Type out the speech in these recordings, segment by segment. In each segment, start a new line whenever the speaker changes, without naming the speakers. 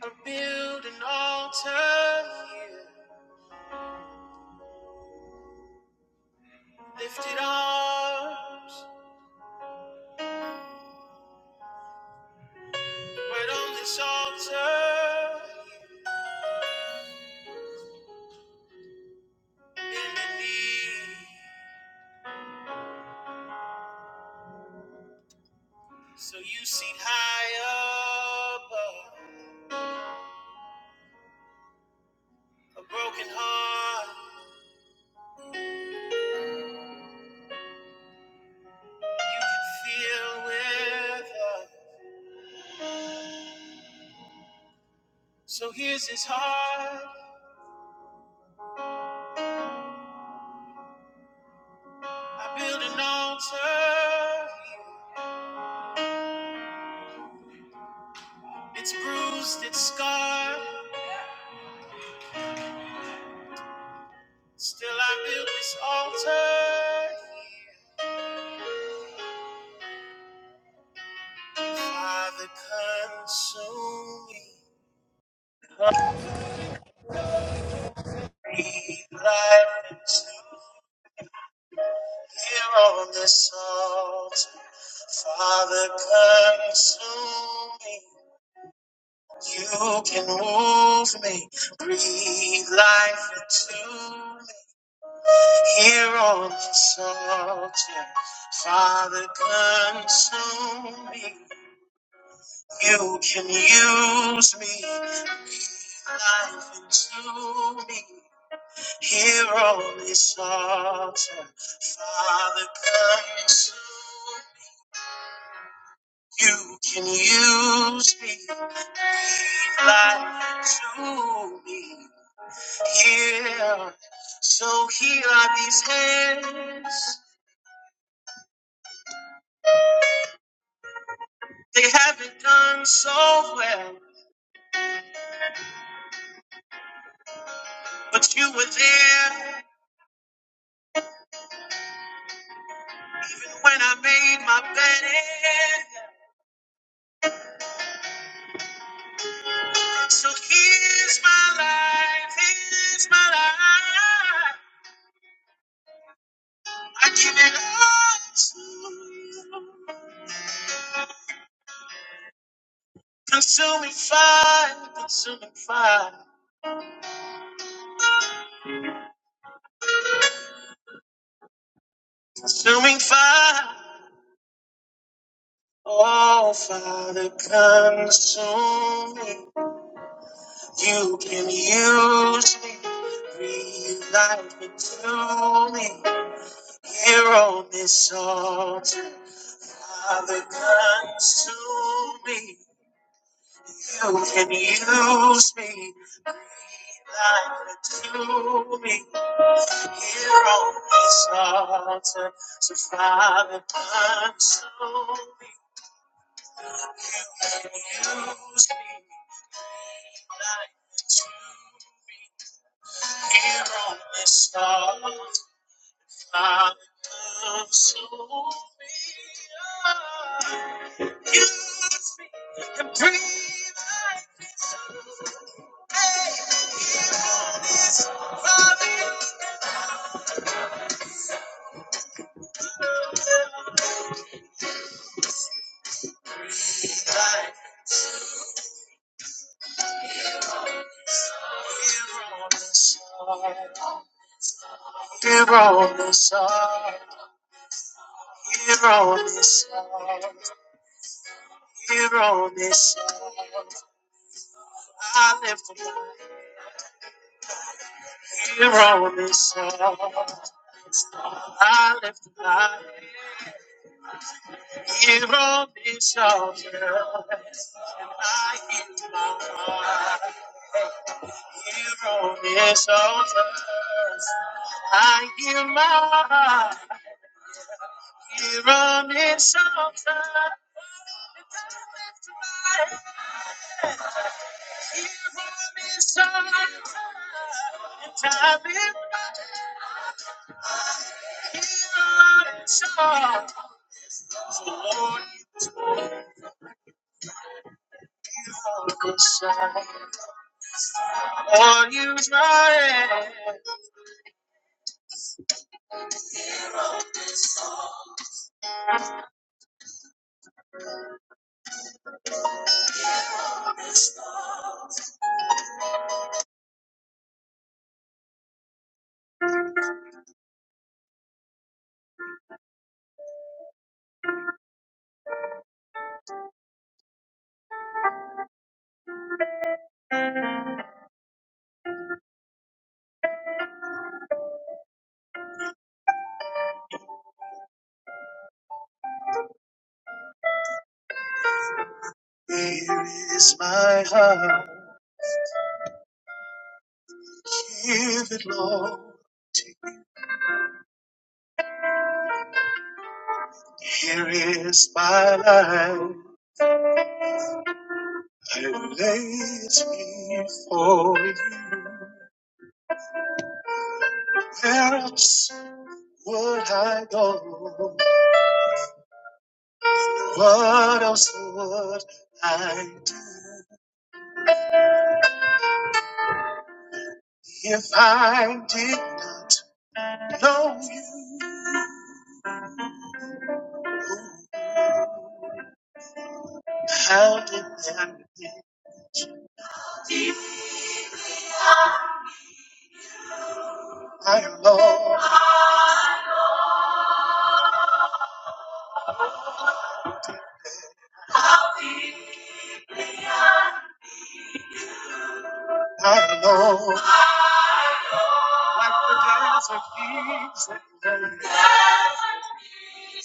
I'll build an altar lifted arms, right on this altar, bending knee, so you see high above a broken heart you can feel with us. So here's his heart. I build an altar, it's bruised, it's scarred. Still, I build this altar. Father, consume me. Breathe life into here on this altar. Father, consume me. You can move me. Breathe life into me here on this altar. Father, consume me. You can use me. Life into me Hear only altar, Father, come soon. You can use me, breathe life to me. Here, so here are these hands. They haven't done so well, but you were there when I made my bed. So here's my life, here's my life. I give it all to you. Consuming fire, consuming fire, consuming fire. Oh, Father, consume me. You can use me. Breathe life into me. Here on this altar, Father, consume me. You can use me. Life into me. Here on this altar to Father, console me. You can Use me like to be here on this altar. Father, console me. You can breathe life, Father. Breathe like here on this altar. Here on this altar. Here on this altar. Here on this earth, I live for life. Here on this earth, I live for life. Here on this earth, and I give my heart. Here on this earth, I give my heart. Here on this altar, here on this altar, and I live here on this altar. So Lord, you are the Son. On you, is my hand. Here is my heart. Give it, Lord. Here is my life. I lay it before you. Where else would I go? What else would I do if I did not know you? How did that be? My Lord, I know, like the days of peace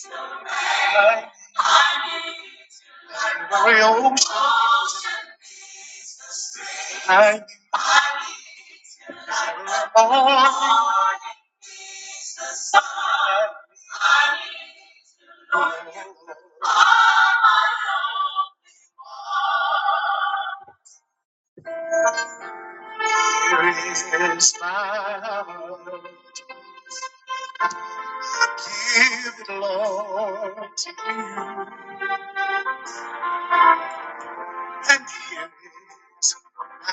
and grace, I need, the ocean, I need every morning. I need. Here is my heart, give it, Lord. and yes,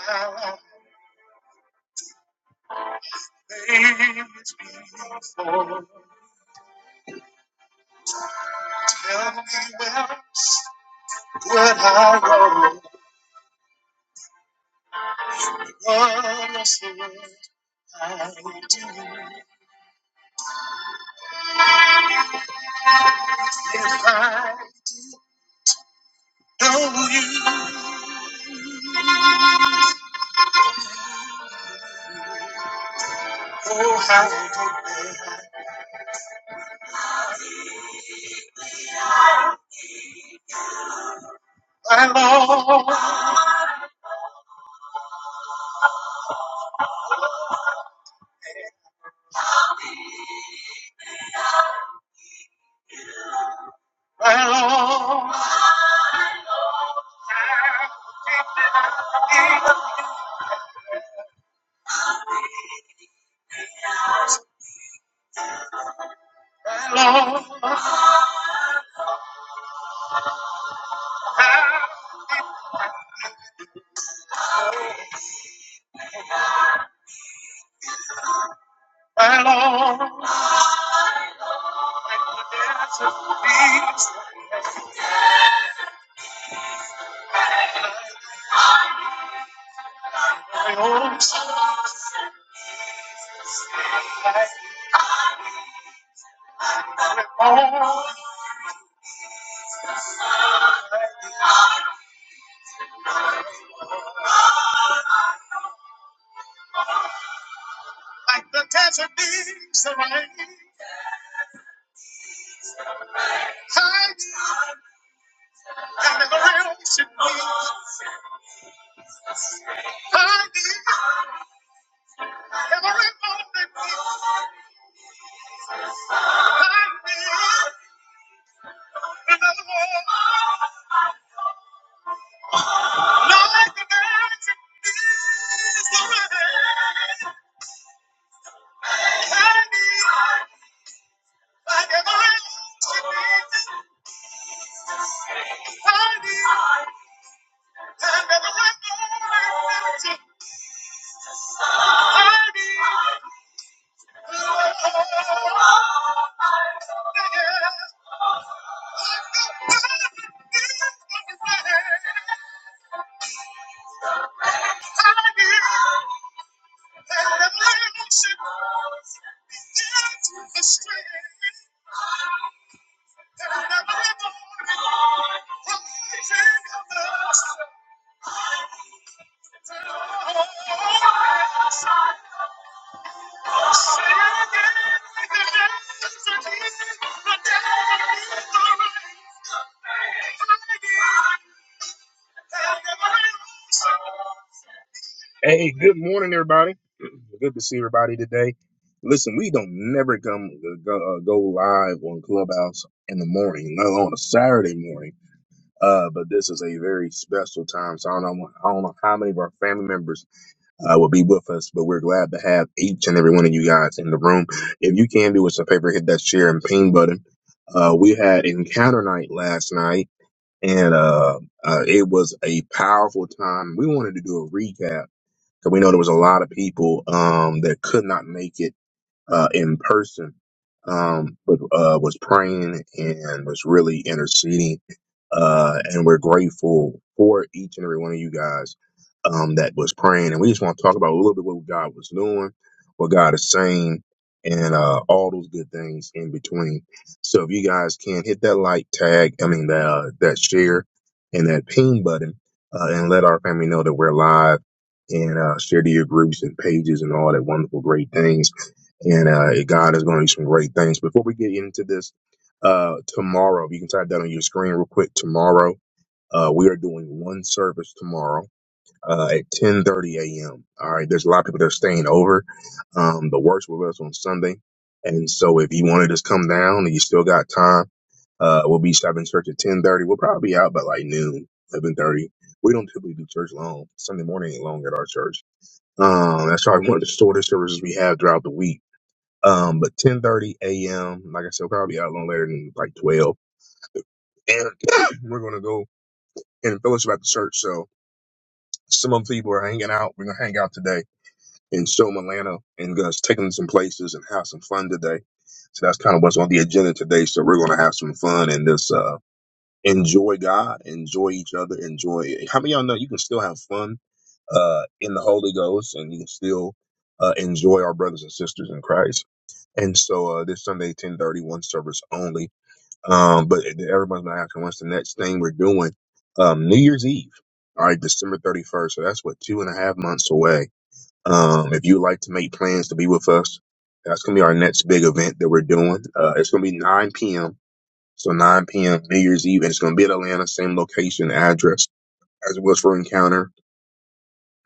I'll always be full. Tell me where would I roll? What else would I do if I know you? Oh, how could I? My Lord, my Lord, my Lord, my Lord, I could dare be my own Like the desert needs the rain. I need every ocean needs. I need every moment needs. I need another one. Like the desert, like every ocean, every moment needs. I need love. Yeah. Like the desert needs the rain. I need Thank you. Hey, good morning, everybody. Good to see everybody today. Listen, we don't never come go, uh, go live on Clubhouse in the morning, not on a Saturday morning. Uh, but this is a very special time, so I don't know, I don't know how many of our family members uh, will be with us, but we're glad to have each and every one of you guys in the room. If you can do us a favor, hit that share and ping button. Uh, we had encounter night last night, and uh, uh, it was a powerful time. We wanted to do a recap 'Cause we know there was a lot of people um, that could not make it uh, in person, um, but uh, was praying and was really interceding uh, and we're grateful for each and every one of you guys um, that was praying. And we just want to talk about a little bit what God was doing, what God is saying, and uh, all those good things in between. So if you guys can hit that like tag, I mean that uh, that share and that ping button, uh, and let our family know that we're live. And uh, share to your groups and pages and all that wonderful, great things and uh, God is going to do some great things. Before we get into this, uh, tomorrow, you can type that on your screen real quick. Tomorrow, uh, we are doing one service tomorrow uh, at 10:30 a.m. All right, there's a lot of people that are staying over. Um, the works with us on Sunday, and so if you want to just come down and you still got time, uh, we'll be stopping church at 10:30. We'll probably be out by like noon, 11:30. We don't typically do church long. Sunday morning ain't long at our church. Um, that's probably one of the shortest services we have throughout the week um, but 10:30 a.m. Like I said, we'll probably be out no later than like 12, and we're gonna go and fellowship at the church. So some of the people are hanging out. We're gonna hang out today in Stillman, Atlanta, and gonna take them to some places and have some fun today. So that's kind of what's on the agenda today. So we're gonna have some fun and just uh, enjoy God, enjoy each other, enjoy. How many of y'all know you can still have fun uh, in the Holy Ghost, and you can still uh, enjoy our brothers and sisters in Christ. And so uh, this Sunday, 10:30, one service only Um, but everyone's been asking what's the next thing we're doing? Um, New Year's Eve. All right, December 31st. So that's what two and a half months away. Um, if you'd like to make plans to be with us, that's going to be our next big event that we're doing. Uh, it's going to be 9 p.m. So 9 p.m. New Year's Eve, and it's going to be at Atlanta, same location, address as it was for Encounter.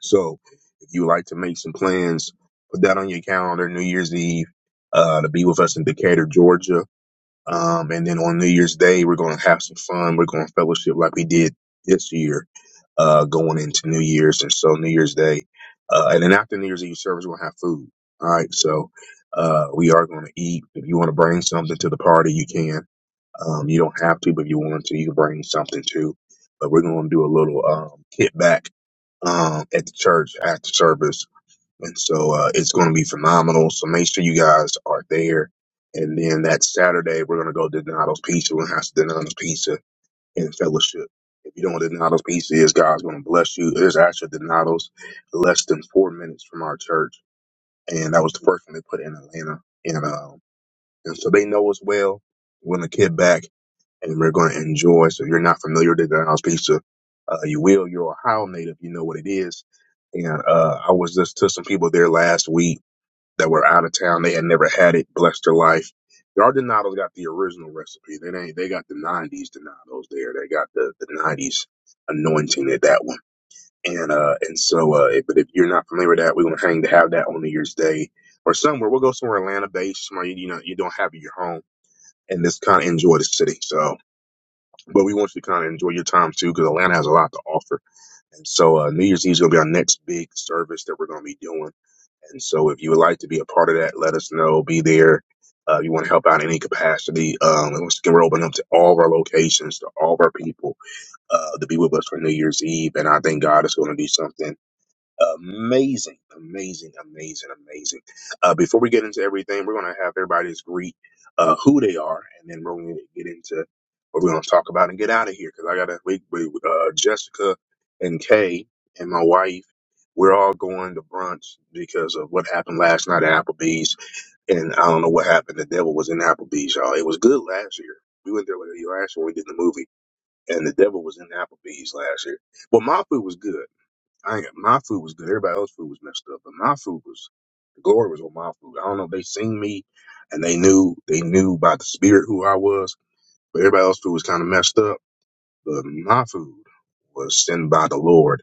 So if you'd like to make some plans, put that on your calendar, New Year's Eve, uh, to be with us in Decatur, Georgia. Um, and then on New Year's Day, we're going to have some fun. We're going to fellowship like we did this year, uh, going into New Year's. And so New Year's Day, uh, and then after New Year's Eve service, we're going to have food. All right. So, uh, we are going to eat. If you want to bring something to the party, you can. Um, you don't have to, but if you want to, you can bring something too. But we're going to do a little, um, hit back um, at the church after service and so uh, it's going to be phenomenal. So make sure you guys are there. And then that Saturday, we're going to go to Donato's Pizza. We're going to have some Donato's Pizza and fellowship. If you don't know what Donato's Pizza is, God's going to bless you. There's actually Donato's less than four minutes from our church. And that was the first one they put in Atlanta. And, uh, and so they know us well. We're going to get back and we're going to enjoy. So if you're not familiar with Donato's Pizza, uh, you will. You're an Ohio native. You know what it is. And uh, I was just to some people there last week that were out of town. They had never had it, blessed their life. Our Donatos got the original recipe. They ain't they got the nineties Donatos there. They got the the nineties anointing at that one. And uh and so uh if, but if you're not familiar with that, we're gonna hang to have that on New Year's Day or somewhere. We'll go somewhere Atlanta based, somewhere you, you know you don't have at your home and just kind of enjoy the city. So but we want you to kind of enjoy your time too, because Atlanta has a lot to offer. And so uh New Year's Eve is gonna be our next big service that we're gonna be doing. And so if you would like to be a part of that, let us know. Be there. Uh, if you want to help out in any capacity, um, and once again, we're open up to all of our locations, to all of our people, uh, to be with us for New Year's Eve. And I think God is going to do something amazing, amazing, amazing, amazing. Uh, before we get into everything, we're going to have everybody's greet uh, who they are, and then we're going to get into what we're going to talk about and get out of here because I got to we, we uh, Jessica and Kay and my wife. We're all going to brunch because of what happened last night at Applebee's, and I don't know what happened. The devil was in Applebee's, y'all. It was good last year. We went there like last year when we did the movie, and the devil was in Applebee's last year. Well, my food was good. I ain't, my food was good. Everybody else's food was messed up, but my food was the glory was on my food. I don't know if they seen me and they knew they knew by the spirit who I was, but everybody else's food was kind of messed up. But my food was sent by the Lord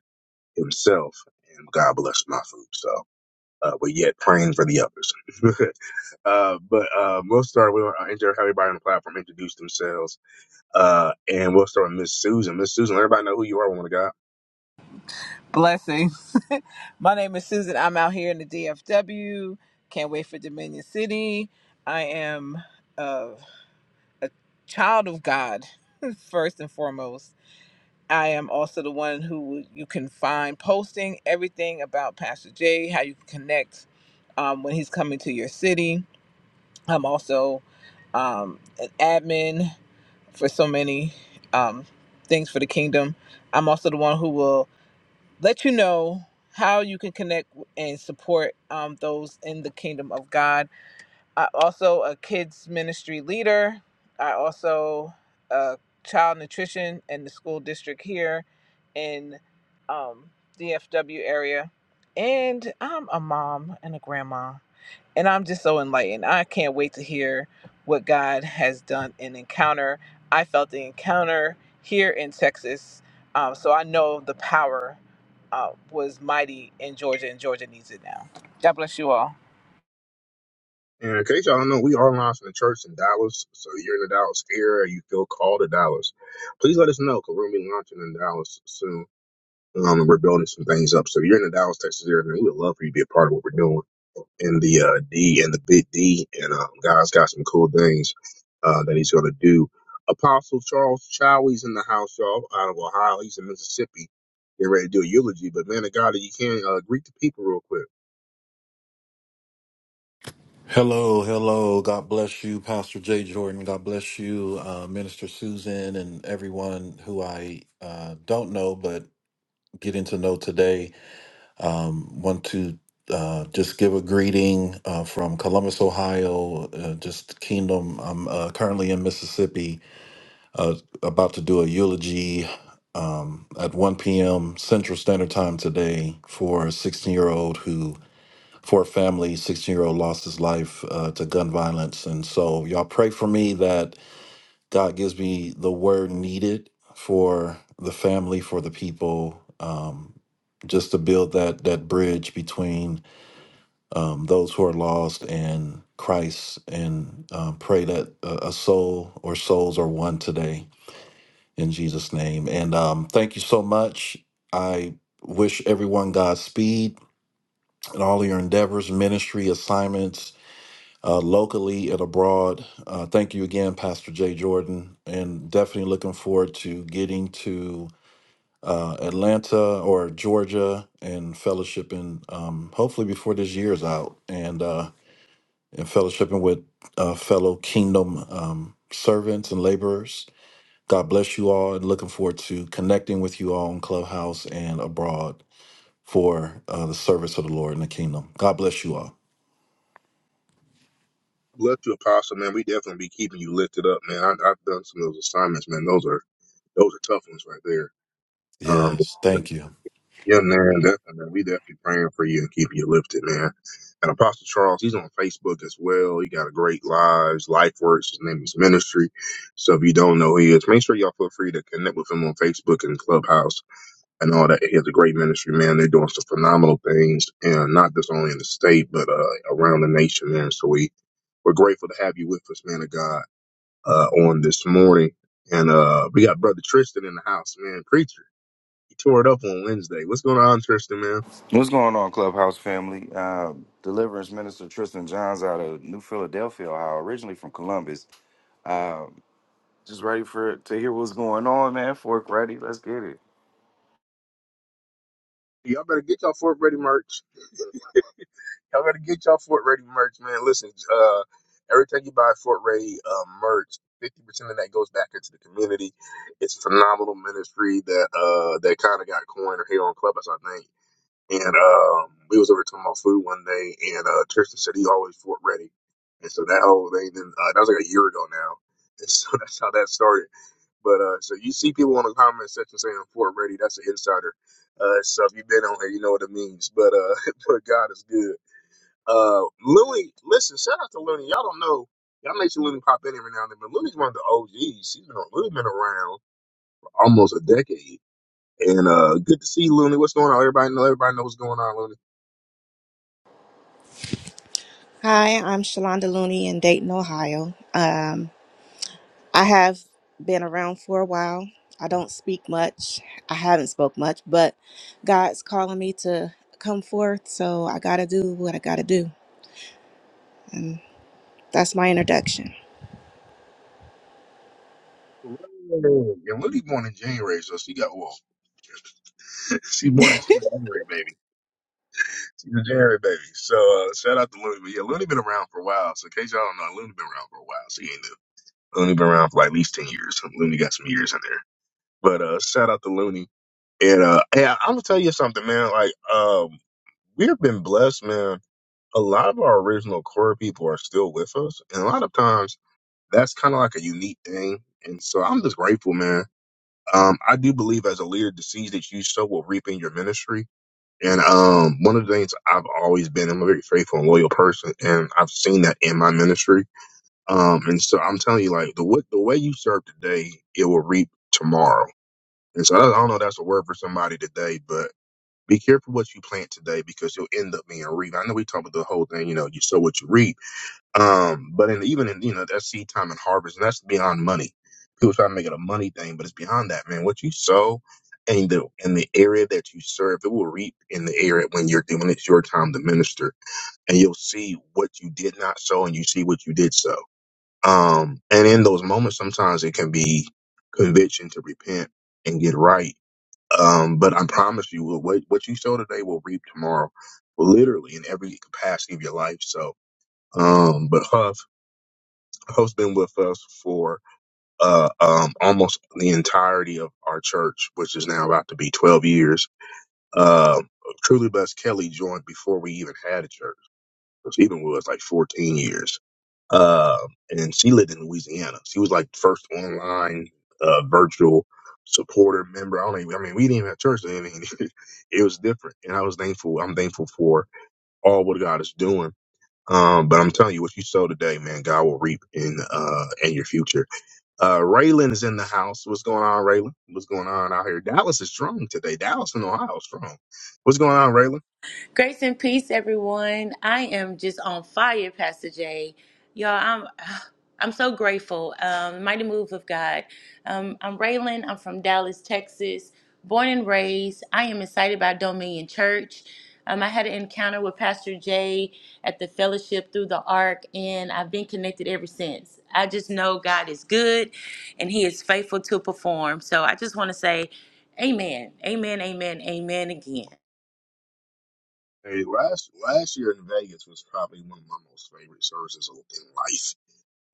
Himself, and God blessed my food. So, uh, but yet praying for the others. uh, but uh, we'll start. We'll uh, have everybody on the platform introduce themselves, uh, and we'll start with Miss Susan. Miss Susan, let everybody know who you are, woman of God.
Blessings. My name is Susan. I'm out here in the DFW. Can't wait for Dominion City. I am uh, a child of God, first and foremost. I am also the one who you can find posting everything about Pastor Jay, how you can connect um, when he's coming to your city. I'm also um, an admin for so many um, things for the kingdom. I'm also the one who will let you know how you can connect and support um, those in the kingdom of God. I also a kids ministry leader. I also a child nutrition in the school district here in um, DFW area, and I'm a mom and a grandma. And I'm just so enlightened. I can't wait to hear what God has done in Encounter. I felt the encounter here in Texas. Um, so I know the power uh, was mighty in Georgia, and Georgia needs it now. God bless you all.
And in case y'all don't know, we are live from the church in Dallas. So you're in the Dallas area, you feel called to Dallas. Please let us know because we're gonna be launching in Dallas soon. Um, and we're building some things up. So if you're in the Dallas, Texas area, man, we would love for you to be a part of what we're doing in the uh, D and the Big D. And uh, has got some cool things uh, that he's gonna do. Apostle Charles Chowie's in the house, y'all, out of Ohio. He's in Mississippi. Getting ready to do a eulogy, but man of God, if you can uh, greet the people real quick.
Hello, hello. God bless you, Pastor Jay Jordan. God bless you, uh, Minister Susan, and everyone who I uh, don't know but getting to know today. Um, want to uh, just give a greeting uh, from Columbus, Ohio, uh, just Kingdom. I'm uh, currently in Mississippi, uh, about to do a eulogy um, at 1 p.m. Central Standard Time today for a 16 year old who for a family. 16 year old lost his life uh, to gun violence. And so, y'all pray for me that God gives me the word needed for the family, for the people, um, just to build that, that bridge between um, those who are lost and Christ. And um, pray that a, a soul or souls are one today in Jesus' name. And um, thank you so much. I wish everyone Godspeed in all of your endeavors, ministry, assignments, uh, locally and abroad. Uh, thank you again, Pastor Jay Jordan, and definitely looking forward to getting to uh, Atlanta or Georgia and fellowshipping, um, hopefully before this year's out, and uh, and fellowshipping with uh, fellow Kingdom um, servants and laborers. God bless you all, and looking forward to connecting with you all in Clubhouse and abroad for uh, the service of the Lord in the Kingdom. God bless you all.
Left you, Apostle, man. We definitely be keeping you lifted up, man. I, I've done some of those assignments, man. Those are those are tough ones right there. Um,
Yes, thank you.
yeah, man, definitely, man. We definitely praying for you and keeping you lifted, man. And Apostle Charles, he's on Facebook as well. He got a great lives, life works. His name is Ministry. So if you don't know who he is, make sure y'all feel free to connect with him on Facebook and Clubhouse and all that. He has a great ministry, man. They're doing some phenomenal things, and not just only in the state, but uh, around the nation, man. So we we're grateful to have you with us, man of God, uh, on this morning. And uh, we got brother Tristan in the house, man. Preacher, he tore it up on Wednesday. What's going on, Tristan, man?
What's going on, Clubhouse family? Uh, Deliverance Minister Tristan Johns out of New Philadelphia, Ohio, originally from Columbus. Uh, just ready for to hear what's going on, man. Fork ready? Let's get it.
Y'all better get y'all Fort ready merch. Y'all gotta get y'all Fort Ready merch, man. Listen, uh, every time you buy Fort Ready uh, merch, fifty percent of that goes back into the community. It's a phenomenal ministry that uh that kind of got coined here on Clubhouse, I think. And um, we was over talking about food one day, and uh, Tristan said he always Fort Ready, and so that whole thing. Then uh, that was like a year ago now, and so that's how that started. But uh, so you see people in the comment section saying Fort Ready, that's an insider. Uh, so if you've been on here, you know what it means. But uh, but God is good. Uh, Looney, listen, shout out to Looney. Y'all don't know. Y'all make sure Looney pop in every now and then, but Looney's one of the OGs. She's been, Looney been around for almost a decade. And uh, good to see you, Looney. What's going on? Everybody know. Everybody knows what's going on, Looney.
Hi, I'm Shalonda Looney in Dayton, Ohio. Um, I have been around for a while. I don't speak much. I haven't spoke much, but God's calling me to come forth, so I got to do what I got to do. And that's my introduction.
Looney. And Looney born in January, so she got well. She born in she's a January baby. She's a January baby. So uh, shout out to Looney. But yeah, Looney been around for a while. So in case y'all don't know, Looney been around for a while. So he ain't new. Looney been around for like at least ten years. Looney got some years in there. But uh, shout out to Looney. And uh, yeah, I'm gonna tell you something, man. Like, um, we have been blessed, man. A lot of our original core people are still with us, and a lot of times that's kind of like a unique thing. And so I'm just grateful, man. Um, I do believe as a leader, the seeds that you sow will reap in your ministry. And um, one of the things I've always been, I'm a very faithful and loyal person, and I've seen that in my ministry. Um, and so I'm telling you, like the what the way you serve today, it will reap tomorrow. And so I don't know if that's a word for somebody today, but be careful what you plant today because you'll end up being a reap. I know we talk about the whole thing, you know, you sow what you reap. Um, but in, even in, you know, that seed time and harvest, and that's beyond money. People try to make it a money thing, but it's beyond that, man. What you sow in the, in the area that you serve, it will reap in the area when you're doing it's your time to minister and you'll see what you did not sow and you see what you did sow. Um, and in those moments, sometimes it can be conviction to repent and get right um, but I promise you, what what you sow today will reap tomorrow, well, literally in every capacity of your life. So, um, but Huff, Huff's been with us for uh, um, almost the entirety of our church, which is now about to be twelve years. Um, Truly Blessed Kelly joined before we even had a church. So She's been with us like fourteen years uh, and she lived in Louisiana. She was like the first online uh, virtual supporter member. I don't even, I mean, we didn't even have church. I mean, it was different. And I was thankful. I'm thankful for all what God is doing. Um, but I'm telling you, what you sow today, man, God will reap in uh in your future. Uh Raylan is in the house. What's going on, Raylan? What's going on out here? Dallas is strong today. Dallas and Ohio is strong. What's going on, Raylan?
Grace and peace, everyone. I am just on fire, Pastor Jay. Y'all, I'm I'm so grateful. Um, mighty move of God. Um, I'm Raylan. I'm from Dallas, Texas, born and raised. I am excited by Dominion Church. Um, I had an encounter with Pastor Jay at the fellowship through the Ark, and I've been connected ever since. I just know God is good, and He is faithful to perform. So I just want to say, Amen, Amen, Amen, Amen again.
Hey, last last year in Vegas was probably one of my most favorite services in life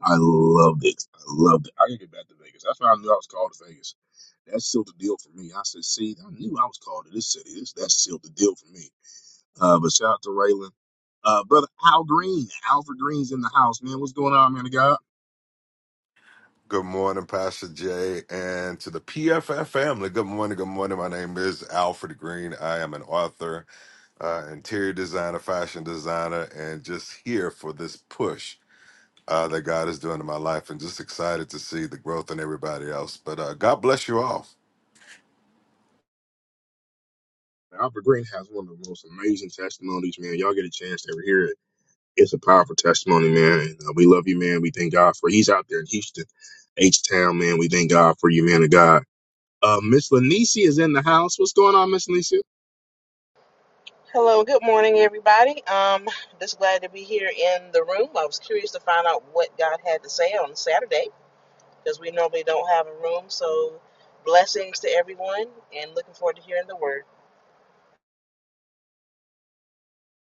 I loved it. I loved it. I gotta get back to Vegas. That's why I knew I was called to Vegas. That sealed the deal for me. I said, see, I knew I was called to this city. This that sealed the deal for me. Uh, but shout out to Raylan. Uh, brother Al Green, Alfred Green's in the house, man. What's going on, man? of God,
Good morning, Pastor Jay, and to the PFF family. Good morning, good morning. My name is Alfred Green. I am an author, uh, interior designer, fashion designer, and just here for this push uh, that God is doing in my life, and just excited to see the growth in everybody else. But uh, God bless you all.
Alfred Green has one of the most amazing testimonies, man. Y'all get a chance to ever hear it. It's a powerful testimony, man. And, uh, we love you, man. We thank God for. He's out there in Houston, H Town, man. We thank God for you, man of God. Uh, Miss Lanisi is in the house. What's going on, Miss Lanisi?
Hello, good morning, everybody. Um, just glad to be here in the room. I was curious to find out what God had to say on Saturday because we normally don't have a room. So, blessings to everyone, and looking forward to hearing the word.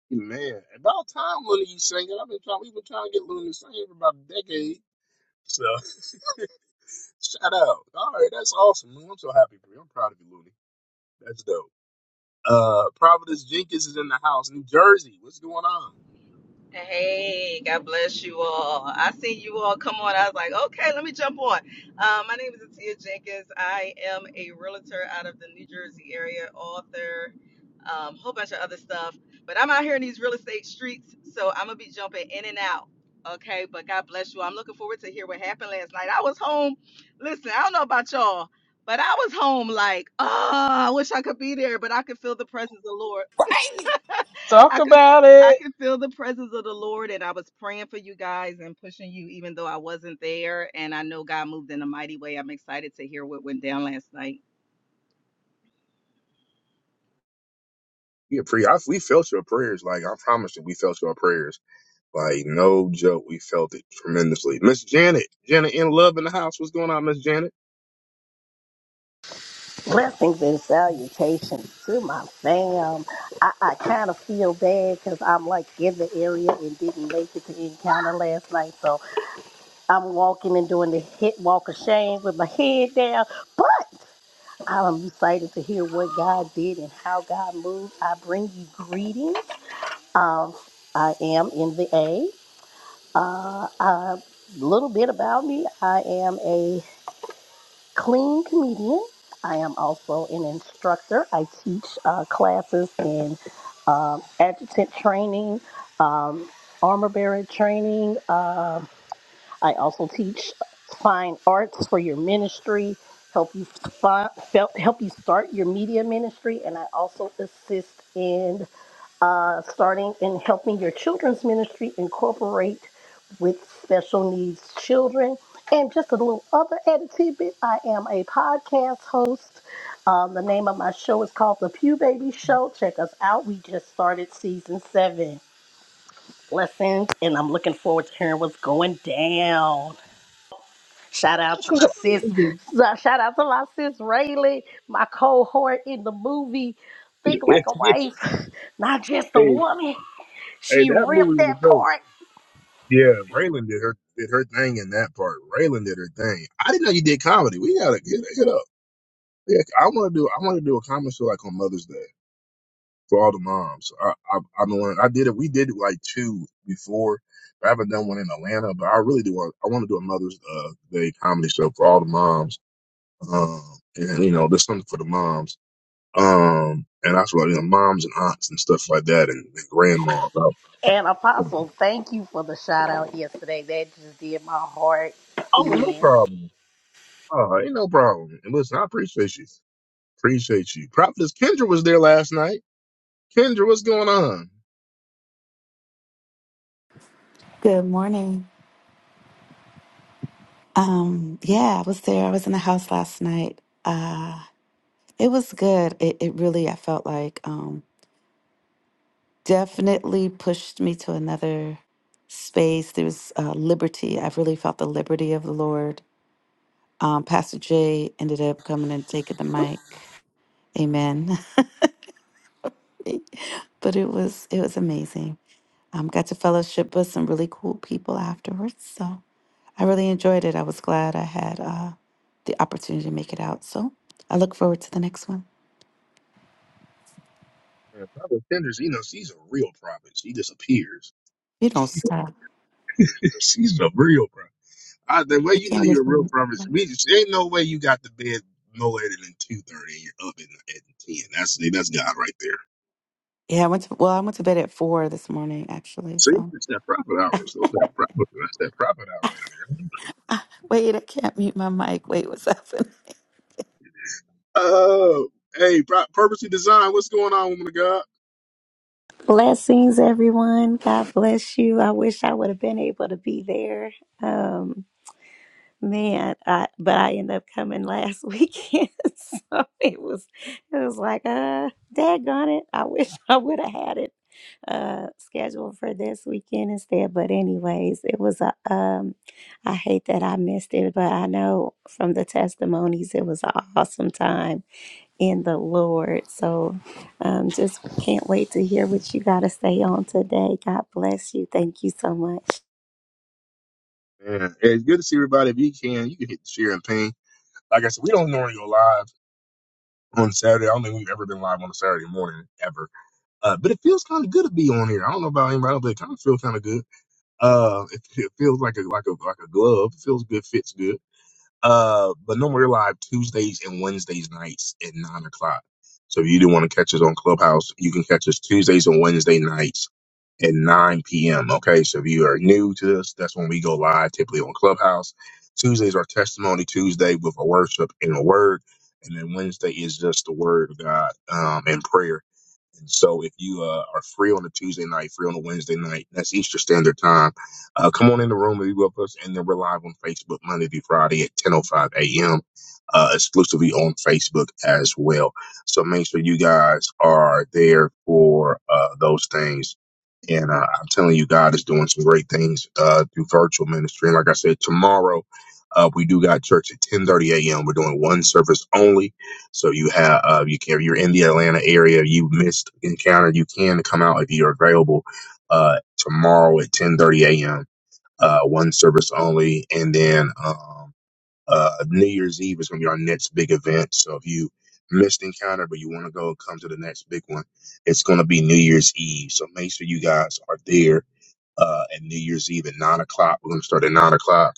Man, about time one of you singing. I've been trying, we've been trying to get Luna to sing for about a decade. So, shout out. All right, that's awesome. Man, I'm so happy for you. I'm proud of you, Looney. That's dope. Uh, Providence Jenkins is in the house, New Jersey. What's going on?
Hey, God bless you all. I seen you all come on. I was like, okay, let me jump on. Um, my name is Atia Jenkins. I am a realtor out of the New Jersey area, author, um, whole bunch of other stuff. But I'm out here in these real estate streets, so I'm gonna be jumping in and out. Okay, but God bless you. I'm looking forward to hear what happened last night. I was home. Listen, I don't know about y'all, but I was home like, oh, I wish I could be there, but I could feel the presence of the Lord.
Talk
I could
about
I
it.
could feel the presence of the Lord and I was praying for you guys and pushing you even though I wasn't there and I know God moved in a mighty way. I'm excited to hear what went down last night.
Yeah, pre. I, we felt your prayers. Like I promised you, we felt your prayers. Like no joke, we felt it tremendously. Miss Janet, Janet in love in the house. What's going on, Miss Janet?
Blessings and salutations to my fam. I, I kind of feel bad because I'm like in the area and didn't make it to encounter last night. So I'm walking and doing the hit walk of shame with my head down. But I'm excited to hear what God did and how God moved. I bring you greetings. Um, I am in the A. Uh, a little bit about me. I am a clean comedian. I am also an instructor. I teach uh, classes in um, adjutant training, um, armor bearer training. Um, I also teach fine arts for your ministry, help you fi- fel- help you start your media ministry, and I also assist in uh, starting and helping your children's ministry incorporate with special needs children. And just a little other added tidbit I am a podcast host. Um, the name of my show is called The Pew Baby Show. Check us out. We just started season seven. Blessings, and I'm looking forward to hearing what's going down. Shout out
That's
to
what's
my
up.
sis.
hey,
uh, Shout out to my sis Rayleigh, my cohort in the movie Think Like a Wife, Not Just a
hey,
Woman. She
that
ripped
movie was
that
dope.
part.
Yeah, Raylan did her did her thing in that part. Raylan did her thing. I didn't know you did comedy. We gotta hit hit up. Yeah, I want to do I want to do a comedy show like on Mother's Day for all the moms. I I I've been wanting, I did it. We did it like two before. I haven't done one in Atlanta, but I really do want I want to do a Mother's uh, Day comedy show for all the moms. Um, and you know, there's something for the moms. Um, and that's what you know, moms and aunts and stuff like that, and, and grandmas. I-
And Apostle, thank you for the shout out yesterday. That just did my heart
Oh, no
in.
problem. Oh, ain't no problem. And listen, I appreciate you. Appreciate you. Prophetess Kendra was there last night. Kendra, what's going on?
Good morning. Um, yeah, I was there. I was in the house last night. Uh, it was good. It, it really, I felt like, um, definitely pushed me to another space. There was uh, liberty. I really felt the liberty of the Lord. Um, Pastor Jay ended up coming and taking the mic. Amen. But it was it was amazing. Um, got to fellowship with some really cool people afterwards. So. I really enjoyed it. I was glad I had uh, the opportunity to make it out. So I look forward to the next one.
Yeah, Prophetess Kendra's, you know, she's a real prophet. She disappears.
You don't stop.
she's a real prophet. I, the way
I
you know
can't hear
you're a real
from
prophet,
you.
we just, ain't no way you got to bed no later than two thirty and you're up at, at ten. That's that's God right there.
Yeah, I went to well, I went to bed at four this morning actually.
See,
So
it's that prophet hours. Those that prophet, that's that prophet hour right there.
ah, wait, I can't mute my mic. Wait, what's happening?
Oh, hey, Pro- purposely designed. What's going on, woman of God?
Blessings, everyone. God bless you. I wish I would have been able to be there. Um, man, I, but I ended up coming last weekend, so it was it was like, uh, daggone it. I wish I would have had it uh scheduled for this weekend instead. But anyways, it was a um. I hate that I missed it, but I know from the testimonies it was an awesome time in the Lord. So um, just can't wait to hear what you got to say on today. God bless you. Thank you so much.
Yeah, it's good to see everybody. If you can, you can hit the share and ping like I said, we don't normally go live. on Saturday. I don't think we've ever been live on a Saturday morning ever. Uh, but it feels kind of good to be on here. I don't know about anybody else, but it kind of feels kind of good. Uh, it, it feels like a like a like a glove. It feels good, fits good. Uh, but no more live Tuesdays and Wednesdays nights at nine o'clock. So if you do want to catch us on Clubhouse, you can catch us Tuesdays and Wednesday nights at 9 p.m. Okay, so if you are new to this, that's when we go live typically on Clubhouse. Tuesdays are Testimony Tuesday with a worship and a word, and then Wednesday is just the Word of God um, and prayer. And so if you uh, are free on a Tuesday night, free on a Wednesday night, that's Eastern Standard Time. Uh, come on in the room and be with us, and then we're live on Facebook Monday through Friday at 10:05 a.m. Uh, exclusively on Facebook as well. So make sure you guys are there for uh, those things. And uh, I'm telling you, God is doing some great things uh, through virtual ministry. And like I said, tomorrow uh, we do got church at 10:30 a.m. We're doing one service only. So you have uh, you can if you're in the Atlanta area, you missed encounter, you can come out if you're available uh, tomorrow at 10:30 a.m. Uh, one service only, and then. Um, uh, New Year's Eve is going to be our next big event. So if you missed Encounter, but you want to go, come to the next big one. It's going to be New Year's Eve. So make sure you guys are there uh, at New Year's Eve at 9 o'clock. We're going to start at 9 o'clock.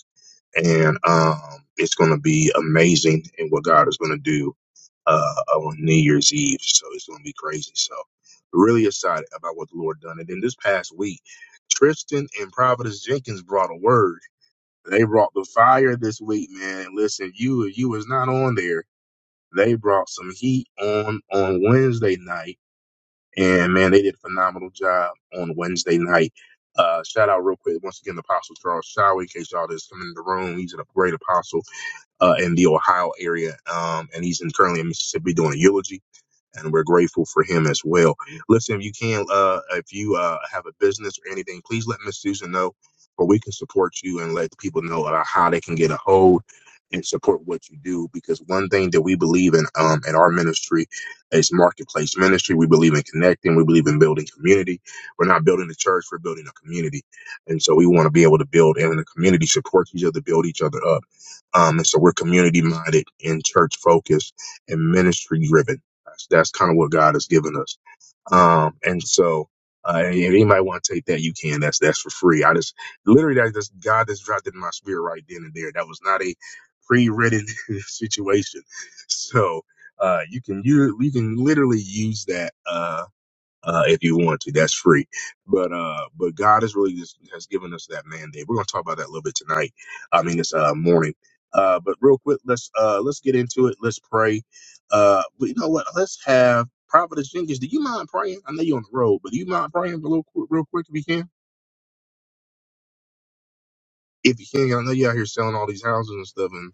And um, it's going to be amazing and what God is going to do uh, on New Year's Eve. So it's going to be crazy. So really excited about what the Lord done. And then this past week, Tristan and Providence Jenkins brought a word they brought the fire this week, man. And Listen, you you was not on there. They brought some heat on on Wednesday night, and man, they did a phenomenal job on Wednesday night. Uh, shout out real quick once again, Apostle Charles Shower, in case y'all just come in the room. He's a great apostle uh, in the Ohio area, um, and he's in, currently in Mississippi doing a eulogy and we're grateful for him as well. Listen, if you can, uh, if you uh, have a business or anything, please let Miss Susan know, or we can support you and let people know about how they can get a hold and support what you do. Because one thing that we believe in um, in our ministry is marketplace ministry. We believe in connecting. We believe in building community. We're not building a church. We're building a community, and so we want to be able to build and in the community support each other, build each other up. Um, and so we're community minded and church focused and ministry driven. That's, that's kind of what God has given us. Um, and so, uh, and if anybody want to take that, you can. That's that's for free. I just literally that just God just dropped it in my spirit right then and there. That was not a pre-written situation. So uh, you can you you can literally use that. Uh, uh, if you want to. That's free. But uh, but God has really just, has given us that mandate. We're going to talk about that a little bit tonight. I mean, this uh, morning. Uh, but real quick, let's uh, let's get into it. Let's pray. Uh, but you know what? Let's have Providence Jenkins. Do you mind praying? I know you're on the road, but do you mind praying a little qu- real quick if you can? If you can, I know you're out here selling all these houses and stuff, and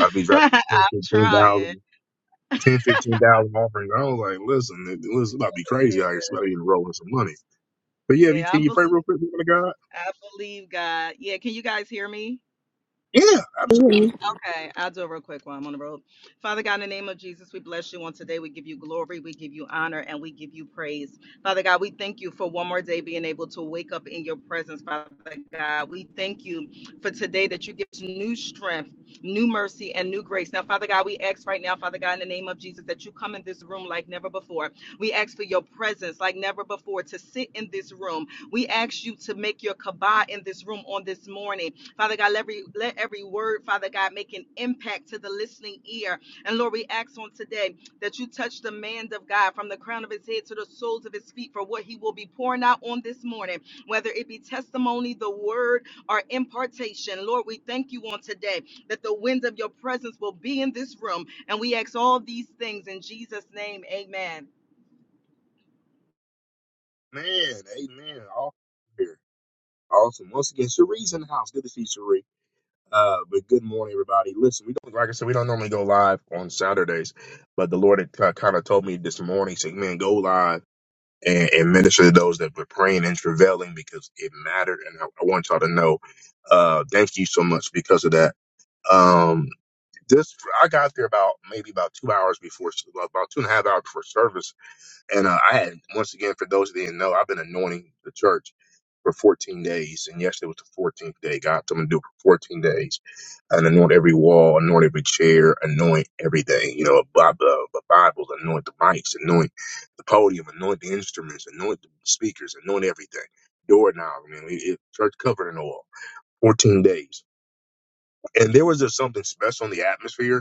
I'd be dropping
I'm
ten fifteen
trying.
thousand, ten fifteen thousand Ten, fifteen thousand offerings. I was like, listen, it, it was about to be crazy out here.
Yeah.
Somebody even rolling some money. But yeah, if you
Yeah, I
can, you pray
believe
real quick, man of God?
I believe God. Yeah, can you guys hear me?
Yeah, absolutely.
Okay, I'll do a real quick while I'm on the road. Father God, in the name of Jesus, we bless you on today. We give you glory, we give you honor, and we give you praise. Father God, we thank you for one more day being able to wake up in your presence, Father God. We thank you for today that you give us new strength, new mercy, and new grace. Now, Father God, we ask right now, Father God, in the name of Jesus, that you come in this room like never before. We ask for your presence like never before to sit in this room. We ask you to make your kabah in this room on this morning. Father God, let every, let every word, Father God, make an impact to the listening ear. And Lord, we ask on today that you touch the man of God from the crown of his head to the soles of his feet for what he will be pouring out on this morning, whether it be testimony, the word, or impartation. Lord, we thank you on today that the wind of your presence will be in this room. And we ask all these things in Jesus' name. Amen.
Man, amen. All here. Awesome. Once again, Cherie's in the house. Good to see you, Cherie. Uh, but good morning, everybody. Listen, we don't, like I said, we don't normally go live on Saturdays, but the Lord had kind of told me this morning, saying, man, go live and, and minister to those that were praying and travailing because it mattered. And I, I want y'all to know, uh, thank you so much because of that. Um, this, I got there about maybe about two hours before, about two and a half hours before service And uh, I had, once again, for those that didn't know, I've been anointing the church for 14 days. And yesterday was the 14th day. God told me to do it for 14 days and anoint every wall, anoint every chair, anoint everything. You know, the uh, Bibles, anoint the mics, anoint the podium, anoint the instruments, anoint the speakers, anoint everything. Doorknob, I mean, it, it, church covered in oil. 14 days. And there was just something special in the atmosphere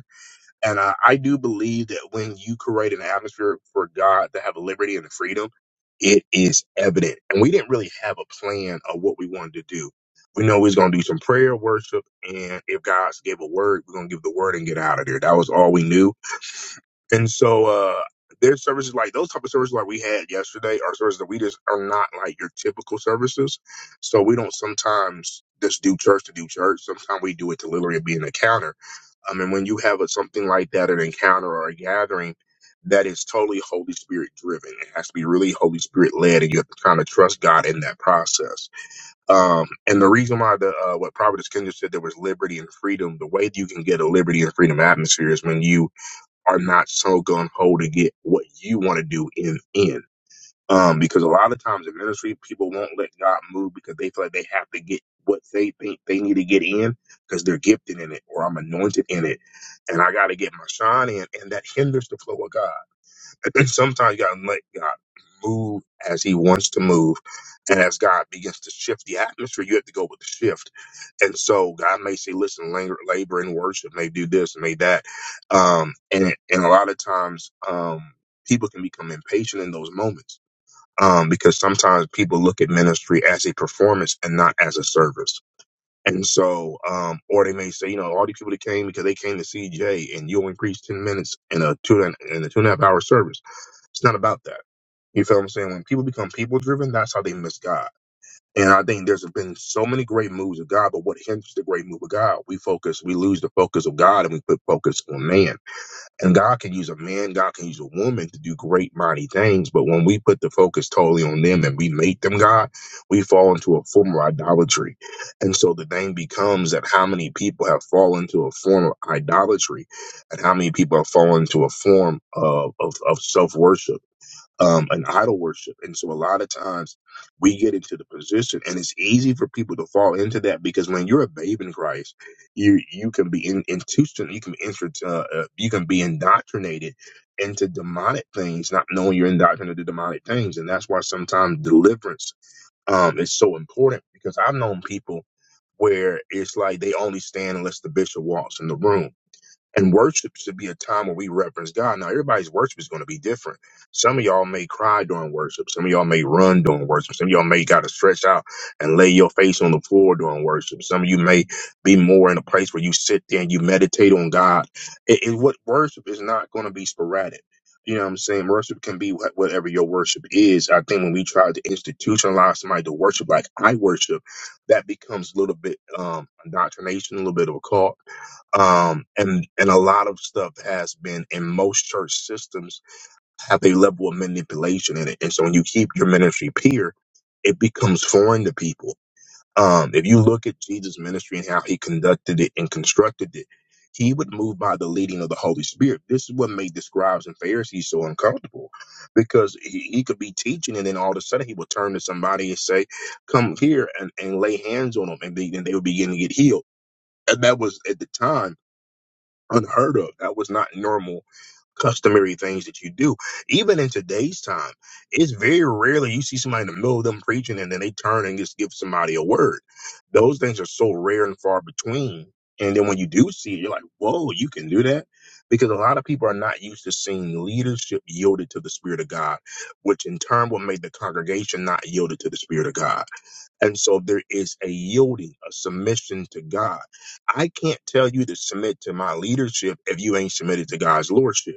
and uh, I do believe that when you create an atmosphere for God to have liberty and freedom, it is evident. And we didn't really have a plan of what we wanted to do. We know we was going to do some prayer, worship, and if God gave a word, we're going to give the word and get out of there. That was all we knew. And so uh, there's services like those type of services like we had yesterday are services that we just are not like your typical services. So we don't sometimes just do church to do church. Sometimes we do it to literally be an encounter um, and when you have a, something like that, an encounter or a gathering that is totally Holy Spirit driven, it has to be really Holy Spirit led, and you have to kind of trust God in that process. Um, and the reason why the uh, what Providence Kendra said there was liberty and freedom, the way you can get a liberty and freedom atmosphere is when you are not so gun ho to get what you want to do in the end um, because a lot of times in ministry, people won't let God move because they feel like they have to get what they think they need to get in because they're gifted in it or I'm anointed in it and I got to get my shine in. And that hinders the flow of God. And then sometimes you got to let God move as he wants to move. And as God begins to shift the atmosphere, you have to go with the shift. And so God may say, listen, labor, labor and worship may do this and may that. Um, and, and a lot of times, um, people can become impatient in those moments um, because sometimes people look at ministry as a performance and not as a service. And so, um, or they may say, you know, all these people that came because they came to CJ and you only preached 10 minutes in a two and, in a two and a half hour service. It's not about that. You feel what I'm saying? When people become people driven, that's how they miss God. And I think there's been so many great moves of God, but what hinders the great move of God? We focus, we lose the focus of God and we put focus on man. And God can use a man, God can use a woman to do great, mighty things. But when we put the focus totally on them and we make them God, we fall into a form of idolatry. And so the thing becomes that how many people have fallen to a form of idolatry and how many people have fallen to a form of, of, of self worship um, an idol worship. And so a lot of times we get into the position and it's easy for people to fall into that because when you're a babe in Christ, you, you can be in, institution, you can be, intro- uh, uh, you can be indoctrinated into demonic things, not knowing you're indoctrinated to demonic things. And that's why sometimes deliverance, um, is so important because I've known people where it's like they only stand unless the bishop walks in the room and worship should be a time where we reference God. Now, everybody's worship is going to be different. Some of y'all may cry during worship. Some of y'all may run during worship. Some of y'all may got to stretch out and lay your face on the floor during worship. Some of you may be more in a place where you sit there and you meditate on God. It, it- what worship is not going to be sporadic. You know what I'm saying? Worship can be wh- whatever your worship is. I think when we try to institutionalize somebody to worship like I worship, that becomes a little bit um, indoctrination, a little bit of a cult um, and and a lot of stuff has been in most church systems have a level of manipulation in it, and so when you keep your ministry pure, it becomes foreign to people. Um, if you look at Jesus' ministry and how he conducted it and constructed it, he would move by the leading of the Holy Spirit. This is what made the scribes and Pharisees so uncomfortable, because he, he could be teaching and then all of a sudden he would turn to somebody and say, "Come here and, and lay hands on them," and they, and they would begin to get healed. And that was at the time unheard of. That was not normal, customary things that you do. Even in today's time, it's very rarely you see somebody in the middle of them preaching and then they turn and just give somebody a word. Those things are so rare and far between. And then when you do see it, you're like, whoa, you can do that? Because a lot of people are not used to seeing leadership yielded to the Spirit of God, which in turn will make the congregation not yielded to the Spirit of God. And so there is a yielding, a submission to God. I can't tell you to submit to my leadership if you ain't submitted to God's lordship.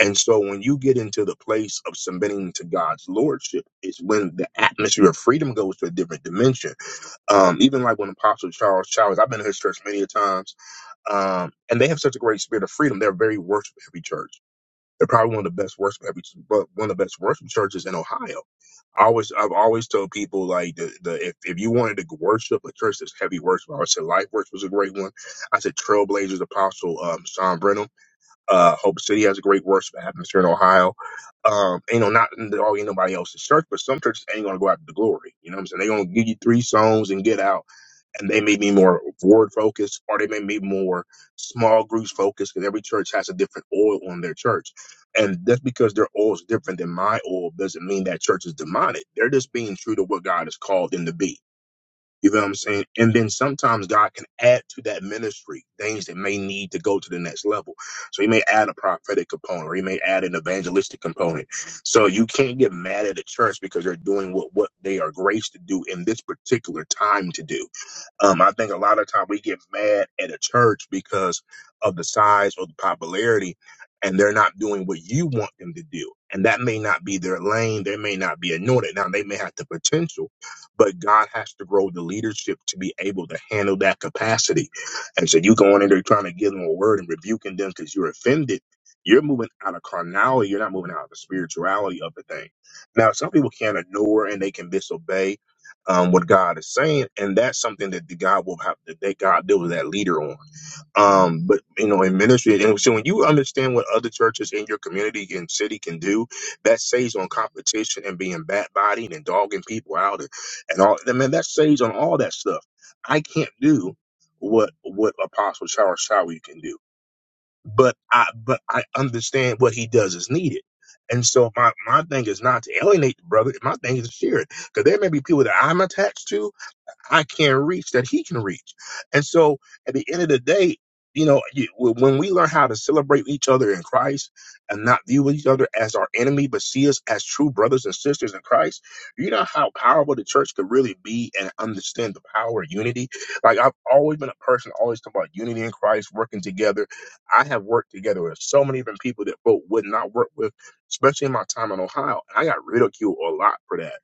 And so when you get into the place of submitting to God's lordship is when the atmosphere of freedom goes to a different dimension. Um, even like when Apostle Charles Childers, I've been to his church many a times, um, and they have such a great spirit of freedom. They're a very worship heavy church. They're probably one of the best worship heavy, one of the best worship churches in Ohio I always I've always told people like the, the if, if you wanted to worship a church that's heavy worship, I would say Life Works was a great one. I said Trailblazers Apostle um, Sean Brenham. Uh, Hope City has a great worship atmosphere in Ohio. Um, you know, not in the, all in nobody else's church, but some churches ain't gonna go out to the glory. You know what I'm saying? They gonna give you three songs and get out and they may be more word focused or they may be more small groups focused because every church has a different oil on their church. And just because their oil is different than my oil doesn't mean that church is demonic. They're just being true to what God has called them to be. You know what I'm saying? And then sometimes God can add to that ministry things that may need to go to the next level. So he may add a prophetic component or he may add an evangelistic component. So you can't get mad at a church because they're doing what, what they are graced to do in this particular time to do um, I think a lot of time we get mad at a church because of the size or the popularity, and they're not doing what you want them to do. And that may not be their lane. They may not be anointed. Now, they may have the potential, but God has to grow the leadership to be able to handle that capacity. And so you going in there trying to give them a word and rebuking them because you're offended. You're moving out of carnality. You're not moving out of the spirituality of the thing. Now, some people can ignore and they can disobey um, what God is saying, and that's something that the God will have to that they God deal with that leader on. Um, but you know, in ministry, and so when you understand what other churches in your community and city can do, that saves on competition and being bat biting and dogging people out and, and all. I mean, that saves on all that stuff. I can't do what what Apostle Charles Shower can do, but I but I understand what he does is needed. And so my, my thing is not to alienate the brother. My thing is to share it. Because there may be people that I'm attached to I can't reach that he can reach. And so at the end of the day, you know, you, when we learn how to celebrate each other in Christ and not view each other as our enemy, but see us as true brothers and sisters in Christ, you know how powerful the church could really be and understand the power of unity. Like I've always been a person always talking about unity in Christ, working together. I have worked together with so many different people that folk would not work with, especially in my time in Ohio. And I got ridiculed a lot for that.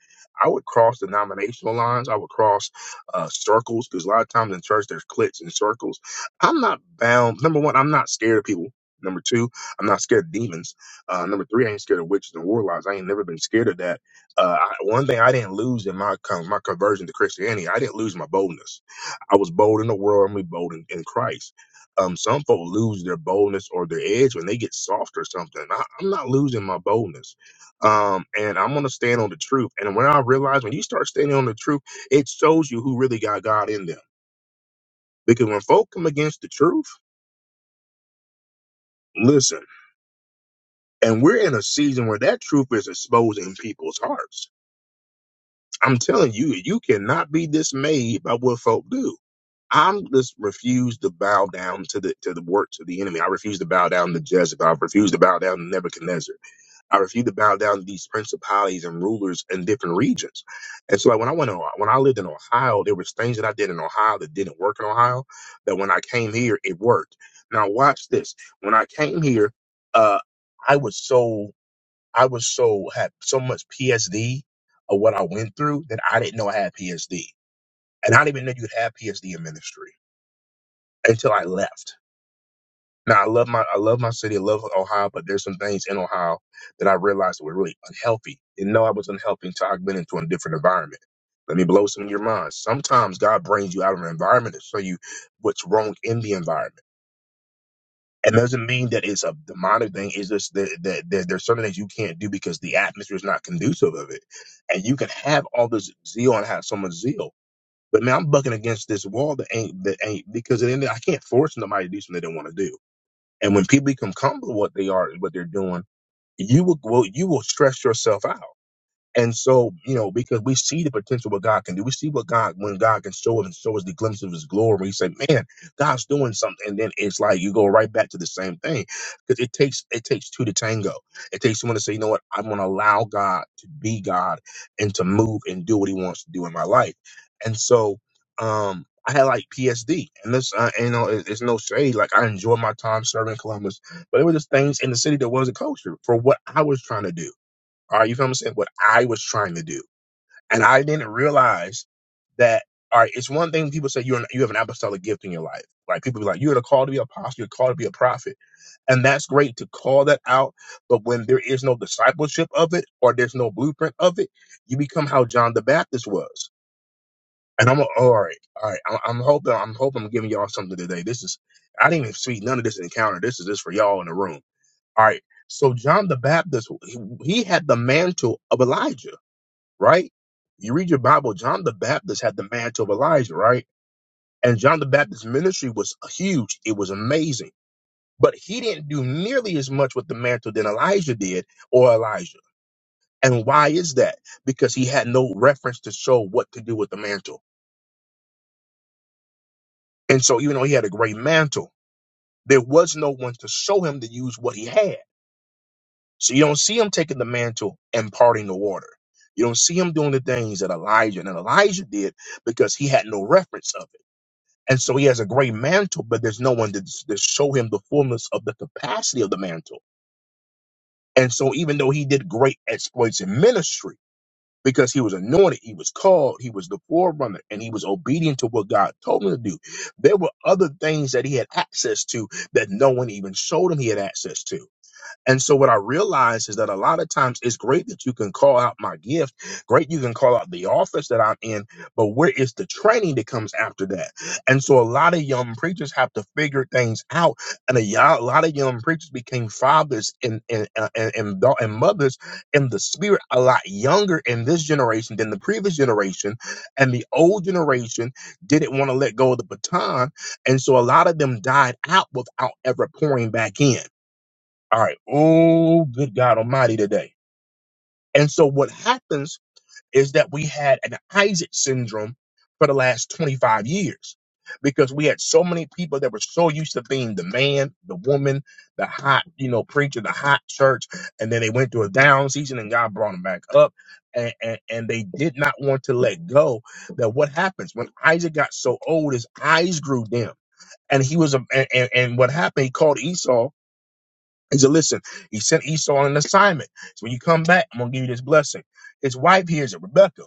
I would cross denominational lines. I would cross uh, circles because a lot of times in church there's cliques and circles. I'm not bound. Number one, I'm not scared of people. Number two, I'm not scared of demons. Uh, number three, I ain't scared of witches and warlocks. I ain't never been scared of that. Uh, I, one thing I didn't lose in my con- my conversion to Christianity, I didn't lose my boldness. I was bold in the world. I'm gonna be bold in, in Christ. Um, some folk lose their boldness or their edge when they get soft or something. I, I'm not losing my boldness um, and I'm gonna stand on the truth. And when I realize when you start standing on the truth it shows you who really got God in them. Because when folk come against the truth, listen, and we're in a season where that truth is exposing people's hearts. I'm telling you, you cannot be dismayed by what folk do. I'm just refuse to bow down to the to the works of the enemy. I refuse to bow down to Jezebel. I refuse to bow down to Nebuchadnezzar. I refuse to bow down to these principalities and rulers in different regions. And so, like when I went to when I lived in Ohio, there was things that I did in Ohio that didn't work in Ohio. That when I came here, it worked. Now, watch this. When I came here, uh, I was so I was so had so much PSD of what I went through that I didn't know I had PSD, and I didn't even know you'd have PSD in ministry until I left. Now I love my I love my city, I love Ohio, but there's some things in Ohio that I realized were really unhealthy. Didn't know I was unhealthy until I've been into a different environment. Let me blow some of your mind. Sometimes God brings you out of an environment to show you what's wrong in the environment. And doesn't mean that it's a demonic thing. It's just that, that, that there's certain things you can't do because the atmosphere is not conducive of it. And you can have all this zeal and have so much zeal. But man, I'm bucking against this wall that ain't that ain't because at the end of the- day, I can't force nobody to do something they don't want to do. And when people become comfortable with what they are, what they're doing, you will, will you will stress yourself out. And so, you know, because we see the potential what God can do. We see what God when God can show us and show us the glimpse of his glory. You say, Man, God's doing something. And then it's like you go right back to the same thing. Because it takes it takes two to tango. It takes someone to say, you know what, I'm gonna allow God to be God and to move and do what he wants to do in my life. And so um I had like PSD, and this, uh, you know, it- it's no shade. Like I enjoyed my time serving in Columbus, but there were just things in the city that wasn't kosher for what I was trying to do are you feel me? saying? What I was trying to do, and I didn't realize that. All right, it's one thing when people say you're an, you have an apostolic gift in your life. Like people be like, you're called to be an apostle, you're called to be a prophet. And that's great to call that out. But when there is no discipleship of it or there's no blueprint of it, you become how John the Baptist was. And I'm all right, all right. I'm, I'm hoping, I'm hoping I'm giving y'all something today. This is, I didn't even speak none of this encounter. This is just for y'all in the room. All right. So John the Baptist, he, he had the mantle of Elijah right? You read your Bible, John the Baptist had the mantle of Elijah, right? And John the Baptist's ministry was huge, it was amazing. But he didn't do nearly as much with the mantle than Elijah did or Elijah. And why is that? Because he had no reference to show what to do with the mantle. And so even though he had a great mantle, there was no one to show him to use what he had. So you don't see him taking the mantle and parting the water. You don't see him doing the things that Elijah and Elijah did because he had no reference of it. And so he has a great mantle, but there's no one to, to show him the fullness of the capacity of the mantle. And so even though he did great exploits in ministry, because he was anointed, he was called, he was the forerunner, and he was obedient to what God told him to do. There were other things that he had access to that no one even showed him he had access to. And so what I realize is that a lot of times it's great that you can call out my gift, great you can call out the office that I'm in, but where is the training that comes after that? And so a lot of young preachers have to figure things out, and a, yo- a lot of young preachers became fathers and and, uh, and and da- and mothers in the spirit a lot younger in this generation than the previous generation, and the old generation didn't want to let go of the baton, and so a lot of them died out without ever pouring back in. All right. Oh, good God Almighty today. And so what happens is that we had an Isaac syndrome for the last 25 years because we had so many people that were so used to being the man, the woman, the hot, you know, preacher, the hot church. And then they went through a down season and God brought them back up. And, and, and they did not want to let go that what happens when Isaac got so old, his eyes grew dim. And he was, a, and, and and what happened, he called Esau he said, Listen, he sent Esau on an assignment. So when you come back, I'm going to give you this blessing. His wife here is a Rebecca.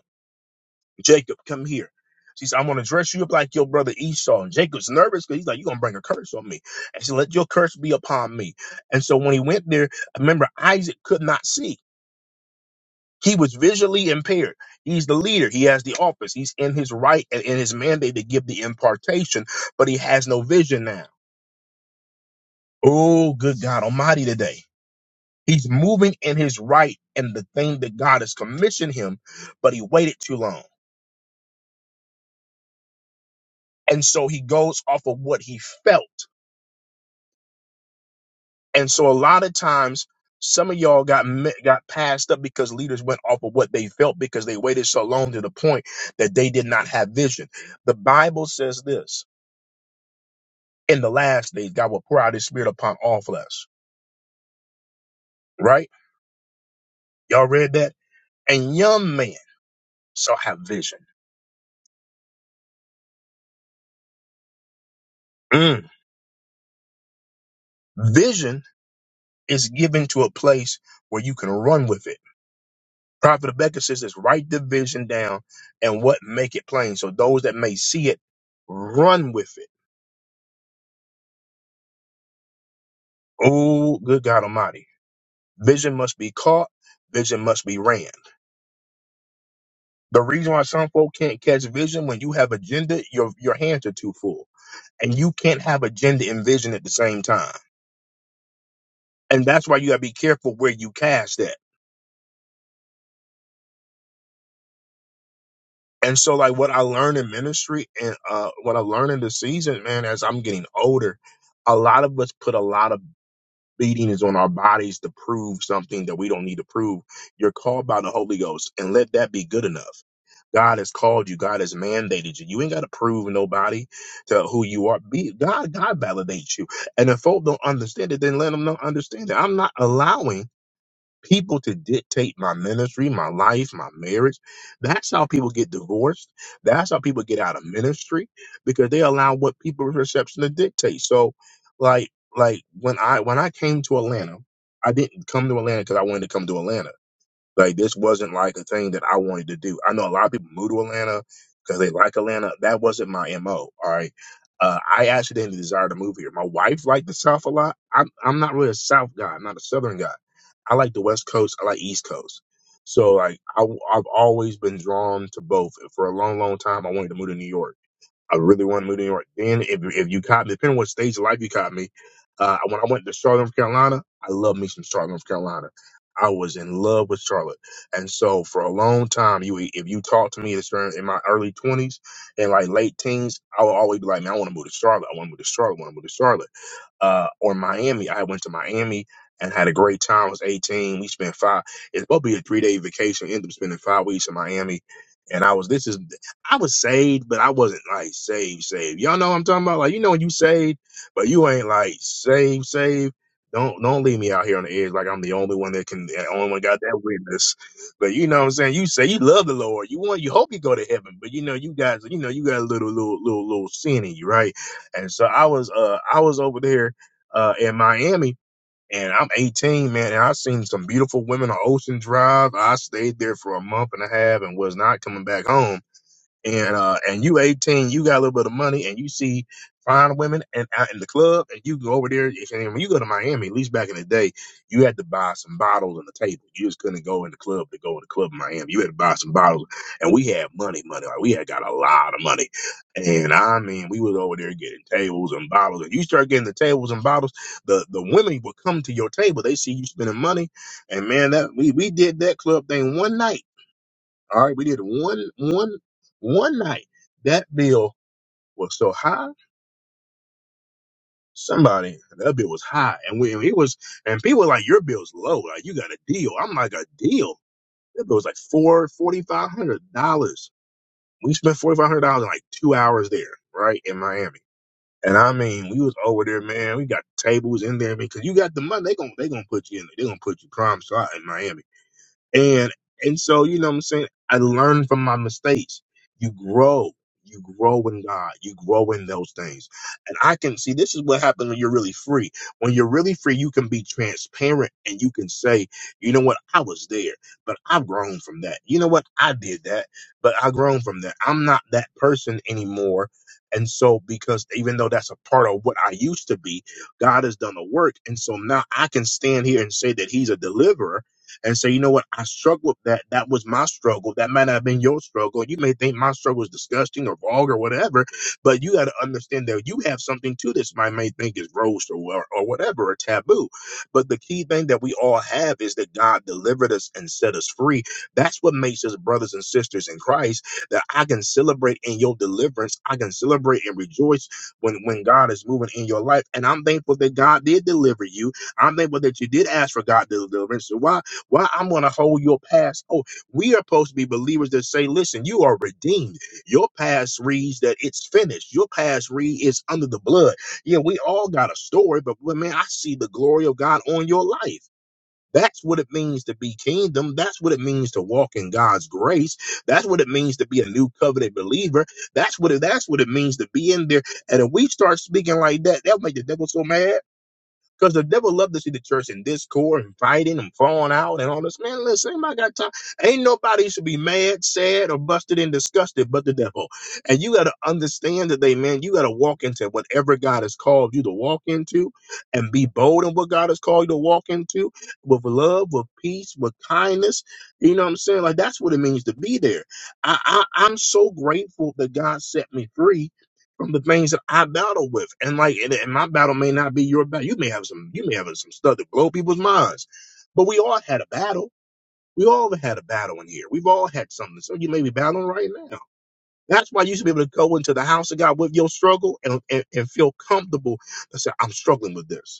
Jacob, come here. She said, I'm going to dress you up like your brother Esau. And Jacob's nervous because he's like, You're going to bring a curse on me. And she said, Let your curse be upon me. And so when he went there, remember, Isaac could not see. He was visually impaired. He's the leader. He has the office. He's in his right and in his mandate to give the impartation, but he has no vision now. Oh, good God Almighty today. He's moving in his right and the thing that God has commissioned him, but he waited too long. And so he goes off of what he felt. And so a lot of times, some of y'all got mi- got passed up because leaders went off of what they felt because they waited so long to the point that they did not have vision. The Bible says this: in the last days, God will pour out His Spirit upon all flesh. Right? Y'all read that? And young men shall have vision. Mm. Vision is given to a place where you can run with it Prophet Rebecca says this, write the vision down and what make it plain. So those that may see it, run with it. Oh, good God Almighty. Vision must be caught. Vision must be ran. The reason why some folk can't catch vision when you have agenda, your, your hands are too full and you can't have agenda and vision at the same time. And that's why you gotta be careful where you cast that. And so like what I learned in ministry and, uh, what I learned in the season, man, as I'm getting older, a lot of us put a lot of beating is on our bodies to prove something that we don't need to prove. You're called by the Holy Ghost, and let that be good enough. God has called you. God has mandated you. You ain't got to prove nobody to who you are. Be God. God validates you. And if folk don't understand it, then let them not understand it. I'm not allowing people to dictate my ministry, my life, my marriage. That's how people get divorced. That's how people get out of ministry because they allow what people's perception to dictate. So, like, like when I when I came to Atlanta, I didn't come to Atlanta because I wanted to come to Atlanta. Like this wasn't like a thing that I wanted to do. I know a lot of people move to Atlanta because they like Atlanta. That wasn't my mo. All right, uh, I actually didn't desire to move here. My wife liked the South a lot. I'm I'm not really a South guy. I'm not a Southern guy. I like the West Coast. I like East Coast. So like I, I've always been drawn to both. For a long, long time, I wanted to move to New York I really want to move to New York. Then if if you caught me, depending on what stage of life you caught me, uh, when I went to Charlotte, North Carolina, I love me some Charlotte, North Carolina. I was in love with Charlotte, and so for a long time, you if you talked to me this during- in my early twenties and like late teens, I would always be like, man, I want to move to Charlotte. I want to move to Charlotte. I want to move to Charlotte uh, or Miami. I went to Miami and had a great time. I was 18. We spent five. It's supposed to be a three day vacation. Ended up spending five weeks in Miami. And I was, this is, I was saved, but I wasn't like saved, saved. Y'all know what I'm talking about? Like, you know, when you saved, but you ain't like saved, saved. Don't, don't leave me out here on the edge like I'm the only one that can, the only one got that witness. But you know what I'm saying? You say you love the Lord. You want, you hope you go to heaven, but you know, you guys, you know, you got a little, little, little, little sin in you, right? And so I was uh I was over there uh in Miami and I'm 18, man, and I seen some beautiful women on Ocean Drive. I stayed there for a month and a half and was not coming back home and uh and you 18 you got a little bit of money and you see fine women and out in the club and you go over there and when you go to miami at least back in the day you had to buy some bottles on the table you just couldn't go in the club to go in the club in miami you had to buy some bottles and we had money money like we had got a lot of money and i mean we was over there getting tables and bottles and you start getting the tables and bottles the the women would come to your table they see you spending money and man that we we did that club thing one night all right, we did one one one night. That bill was so high. Somebody that bill was high, and we it was, and people were like, "Your bill's low. Like you got a deal." I'm like, "A deal?" That bill was like four forty five hundred dollars. We spent forty five hundred dollars in like two hours there, right in Miami. And I mean, we was over there, man. We got tables in there because you got the money. They gon' they gonna put you in. They gonna put you prime slot in Miami. And and so, you know what I'm saying? I learned from my mistakes. You grow. You grow in God. You grow in those things. And I can see this is what happens when you're really free. When you're really free, you can be transparent and you can say, you know what, I was there, but I've grown from that. You know what, I did that, but I've grown from that. I'm not that person anymore. And so, because even though that's a part of what I used to be, God has done the work. And so now I can stand here and say that He's a deliverer and say, you know what, I struggled with that. That was my struggle. That might not have been your struggle. You may think my struggle is disgusting or vulgar or whatever, but you got to understand that you have something to this. I may think is roast or, or or whatever, or taboo. But the key thing that we all have is that God delivered us and set us free. That's what makes us brothers and sisters in Christ. That I can celebrate in your deliverance. I can celebrate and rejoice when when God is moving in your life. And I'm thankful that God did deliver you. I'm thankful that you did ask for God to deliverance. So why? Why I'm going to hold your past? Oh, we are supposed to be believers that say, listen, you are redeemed. Your past reads that it's finished. Your past read is under the blood. Yeah, we all got a story, but well, man, I see the glory of God on your life. That's what it means to be kingdom. That's what it means to walk in God's grace. That's what it means to be a new covenant believer. That's what it, that's what it means to be in there. And if we start speaking like that, that'll make the devil so mad. Because the devil love to see the church in discord and fighting and falling out and all this. Man, listen, ain't I got time. Ain't nobody should be mad, sad, or busted and disgusted but the devil. And you got to understand today, man, you got to walk into whatever God has called you to walk into and be bold in what God has called you to walk into with love, with peace, with kindness. You know what I'm saying? Like, that's what it means to be there. I, I, I'm so grateful that God set me free from the things that I battle with. And like, and, and my battle may not be your battle. You may have some, you may have some stuff that blow people's minds, but we all had a battle. We all had a battle in here. We've all had something. So you may be battling right now. That's why you should be able to go into the house of God with your struggle and, and, and feel comfortable to say, I'm struggling with this.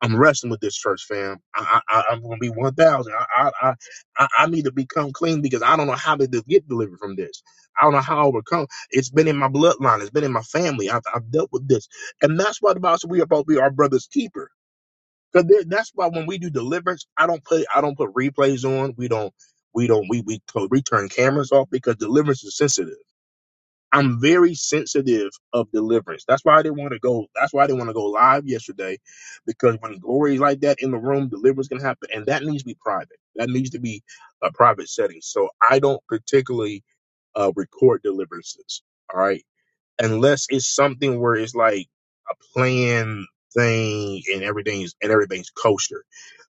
I'm wrestling with this church fam. I, I, I- I'm gonna be one thousand. I, I, I, I need to become clean because I don't know how to de- get delivered from this. I don't know how to overcome. It's been in my bloodline. It's been in my family. I've, I've dealt with this, and that's why the Bible says we are about to be our brother's keeper. Because that's why when we do deliverance, I don't put I don't put replays on. We don't we don't we we co- we turn cameras off because deliverance is sensitive I'm very sensitive of deliverance. That's why I didn't want to go. That's why I didn't want to go live yesterday, because when glory is like that in the room, deliverance can happen, and that needs to be private. That needs to be a private setting. So I don't particularly uh, record deliverances. All right, unless it's something where it's like a planned thing and everything's and everything's kosher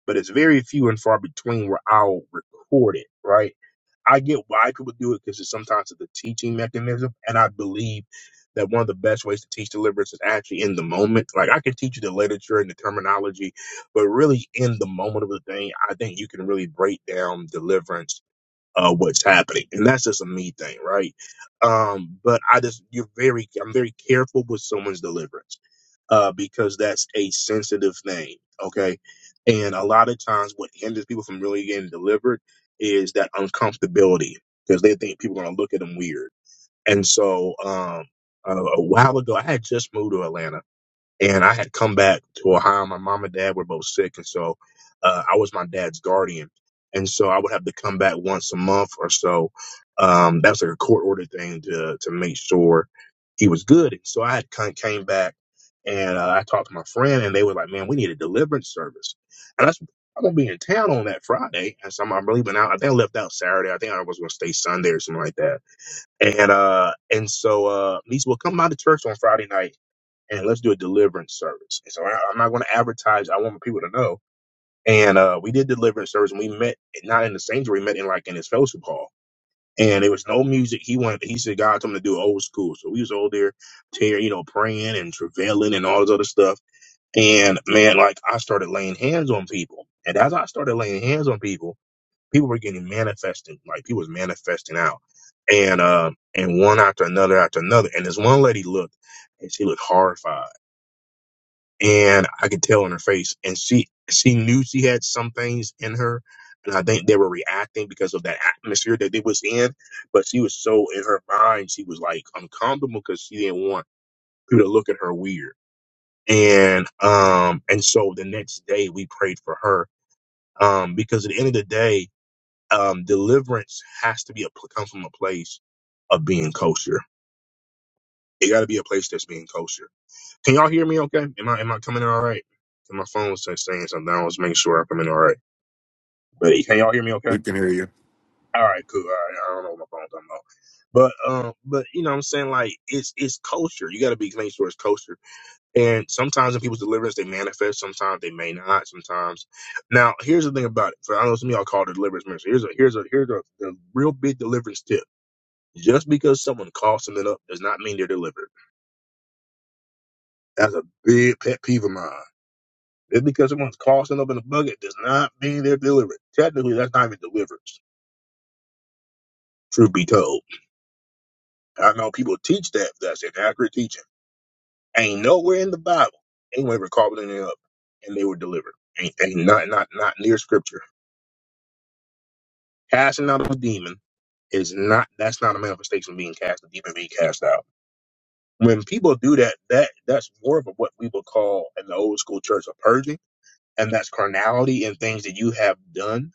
but it's very few and far between where I'll record it, right? I get why people do it because it's sometimes it's a teaching mechanism, and I believe that one of the best ways to teach deliverance is actually in the moment. Like I can teach you the literature and the terminology, but really in the moment of the thing, I think you can really break down deliverance, uh, what's happening, and that's just a me thing, right? Um, but I just you're very I'm very careful with someone's deliverance uh, because that's a sensitive thing. Okay. And a lot of times what hinders people from really getting delivered is that uncomfortability because they think people are going to look at them weird. And so, um, uh, a while ago, I had just moved to Atlanta and I had come back to Ohio. My mom and dad were both sick, and so uh, I was my dad's guardian, and so I would have to come back once a month or so. Um, that was like a court ordered thing to to make sure he was good. And so I had come, came back, and uh, I talked to my friend, and they were like, "Man, we need a deliverance service," and I said, I'm gonna be in town on that Friday, and so I'm, I'm leaving out. I think I left out Saturday. I think I was gonna stay Sunday or something like that. And uh, and so uh, Lisa will come out of church on Friday night, and let's do a deliverance service. And so I, I'm not going to advertise. I want people to know. And uh, we did deliverance service, and we met not in the sanctuary, we met in like in his fellowship hall. And there was no music. He wanted. He said God told him to do old school. So we was all there, tear, you know, praying and travailing and all this other stuff. And man, like I started laying hands on people. And as I started laying hands on people, people were getting manifesting. Like people was manifesting out. And uh, and one after another after another. And this one lady looked, and she looked horrified and I could tell in her face. And she she knew she had some things in her, and I think they were reacting because of that atmosphere that they was in. But she was so in her mind, she was like uncomfortable because she didn't want people to look at her weird. And um and so the next day we prayed for her um because at the end of the day, um deliverance has to be a pl- come from a place of being kosher. It got to be a place that's being kosher Can y'all hear me? Okay? Am I am I coming in all right? 'Cause My phone was just saying something. I was making sure I come in all right. But can y'all hear me? Okay?
We can hear you.
All right, cool. All right. I don't know what my phone's talking about. But um, but you know what I'm saying like it's it's culture. You got to be making sure it's culture. And sometimes in people's deliverance, they manifest. Sometimes they may not. Sometimes. Now here's the thing about it. For I know some of y'all call it deliverance ministry. Here's a here's a here's a, a real big deliverance tip. Just because someone calls something up does not mean they're delivered. That's a big pet peeve of mine. Just because someone's crossing up in a bucket does not mean they're deliberate. Technically, that's not even deliverance, truth be told. I know people teach that, but that's inaccurate teaching. Ain't nowhere in the Bible anyone ever called anything up and they were delivered. Ain't, ain't not, not, not near scripture. Casting out of a demon is not, that's not a manifestation of being cast, a demon being cast out. When people do that, that that's more of a, what we would call in the old school church a purging, and that's carnality and things that you have done,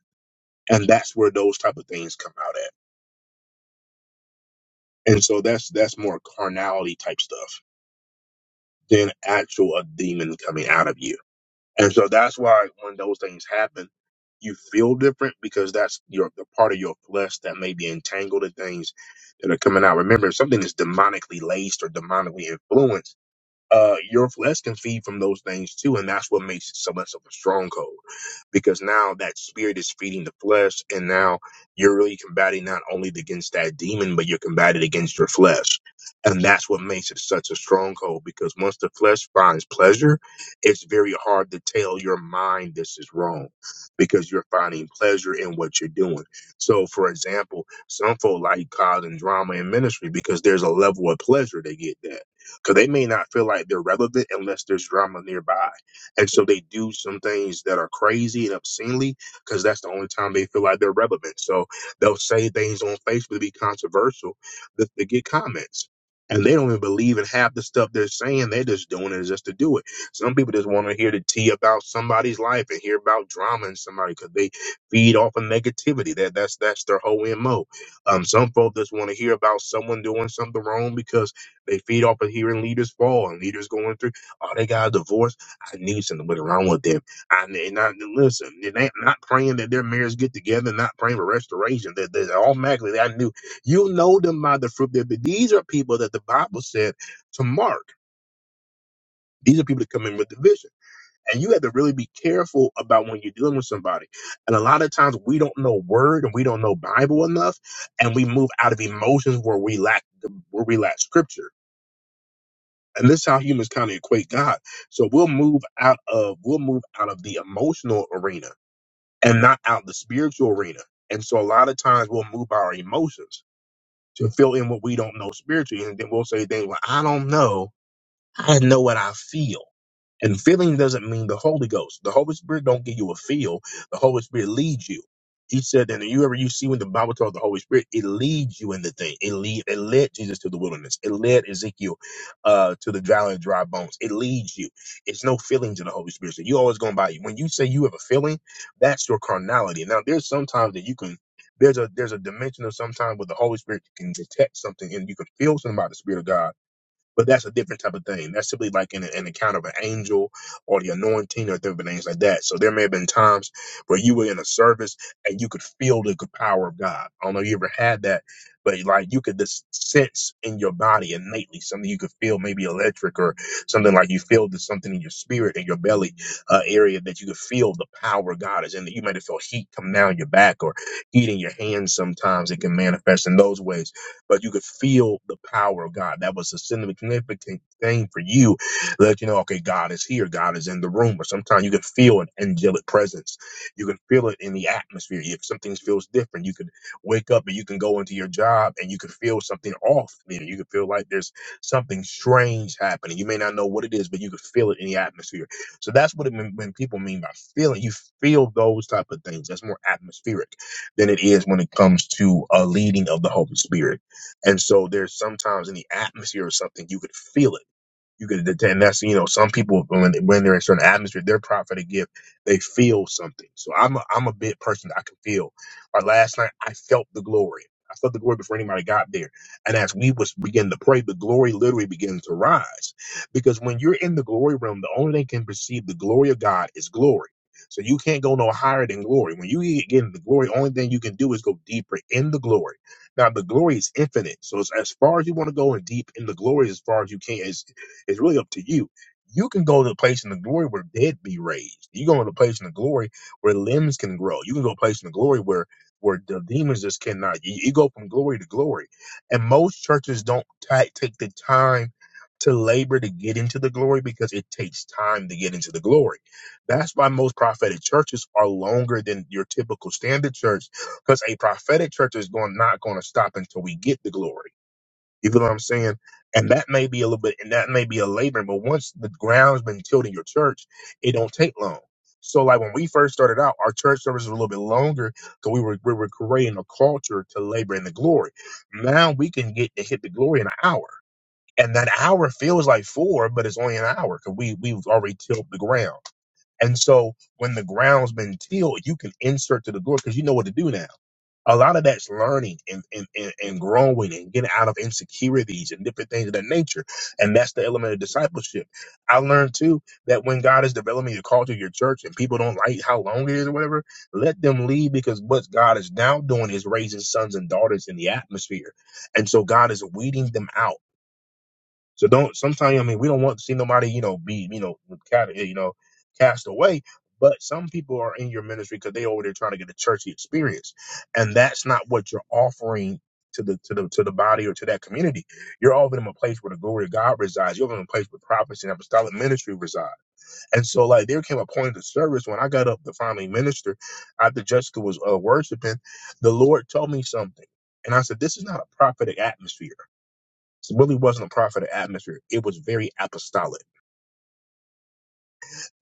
and that's where those type of things come out at. And so that's that's more carnality type stuff than actual a demon coming out of you. And so that's why when those things happen, you feel different because that's your the part of your flesh that may be entangled in things that are coming out. Remember, if something is demonically laced or demonically influenced uh, your flesh can feed from those things too, and that's what makes it so much of a stronghold. Because now that spirit is feeding the flesh, and now you're really combating not only against that demon, but you're combating against your flesh, and that's what makes it such a stronghold. Because once the flesh finds pleasure, it's very hard to tell your mind this is wrong, because you're finding pleasure in what you're doing. So, for example, some folk like causing drama in ministry because there's a level of pleasure they get there because they may not feel like they're relevant unless there's drama nearby. And so they do some things that are crazy and obscenely because that's the only time they feel like they're relevant. So they'll say things on Facebook to be controversial to, to get comments. And they don't even believe in half the stuff they're saying. They're just doing it just to do it. Some people just want to hear the tea about somebody's life and hear about drama in somebody because they feed off of negativity. That that's that's their whole mo. Um, some folks just want to hear about someone doing something wrong because they feed off of hearing leaders fall and leaders going through. Oh, they got a divorce. I knew something was wrong with them. I and I, listen. They're not not praying that their marriage get together. Not praying for restoration. That that automatically I knew. You'll know them by the fruit. That these are people that the Bible said to mark. These are people that come in with division. And you have to really be careful about when you're dealing with somebody. And a lot of times we don't know word and we don't know Bible enough, and we move out of emotions where we lack where we lack scripture. and this is how humans kind of equate God. So we'll move out of we'll move out of the emotional arena and not out the spiritual arena. And so a lot of times we'll move our emotions to fill in what we don't know spiritually, and then we'll say things like, "I don't know," I know what I feel. And feeling doesn't mean the Holy Ghost. The Holy Spirit don't give you a feel. The Holy Spirit leads you. He said that you ever you see when the Bible tells the Holy Spirit, it leads you in the thing. It lead it led Jesus to the wilderness. It led Ezekiel uh to the valley of dry bones. It leads you. It's no feelings in the Holy Spirit. So you always going by when you say you have a feeling, that's your carnality. Now there's sometimes that you can there's a there's a dimension of sometimes where the Holy Spirit can detect something and you can feel something about the Spirit of God but that's a different type of thing. That's simply like an, an account of an angel or the anointing or different things like that. So there may have been times where you were in a service and you could feel the good power of God. I don't know if you ever had that, but like you could just sense in your body innately something you could feel maybe electric or something like you feel there's something in your spirit in your belly uh, area that you could feel the power of God is in you might have felt heat coming down your back or heat in your hands sometimes it can manifest in those ways but you could feel the power of God. That was a significant thing for you, let you know, okay, God is here, God is in the room. Or sometimes you can feel an angelic presence. You can feel it in the atmosphere. If something feels different, you can wake up and you can go into your job and you can feel something off. You, know, you can feel like there's something strange happening. You may not know what it is, but you can feel it in the atmosphere. So that's what it mean, when people mean by feeling. You feel those type of things. That's more atmospheric than it is when it comes to a leading of the Holy Spirit. And so there's sometimes in the atmosphere or something, you could feel it. You could, and that's you know, some people when when they're in certain atmosphere, they're proud for the gift. They feel something. So I'm a, I'm a big person. that I can feel. Like last night, I felt the glory. I felt the glory before anybody got there. And as we was begin to pray, the glory literally begins to rise, because when you're in the glory realm, the only thing can perceive the glory of God is glory. So you can't go no higher than glory. When you get into the glory, only thing you can do is go deeper in the glory. Now the glory is infinite. So it's as far as you want to go and deep in the glory as far as you can. It's really up to you. You can go to a place in the glory where dead be raised. You go to a place in the glory where limbs can grow. You can go to a place in the glory where where the demons just cannot. You, you go from glory to glory, and most churches don't ta take the time to labor to get into the glory because it takes time to get into the glory. That's why most prophetic churches are longer than your typical standard church because a prophetic church is going not going to stop until we get the glory. You feel what I'm saying? And that may be a little bit, and that may be a labor, but once the ground's been tilled in your church, it don't take long. So, like when we first started out, our church service was a little bit longer because we were we were creating a culture to labor in the glory. Now we can get to hit the glory in an hour, and that hour feels like four, but it's only an hour because we we've already tilled the ground. And so when the ground's been tilled, you can insert to the glory because you know what to do now a lot of that's learning and, and, and, and growing and getting out of insecurities and different things of that nature. And that's the element of discipleship. I learned too that when God is developing your culture, your church, and people don't like how long it is or whatever, let them leave because what God is now doing is raising sons and daughters in the atmosphere. And so God is weeding them out. So don't. Sometimes I mean, we don't want to see nobody, you know, be, you know, cast, you know, cast away. But some people are in your ministry because they over there trying to get a churchy experience, and that's not what you're offering to the to the to the body or to that community. You're offering them a place where the glory of God resides. You're offering them a place where prophets and apostolic ministry reside. And so, like, there came a point in the service when I got up to finally minister after Jessica was uh, worshiping. The Lord told me something, and I said, "This is not a prophetic atmosphere." It really wasn't a prophetic atmosphere. It was very apostolic.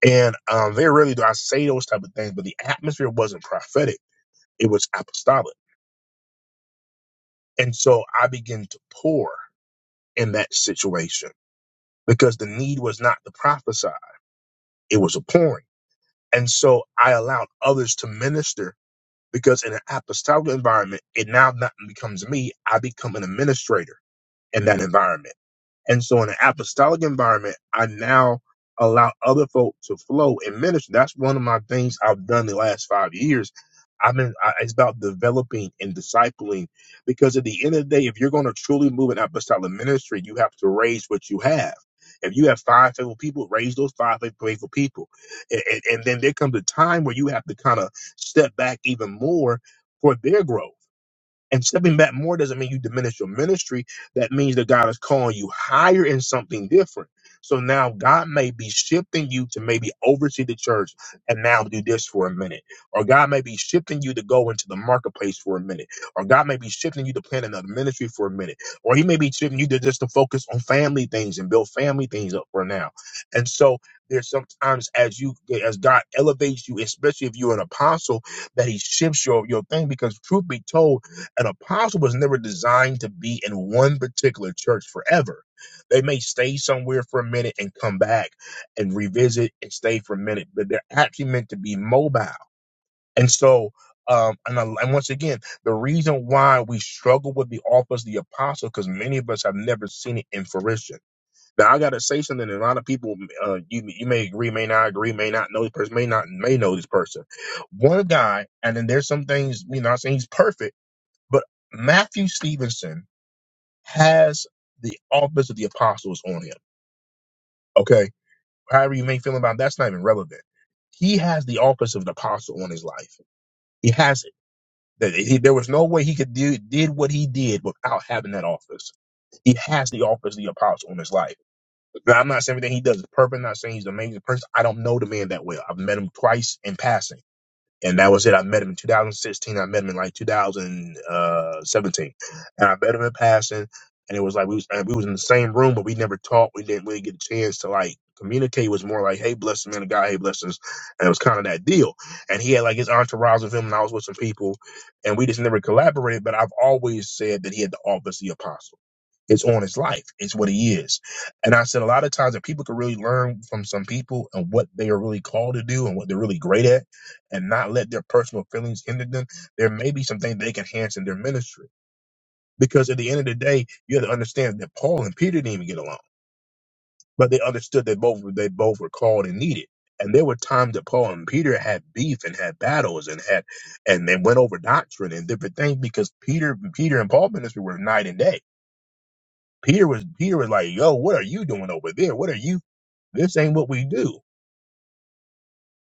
And um, very rarely do I say those type of things, but the atmosphere wasn't prophetic. It was apostolic. And so I began to pour in that situation because the need was not to prophesy. It was a pouring. And so I allowed others to minister because in an apostolic environment, it now not becomes me. I become an administrator in that environment. And so in an apostolic environment, I now allow other folk to flow and minister. That's one of my things I've done the last five years. I've been, I, it's about developing and discipling because at the end of the day, if you're going to truly move an apostolic ministry, you have to raise what you have. If you have five faithful people, raise those five faithful faithful people. And, and, and then there comes a time where you have to kind of step back even more for their growth and stepping back more doesn't mean you diminish your ministry. That means that God is calling you higher in something different. So now God may be shifting you to maybe oversee the church and now do this for a minute. Or God may be shifting you to go into the marketplace for a minute. Or God may be shifting you to plan another ministry for a minute. Or He may be shifting you to just to focus on family things and build family things up for now. And so there's sometimes as you as God elevates you, especially if you're an apostle, that He shifts your your thing because truth be told an apostle was never designed to be in one particular church forever. They may stay somewhere for a minute and come back and revisit and stay for a minute, but they're actually meant to be mobile. And so, um, and, I, and once again, the reason why we struggle with the office of the apostle because many of us have never seen it in fruition. Now, I gotta say something. that A lot of people, uh, you you may agree, may not agree, may not know this person, may not may know this person. One guy, and then there's some things. You know, I'm not saying he's perfect but Matthew Stevenson has the office of the apostles on him. Okay. However you may feel about that's not even relevant. He has the office of an apostle on his life. He has it. That- he- There was no way he could do did what he did without having that office. He has the office of the apostle on his life. Now, I'm not saying everything he does is perfect. I'm not saying he's an amazing person. I don't know the man that well. I've met him twice in passing and that was it. I met him in 2016. I met him in like 2017. And I met him in passing, and it was like we was and we was in the same room, but we never talked. We didn't really get a chance to like communicate. It was more like, "Hey, bless the man of God. Hey, bless us," and it was kind of that deal. And he had like his entourage with him, and I was with some people, and we just never collaborated. But I've always said that he had the office of the apostle. It's on his life. It's what he is. And I said a lot of times that people can really learn from some people and what they are really called to do and what they're really great at and not let their personal feelings hinder them. There may be some things they can enhance in their ministry. Because at the end of the day, you have to understand that Paul and Peter didn't even get along. But they understood that both were they both were called and needed. And there were times that Paul and Peter had beef and had battles and had and they went over doctrine and different things because Peter Peter and Paul ministry were night and day Peter was Peter was like, "Yo, what are you doing over there? What are you? This ain't what we do."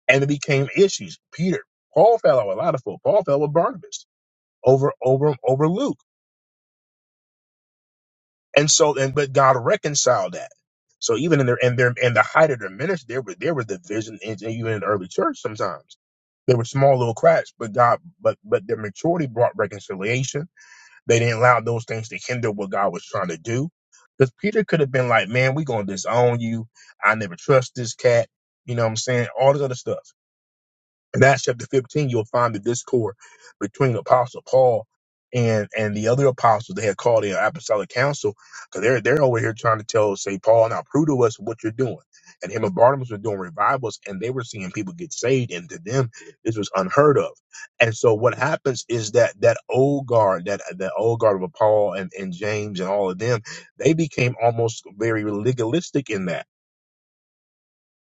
And it became issues. Peter, Paul fell out with a lot of folk. Paul fell with Barnabas over over over Luke, and so and but God reconciled that. So even in their in their in the height of their ministry, there was there was division in, even in the early church. Sometimes there were small little cracks, but God but but their maturity brought reconciliation They didn't allow those things to hinder what God was trying to do. Because Peter could have been like, man, we going to disown you. I never trust this cat. You know what I'm saying? All this other stuff in Acts chapter 15, you'll find the discord between Apostle Paul and and the other apostles they had called in apostolic council because they're they're over here trying to tell St. Paul now prove to us what you're doing. And him and Barnabas were doing revivals and they were seeing people get saved and to them this was unheard of. And so what happens is that that old guard, that that old guard of Paul and, and James and all of them, they became almost very legalistic in that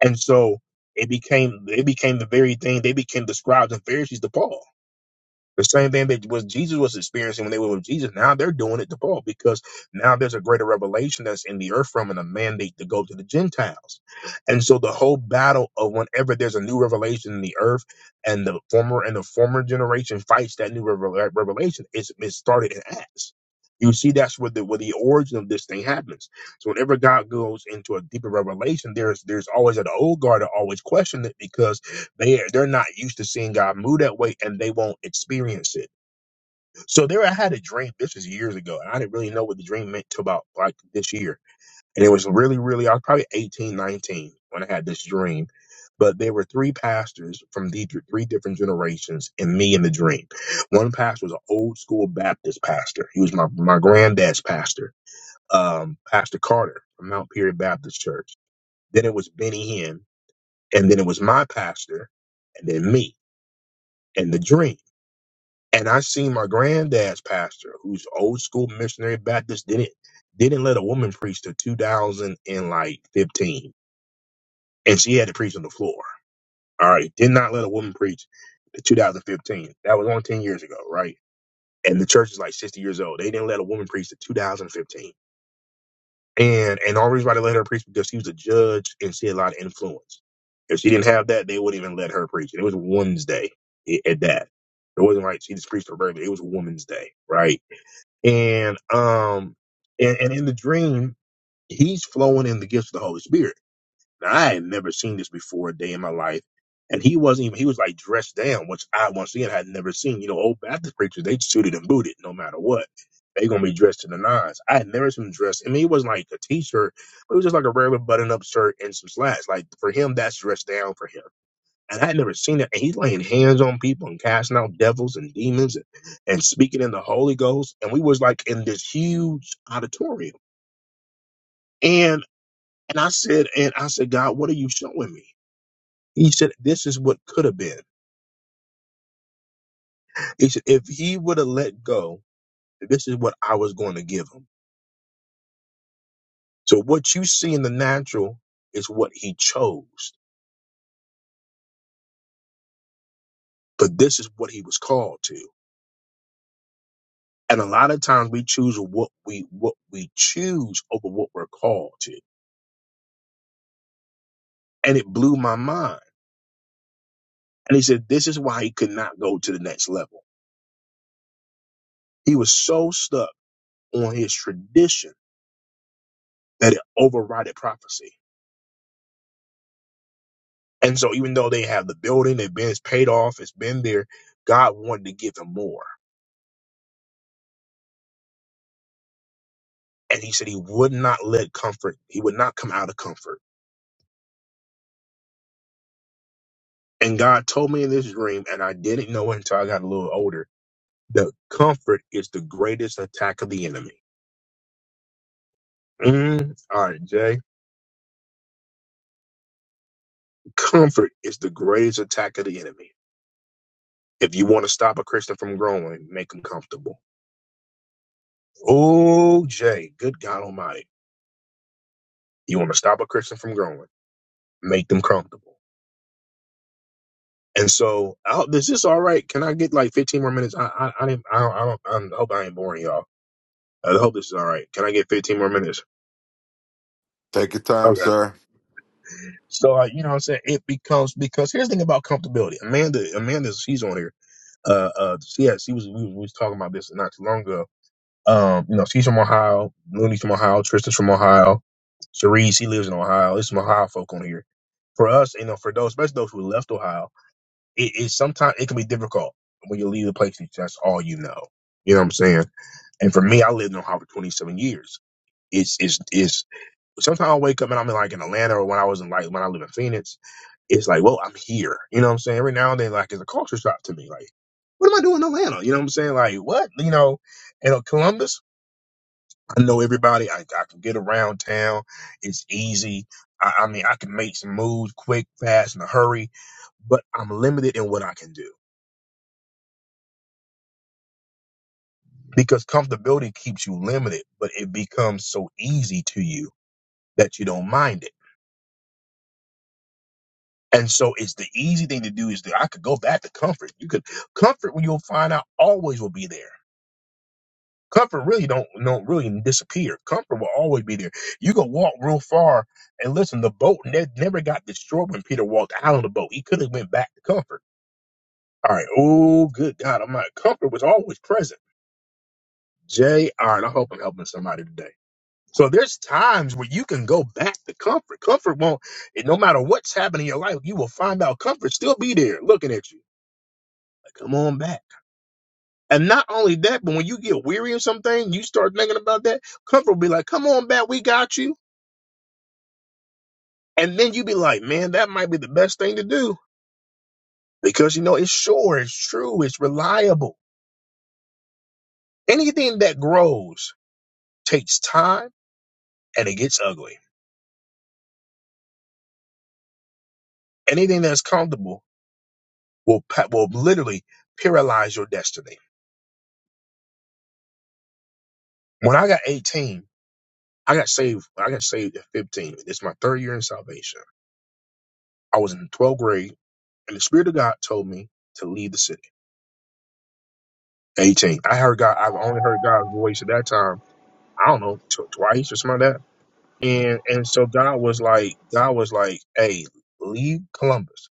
and so it became they became the very thing. They became the scribes and Pharisees to Paul the same thing that was Jesus was experiencing when they were with Jesus. Now they're doing it to Paul because now there's a greater revelation that's in the earth from and a mandate to go to the Gentiles. And so the whole battle of whenever there's a new revelation in the earth and the former and the former generation fights that new revel- revelation, it's, it started in Acts. You see, that's where the where the origin of this thing happens. So whenever God goes into a deeper revelation, there's there's always an old guard that always question it because they they're not used to seeing God move that way, and they won't experience it. So there, I had a dream. This was years ago, and I didn't really know what the dream meant till about like this year. And it was really, really. I was probably 18, 19 when I had this dream. But there were three pastors from the th- three different generations, and me in the dream. One pastor was an old school Baptist pastor. He was my my granddad's pastor, um, Pastor Carter from Mount Perry Baptist Church. Then it was Benny Hinn, and then it was my pastor, and then me and the dream. And I seen my granddad's pastor, who's old school missionary Baptist, didn't didn't let a woman preach till 2000 and like 15, and she had to preach on the floor. All right, did not let a woman preach to 2015. That was only 10 years ago, right? And the church is like 60 years old. They didn't let a woman preach to 2015. And and the only reason why they let her preach because she was a judge and she had a lot of influence. If she didn't have that, they wouldn't even let her preach. And it was Women's Day i- at that. It wasn't like she just preached a regular. It was Women's Day, right? and um and, and in the dream he's flowing in the gifts of the holy spirit now i had never seen this before a day in my life and he wasn't even he was like dressed down which i once again had never seen you know old baptist preachers they suited and booted no matter what they gonna be dressed to the nines i had never seen him dressed i mean it wasn't like a t-shirt it was just like a regular button-up shirt and some slacks like for him that's dressed down for him and I had never seen it. And he's laying hands on people and casting out devils and demons and, and speaking in the Holy Ghost. And we was like in this huge auditorium. And and I said, and I said, God, what are you showing me? He said, This is what could have been. He said, if he would have let go, this is what I was going to give him. So what you see in the natural is what he chose, but this is what he was called to. And a lot of times we choose what we what we choose over what we're called to. And it blew my mind And he said, this is why he could not go to the next level. He was so stuck on his tradition that it overrided prophecy. And so even though they have the building, they've been it's paid off, it's been there, God wanted to give him more. And he said he would not let comfort, he would not come out of comfort. And God told me in this dream, and I didn't know it until I got a little older, that comfort is the greatest attack of the enemy. Mm, all right, Jay. Comfort is the greatest attack of the enemy. If you want to stop a Christian from growing, make them comfortable. Oh, Jay, good God Almighty. You want to stop a Christian from growing, make them comfortable. And so, oh, is this all right? Can I get like 15 more minutes? I, I, I didn't, I don't, I don't, I don't- I hope I ain't boring y'all. I hope this is all right. Can I get 15 more minutes?
Take your time,
Okay.
sir.
So, uh, you know what I'm saying? It becomes, because here's the thing about comfortability. Amanda, Amanda, she's on here. Uh, uh, she has, she was, we, was- we was talking about this not too long ago Um, you know, she's from Ohio. Looney's from Ohio. Tristan's from Ohio. Cherie, she lives in Ohio. It's some Ohio folk on here. For us, you know, for those, especially those who left Ohio, it, it sometimes it can be difficult when you leave the place that that's all you know. You know what I'm saying? And for me, I lived in Ohio for 27 years. It's it's it's sometimes I wake up and I'm in like in Atlanta or when I was in like when I live in Phoenix, it's like, well, I'm here. You know what I'm saying? Every now and then, like it's a culture shock to me. Like, what am I doing in Atlanta? You know what I'm saying? Like, what? You know, you know, Columbus. I know everybody. I, I can get around town. It's easy. I, I mean, I can make some moves quick, fast, in a hurry, but I'm limited in what I can do because comfortability keeps you limited, but it becomes so easy to you that you don't mind it. And so it's the easy thing to do is that I could go back to comfort. You could comfort when you'll find out always will be there. Comfort really don't don't really disappear. Comfort will always be there. You can walk real far and listen. The boat ne- never got destroyed when Peter walked out of the boat. He could have went back to comfort. All right. Oh, good God! I'm like comfort was always present. Jay, all right. I hope I'm helping somebody today. So there's times where you can go back to comfort. Comfort won't. and No matter what's happening in your life, you will find out comfort still be there, looking at you. Like, come on back. And not only that, but when you get weary of something, you start thinking about that. Comfort will be like, "Come on back, we got you." And then you be like, man, that might be the best thing to do because you know it's sure, it's true, it's reliable. Anything that grows takes time and it gets ugly. Anything that's comfortable will pa- will literally paralyze your destiny. When I got 18, I got saved. I got saved at 15. It's my third year in salvation. I was in 12th grade, and the Spirit of God told me to leave the city. 18. I heard God. I've only heard God's voice at that time. I don't know, tw- twice or something like that And and so God was like, God was like, hey, leave Columbus.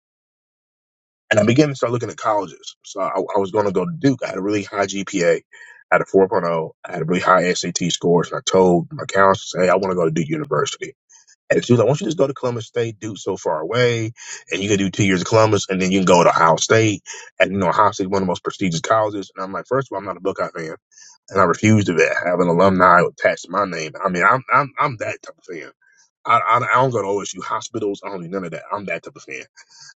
And I began to start looking at colleges. So I, I was going to go to Duke. I had a really high GPA. had a 4.0. I had a really high SAT scores. And I told my counselor, hey, I want to go to Duke University. And she was like, why don't you just go to Columbus State? Duke's so far away. And you can do two years of Columbus. And then you can go to Ohio State. And, you know, Ohio State is one of the most prestigious colleges. And I'm like, first of all, I'm not a Buckeye fan. And I refuse to have an alumni attached to my name. I mean, I'm, I'm, I'm that type of fan. I, I, I don't go to OSU hospitals. I don't do none of that. I'm that type of fan.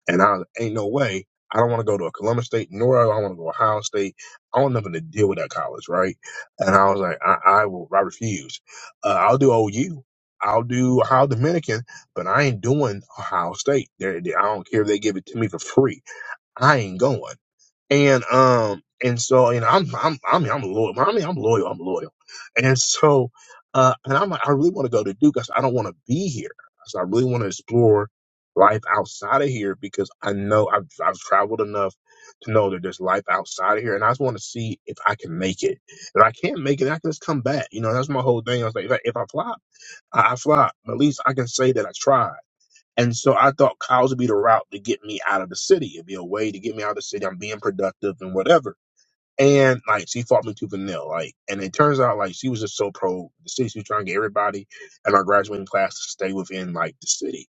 And I ain't no way. I don't want to go to a Columbus State, nor do I want to go to Ohio State. I want nothing to deal with that college, right? And I was like, I, I will. I refuse. Uh, I'll do OU. I'll do Ohio Dominican, but I ain't doing Ohio State. They're, they I don't care if they give it to me for free. I ain't going. And um and so you know I'm I'm I mean I'm loyal. I mean I'm loyal. I'm loyal. And so uh and I'm like I really want to go to Duke. I said I don't want to be here. I said I really want to explore life outside of here because I know I've I've traveled enough to know that there's life outside of here, and I just want to see if I can make it. If I can't make it, I can just come back. You know that's my whole thing. I was like if I, if I flop, I, I flop. But at least I can say that I tried. And so I thought cows would be the route to get me out of the city. It'd be a way to get me out of the city. I'm being productive and whatever. And like she fought me tooth and nail. Like, and it turns out like she was just so pro the city. She was trying to get everybody in our graduating class to stay within like the city.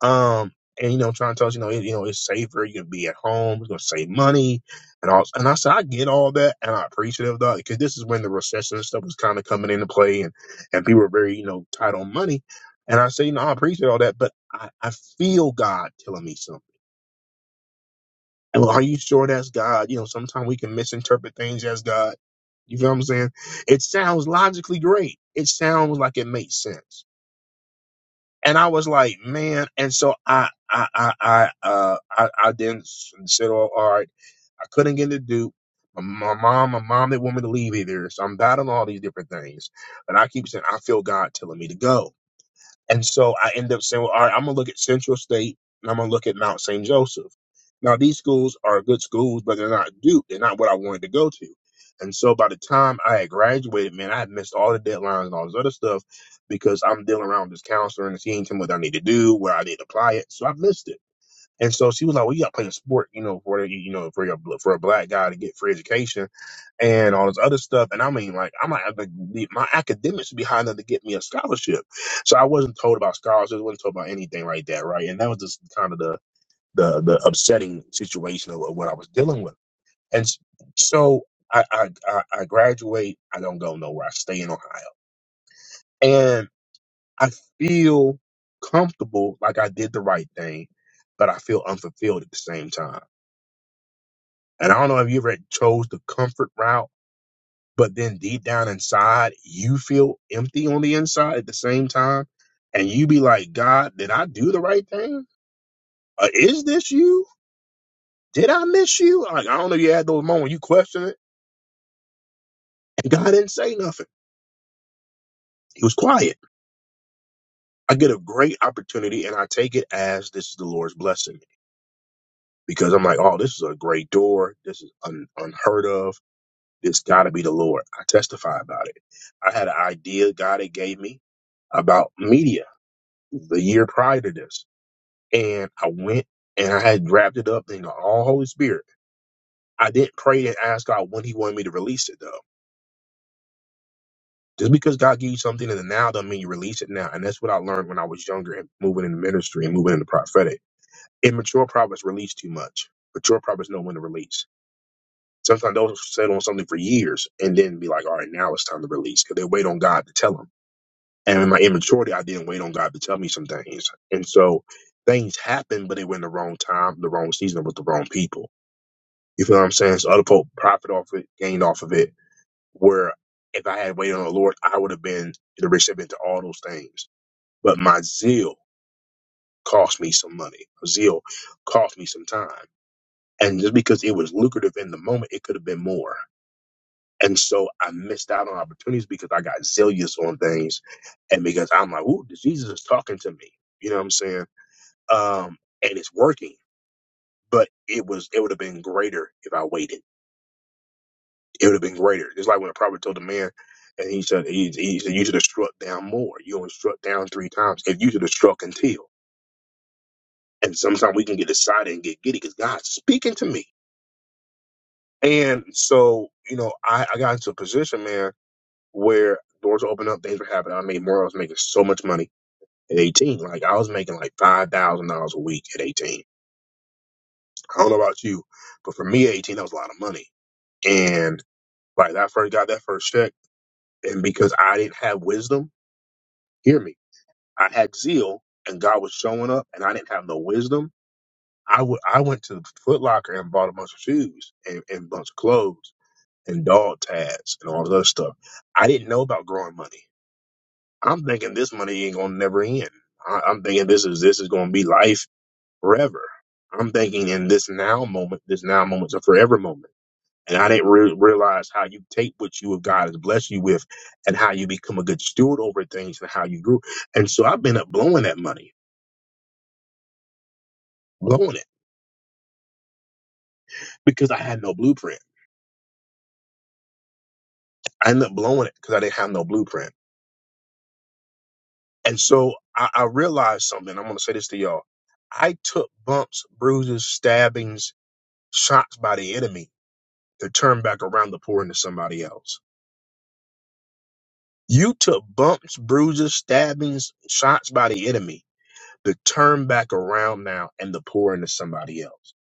Um, and you know, trying to tell us, you know, it, you know, it's safer. You can be at home. It's gonna save money, and all. And I said, I get all that, and I appreciate it, dog, because this is when the recession and stuff was kind of coming into play, and and people were very, you know, tight on money. And I say, you know, I appreciate all that, but I, I feel God telling me something. And well, are you sure that's God? You know, sometimes we can misinterpret things as God. You feel what I'm saying? It sounds logically great. It sounds like it makes sense and I was like, man. And so I, I, I, I, uh, I, I then s- said, oh, all right, I couldn't get into Duke. My my mom, my mom didn't want me to leave either. So I'm battling all these different things. But I keep saying, I feel God telling me to go. And so I end up saying, well, all right, I'm going to look at Central State and I'm going to look at Mount St. Joseph. Now, these schools are good schools, but they're not Duke. They're not what I wanted to go to. And so by the time I had graduated, man, I had missed all the deadlines and all this other stuff because I'm dealing around with this counselor and seeing him what I need to do, where I need to apply it. So I've missed it. And so she was like, "Well, you got to play a sport, you know, for you know, for your for a black guy to get free education and all this other stuff." And I mean, like, I'm like, like, my academics should be high enough to get me a scholarship. So I wasn't told about scholarships, wasn't told about anything like that, right? And that was just kind of the the the upsetting situation of, of what I was dealing with. And so I I I, I graduate. I don't go nowhere. I stay in Ohio, and I feel comfortable, like I did the right thing, but I feel unfulfilled at the same time And I don't know if you ever chose the comfort route, but then deep down inside, you feel empty on the inside at the same time. And you be like, God, did I do the right thing? Uh, is this you? Did I miss you? Like, I don't know. if You had those moments you question it. And God didn't say nothing. He was quiet. I get a great opportunity and I take it as this is the Lord's blessing because I'm like, oh, this is a great door. This is un- unheard of. It's got to be the Lord. I testify about it. I had an idea God had gave me. about media the year prior to this. And I went and I had wrapped it up in the all Holy Spirit. I didn't pray and ask God when He wanted me to release it though. Just because God gives you something in the now doesn't mean you release it now. And that's what I learned when I was younger and moving in the ministry and moving in the prophetic. Immature prophets release too much. Mature prophets know when to release. Sometimes they'll sit on something for years and then be like, all right, now it's time to release because they wait on God to tell them. And in my immaturity, I didn't wait on God to tell me some things. And so things happened, but it went the wrong time, the wrong season with the wrong people. You feel what I'm saying? So other folk profit off it, gained off of it, where if I had waited on the Lord, I would have been the recipient to all those things. But my zeal cost me some money. Zeal cost me some time. And just because it was lucrative in the moment, it could have been more. And so I missed out on opportunities because I got zealous on things and because I'm like, ooh, Jesus is talking to me. You know what I'm saying? Um, and it's working. But it was it would have been greater if I waited. It would have been greater. It's like when the prophet told the man and he said he, he said you should have struck down more. You only struck down three times. If you should have struck until. And sometimes we can get excited and get giddy because God's speaking to me. And so, you know, I, I got into a position, man, where doors opened up, things were happening. I made more, I was making so much money at 18. Like I was making like five thousand dollars a week at 18. I don't know about you, but for me, 18 that was a lot of money. And like I first got that first check, and because I didn't have wisdom, hear me, I had zeal, and God was showing up, and I didn't have no wisdom. I would I went to Foot Locker and bought a bunch of shoes and, and a bunch of clothes and dog tags and all this other stuff. I didn't know about growing money. I'm thinking this money ain't gonna never end. I, I'm thinking this is this is gonna be life forever. I'm thinking in this now moment, this now moment's a forever moment. And I didn't re- realize how you take what you of God has blessed you with and how you become a good steward over things and how you grew. And so I've been up blowing that money, blowing it because I had no blueprint. I ended up blowing it because I didn't have no blueprint. And so I, I realized something. I'm going to say this to y'all. I took bumps, bruises, stabbings, shots by the enemy to turn back around to pour into somebody else. You took bumps, bruises, stabbings, shots by the enemy to turn back around now and to pour into somebody else.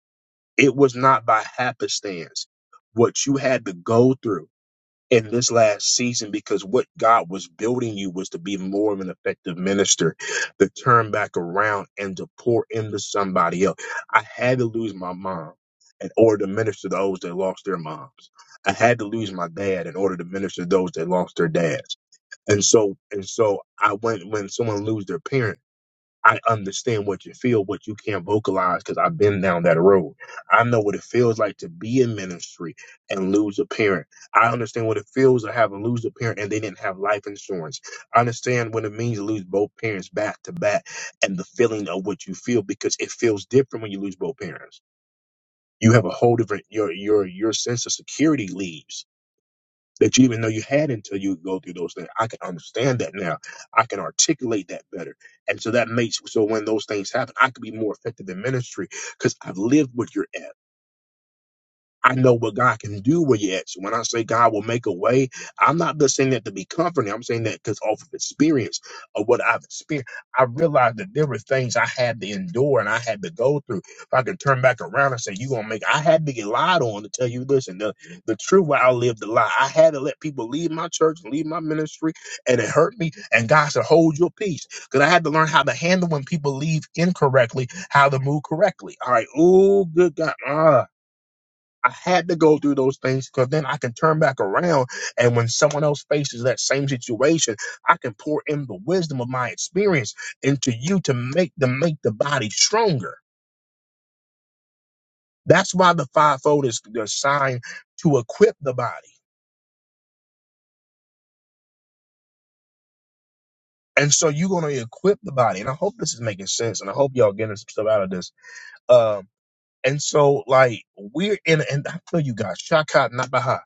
It was not by happenstance what you had to go through in this last season because what God was building you was to be more of an effective minister to turn back around and to pour into somebody else. I had to lose my mom in order to minister to those that lost their moms. I had to lose my dad in order to minister to those that lost their dads. And so and so I went when someone lose their parent, I understand what you feel, what you can't vocalize, because I've been down that road. I know what it feels like to be in ministry and lose a parent. I understand what it feels to have a lose a parent and they didn't have life insurance. I understand what it means to lose both parents back to back and the feeling of what you feel because it feels different when you lose both parents. You have a whole different your your your sense of security leaves that you even know you had until you go through those things. I can understand that now. I can articulate that better. And so that makes so when those things happen, I can be more effective in ministry because I've lived what you're at. I know what God can do with your ex. When I say God will make a way, I'm not just saying that to be comforting. I'm saying that because off of experience of what I've experienced, I realized that there were things I had to endure and I had to go through. If I could turn back around and say, "You gonna make," I had to get lied on to tell you, listen, the the truth where I lived a lie. I had to let people leave my church, leave my ministry, and it hurt me. And God said, "Hold your peace," because I had to learn how to handle when people leave incorrectly, how to move correctly. All right, oh good God, ah. I had to go through those things because then I can turn back around. And when someone else faces that same situation, I can pour in the wisdom of my experience into you to make the make the body stronger. That's why the fivefold is designed to equip the body. And so you're gonna equip the body. And I hope this is making sense. And I hope y'all getting some stuff out of this. Um, and so like we're in and I tell you guys, Shaka Nabaha.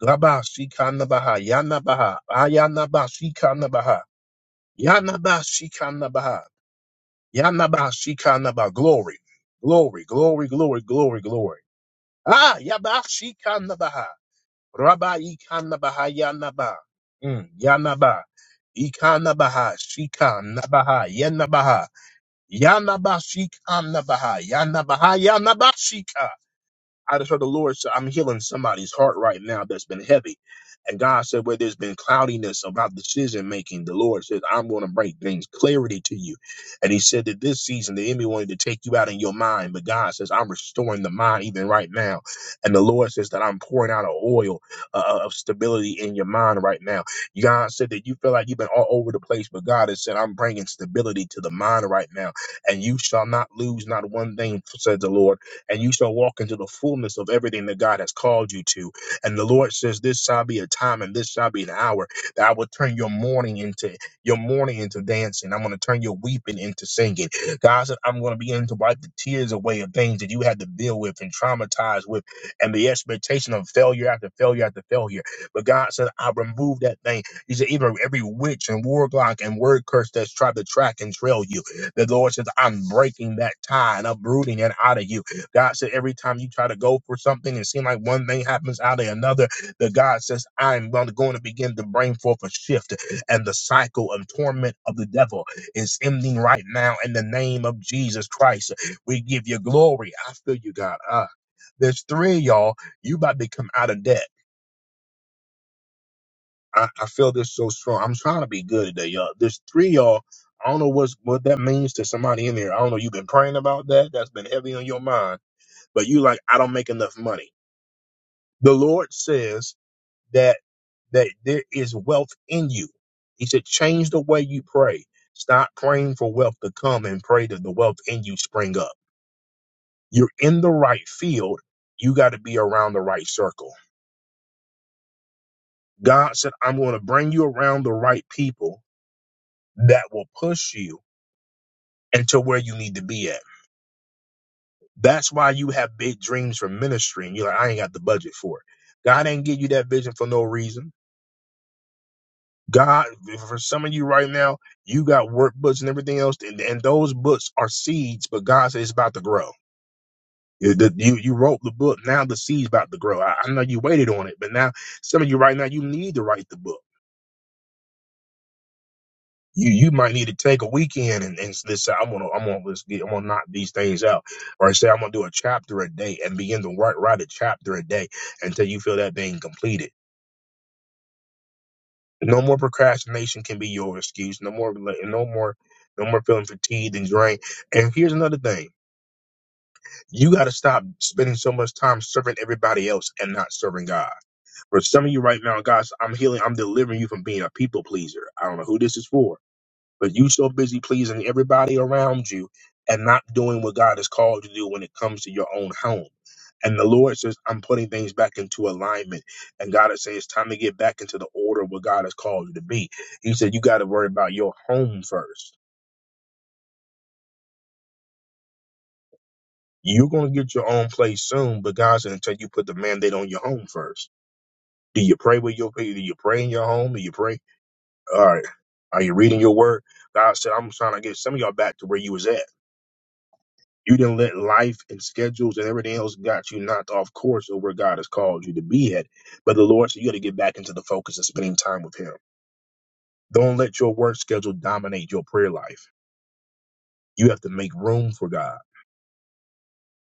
Gaba Shika Nabaha, Yana Baha, Ayana Baha, Shika Nabaha. Yanabashikanabaha. Yanabashikanabaha. Glory. Glory, glory, glory, glory, glory. Ah, Yabashikanabaha. Rabba Ikanabaha Yanaba. Mm, Yanaba. Ikanabaha. Shikanabaha. Yanabaha. Yanabashikanabaha. Yanabaha. Yanabashika. I just heard the Lord say, I'm healing somebody's heart right now that's been heavy. And God said, where there's been cloudiness about decision making, the Lord says, I'm going to bring things clarity to you. And He said that this season, the enemy wanted to take you out in your mind, but God says, I'm restoring the mind even right now. And the Lord says that I'm pouring out an oil uh, uh, of stability in your mind right now. God said that you feel like you've been all over the place, but God has said, I'm bringing stability to the mind right now. And you shall not lose not one thing, said the Lord and you shall walk into the fullness of everything that God has called you to. And the Lord says, This shall be a time and this shall be an hour that I will turn your mourning into your mourning into dancing. I'm going to turn your weeping into singing. God said, I'm going to begin to wipe the tears away of things that you had to deal with and traumatized with and the expectation of failure after failure after failure. But God said, I'll remove that thing. He said, even every witch and warlock and word curse that's tried to track and trail you. The Lord says, I'm breaking that tie and uprooting it out of you God said every time you try to go for something and seem like one thing happens out of another, that God says, I'm going to going to begin to bring forth a shift. And the cycle of torment of the devil is ending right now in the name of Jesus Christ. We give you glory. I feel you, God. Uh, there's three of y'all. You about to come out of debt. I, I feel this so strong. I'm trying to be good today, y'all. There's three of y'all. I don't know what's, what that means to somebody in there. I don't know. You've been praying about that. That's been heavy on your mind. But you like, I don't make enough money. the Lord says that that there is wealth in you. He said, change the way you pray. Stop praying for wealth to come and pray that the wealth in you spring up. You're in the right field. You got to be around the right circle. God said, I'm going to bring you around the right people that will push you into where you need to be at. That's why you have big dreams for ministry and you're like, I ain't got the budget for it. God ain't give you that vision for no reason. God, for some of you right now, you got workbooks and everything else, and, and those books are seeds, but God says it's about to grow. You, the- you you wrote the book, now the seed's about to grow. I, I know you waited on it, but now some of you right now, you need to write the book. You you might need to take a weekend and, and just say, I'm gonna I'm gonna let's get, I'm gonna knock these things out, or say I'm gonna do a chapter a day and begin to write write a chapter a day until you feel that being completed. No more procrastination can be your excuse. No more, rela- no more, no more feeling fatigued and drained. And here's another thing: you got to stop spending so much time serving everybody else and not serving God. For some of you right now, guys, I'm healing. I'm delivering you from being a people pleaser. I don't know who this is for but you so busy pleasing everybody around you and not doing what God has called you to do when it comes to your own home. And the Lord says, I'm putting things back into alignment. And God is saying it's time to get back into the order of what God has called you to be. He said, You got to worry about your home first. You're going to get your own place soon, but God said, until you put the mandate on your home first. Do you pray with your people? Do you pray in your home? Do you pray? All right. Are you reading your word? God said, I'm trying to get some of y'all back to where you was at. You didn't let life and schedules and everything else got you knocked off course of where God has called you to be at. But the Lord said you got to get back into the focus of spending time with Him. Don't let your work schedule dominate your prayer life. You have to make room for God.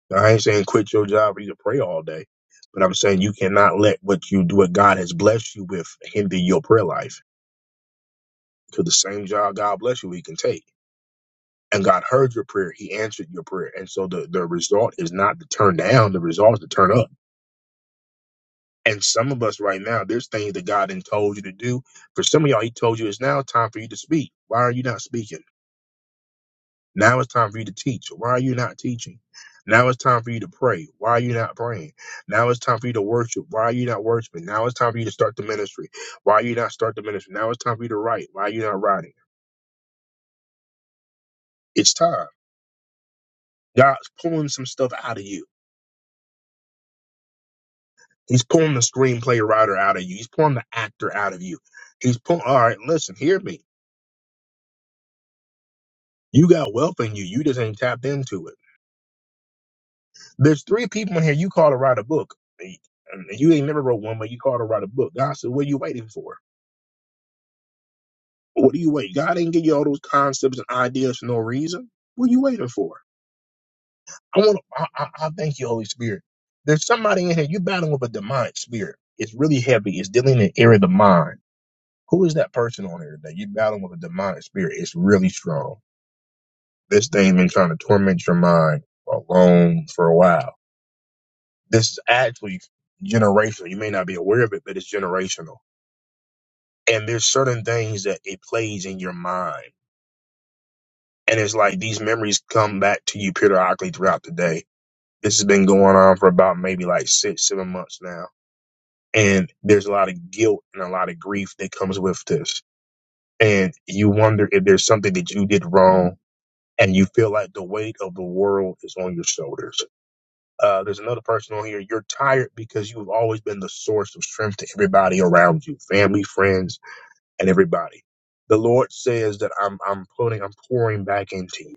Now, I ain't saying quit your job or you can pray all day, but I'm saying you cannot let what you do, what God has blessed you with, hinder your prayer life. Because the same job God bless you, with, He can take. And God heard your prayer. He answered your prayer. And so the, the result is not to turn down. The result is to turn up. And some of us right now, there's things that God done told you to do. For some of y'all, He told you it's now time for you to speak. Why are you not speaking? Now it's time for you to teach. Why are you not teaching? Now it's time for you to pray. Why are you not praying? Now it's time for you to worship. Why are you not worshiping? Now it's time for you to start the ministry. Why are you not start the ministry? Now it's time for you to write. Why are you not writing? It's time. God's pulling some stuff out of you. He's pulling the screenplay writer out of you. He's pulling the actor out of you. He's pulling. All right, listen, hear me. You got wealth in you. You just ain't tapped into it. There's three people in here you call to write a book. And you ain't never wrote one, but you call to write a book. God said, What are you waiting for? What are you waiting? God didn't give you all those concepts and ideas for no reason. What are you waiting for? I want I, I, I thank you, Holy Spirit. There's somebody in here, you're battling with a demonic spirit. It's really heavy. It's dealing in the area of the mind. Who is that person on here that you're battling with a demonic spirit? It's really strong. This thing been trying to torment your mind alone for a while This is actually generational. You may not be aware of it, but it's generational. And there's certain things that it plays in your mind. And it's like these memories come back to you periodically throughout the day. This has been going on for about maybe like six, seven months now. And there's a lot of guilt and a lot of grief that comes with this. And you wonder if there's something that you did wrong and you feel like the weight of the world is on your shoulders Uh, there's another person on here. You're tired because you've always been the source of strength to everybody around you, family, friends, and everybody. The Lord says that I'm I'm putting I'm pouring back into you.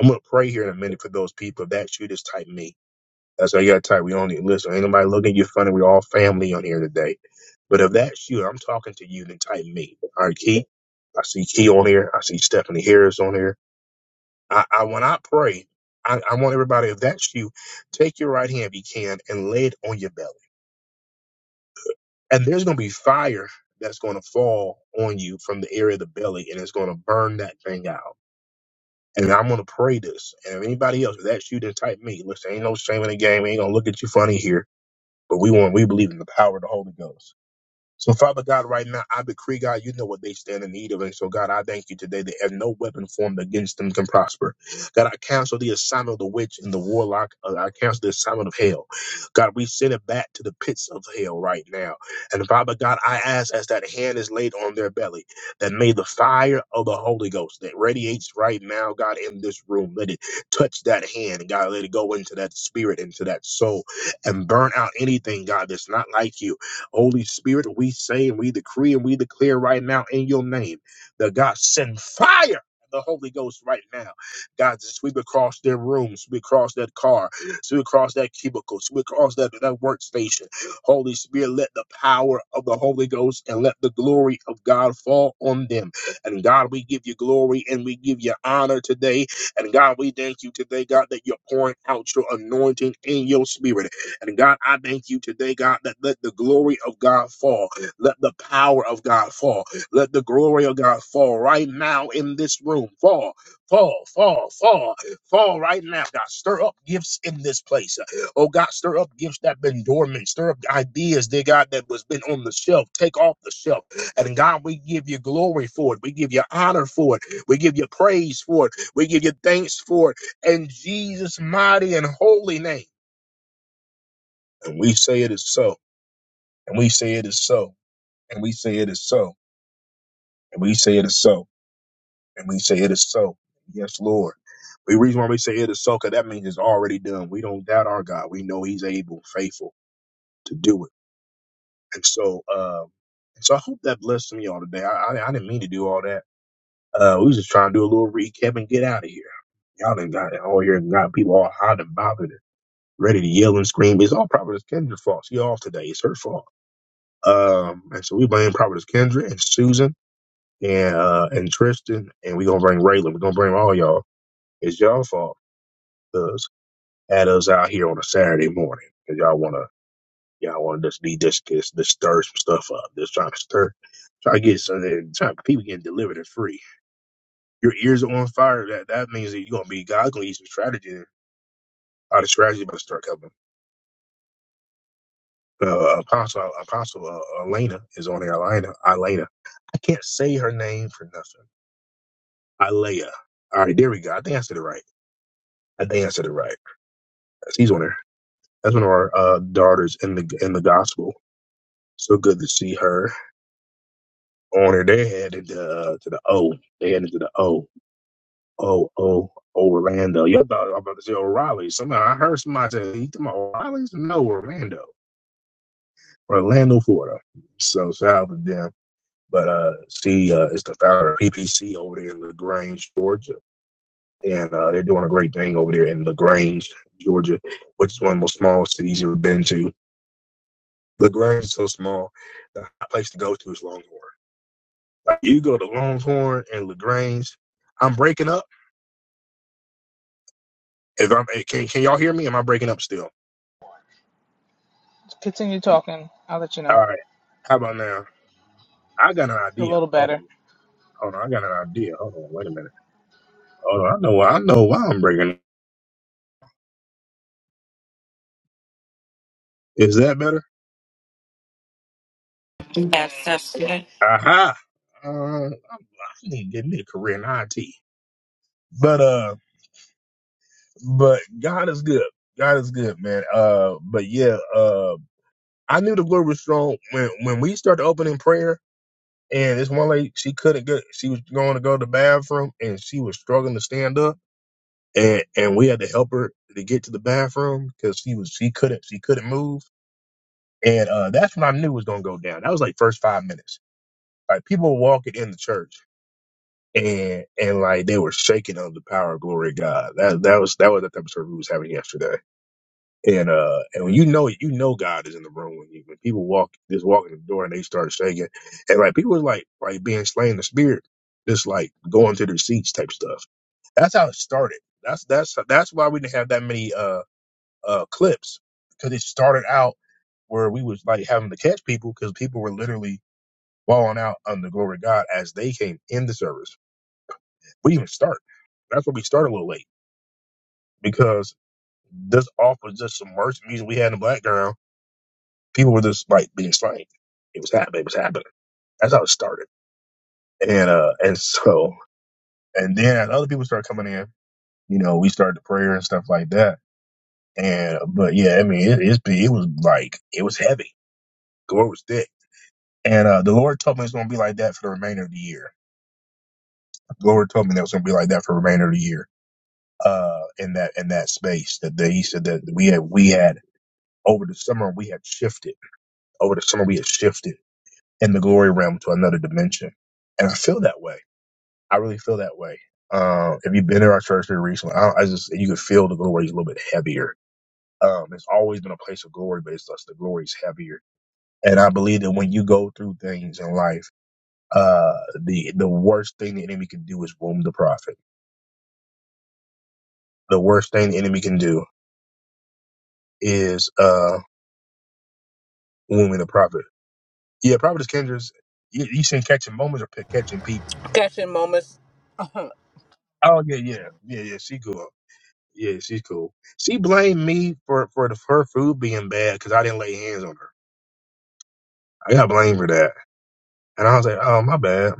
I'm gonna pray here in a minute for those people. If that's you, just type me. That's how you gotta type. We only listen. Ain't nobody looking at you funny. We're all family on here today. But if that's you, I'm talking to you. Then type me. All right, Key. I see Key on here. I see Stephanie Harris on here. I, I when I pray, I, I want everybody, if that's you, take your right hand if you can and lay it on your belly. And there's gonna be fire that's gonna fall on you from the area of the belly and it's gonna burn that thing out. And I'm gonna pray this. And if anybody else, if that's you, then type me. Listen, ain't no shame in the game, ain't gonna look at you funny here, but we want we believe in the power of the Holy Ghost. So, Father God, right now, I decree, God, you know what they stand in need of. And so, God, I thank you today that if no weapon formed against them can prosper. God, I cancel the assignment of the witch and the warlock. Uh, I cancel the assignment of hell. God, we send it back to the pits of hell right now. And Father God, I ask as that hand is laid on their belly, that may the fire of the Holy Ghost that radiates right now, God, in this room, let it touch that hand. and God, let it go into that spirit, into that soul, and burn out anything, God, that's not like you Holy Spirit, we say and we decree and we declare right now in your name that God send fire. of The Holy Ghost right now. God, sweep across their rooms, sweep across that car, sweep across that cubicle, sweep across that, that workstation. Holy Spirit, let the power of the Holy Ghost and let the glory of God fall on them. And God, we give you glory and we give you honor today. And God, we thank you today, God, that you're pouring out your anointing in your spirit. And God, I thank you today, God, that let the glory of God fall. Let the power of God fall. Let the glory of God fall right now in this room. Fall, fall, fall, fall, fall right now. God, stir up gifts in this place. Oh God, stir up gifts that been dormant. Stir up ideas, dear God, that was been on the shelf. Take off the shelf. And God, we give you glory for it. We give you honor for it. We give you praise for it. We give you thanks for it. In Jesus' mighty and holy name. And we say it is so. And we say it is so. And we say it is so. And we say it is so. And we say it is so. Yes, Lord. The reason why we say it is so, because that means it's already done. We don't doubt our God. We know He's able, faithful to do it. And so, um, so I hope that blessed me all today. I, I, I didn't mean to do all that. Uh, we was just trying to do a little recap and get out of here. Y'all done got it all here and got people all hot and bothered, and ready to yell and scream. It's all probably Kendra's fault. She off today. It's her fault. Um, and so we blame Providence Kendra and Susan and uh, and Tristan, and we're gonna bring Raylan. We're gonna bring all y'all. It's y'all fault because had us out here on a Saturday morning because y'all wanna y'all wanna just be just just, just stir some stuff up, just trying to stir, try to get so that try, people getting delivered and free. Your ears are on fire. That that means that you're gonna be God's gonna use some strategy. All the strategy about to start coming. Uh, Apostle Apostle uh, Elena is on there. Elena Elena. I can't say her name for nothing Alea. All right, there we go. I think I said it right. I think I said it right. She's on there. That's one of our uh, daughters in the in the gospel. So good to see her on her. They headed to, uh, to the O. They headed to the O. O O Orlando. you thought I was about to say O'Reilly. Somehow I heard somebody say he talking about O'Reilly's. No, Orlando, Orlando, Florida. So shout out to them. But uh, she uh, is the founder of PPC over there in Lagrange, Georgia and uh, they're doing a great thing over there in LaGrange, Georgia, which is one of the most small cities you've ever been to. LaGrange is so small, the place to go to is Longhorn. Like, you go to Longhorn and LaGrange. I'm breaking up. If I'm eh, can, can y'all hear me? Am I breaking up still?
Continue talking. I'll let you
All
know
right. How about now? I got an
a
idea.
little
Hold
better.
on. Hold on. I got an idea. Hold on. Wait a minute. Hold on. I know. I know why I'm breaking. up. Is that better?
That's just good.
Aha. Uh, I I need to get me a career in IT. But uh. but God is good. God is good, man. Uh, but yeah, uh, I knew the Lord was strong when when we started opening prayer. And this one lady, she couldn't get. She was going to go to the bathroom, and she was struggling to stand up. And and we had to help her to get to the bathroom because she was she couldn't she couldn't move. And uh, that's when I knew it was gonna go down. That was like first five minutes. Like people were walking in the church, and and like they were shaking under the power of glory of God. That that was that was the type of service we was having yesterday. And uh, and when you know it, you know God is in the room when you when people walk just walk in the door and they start shaking, and like people was like like being slain in the spirit, just like going to their seats type stuff. That's how it started. That's that's that's why we didn't have that many uh uh clips because it started out where we was like having to catch people because people were literally falling out under the glory of God as they came in the service. We didn't even start. That's why we started a little late because this off was just some worship music we had in the background people were just like being slain. It was happening. It was happening. That's how it started. And uh, and so and then as other people started coming in, you know, we started the prayer and stuff like that. And but yeah, I mean, it, it it was like it was heavy. Glory was thick. And uh, the Lord told me it's going to be like that for the remainder of the year. The Lord told me that was going to be like that for the remainder of the year. Uh, in that in that space that they, he said that we had we had over the summer we had shifted over the summer we had shifted in the glory realm to another dimension, and I feel that way I really feel that way. Um, if you've been in our church here recently, I, I just you can feel the glory is a little bit heavier. Um, it's always been a place of glory, but it's just the glory is heavier. And I believe that when you go through things in life, uh, the the worst thing the enemy can do is wound the prophet. The worst thing the enemy can do is uh wounding the prophet. Yeah, prophetess Kendra's you, you seen catching moments or p- catching people.
Catching moments.
Oh yeah, yeah, yeah, yeah. She cool. Yeah, she's cool. She blamed me for for the, her food being bad because I didn't lay hands on her. I got blamed for that. And I was like, oh, my bad.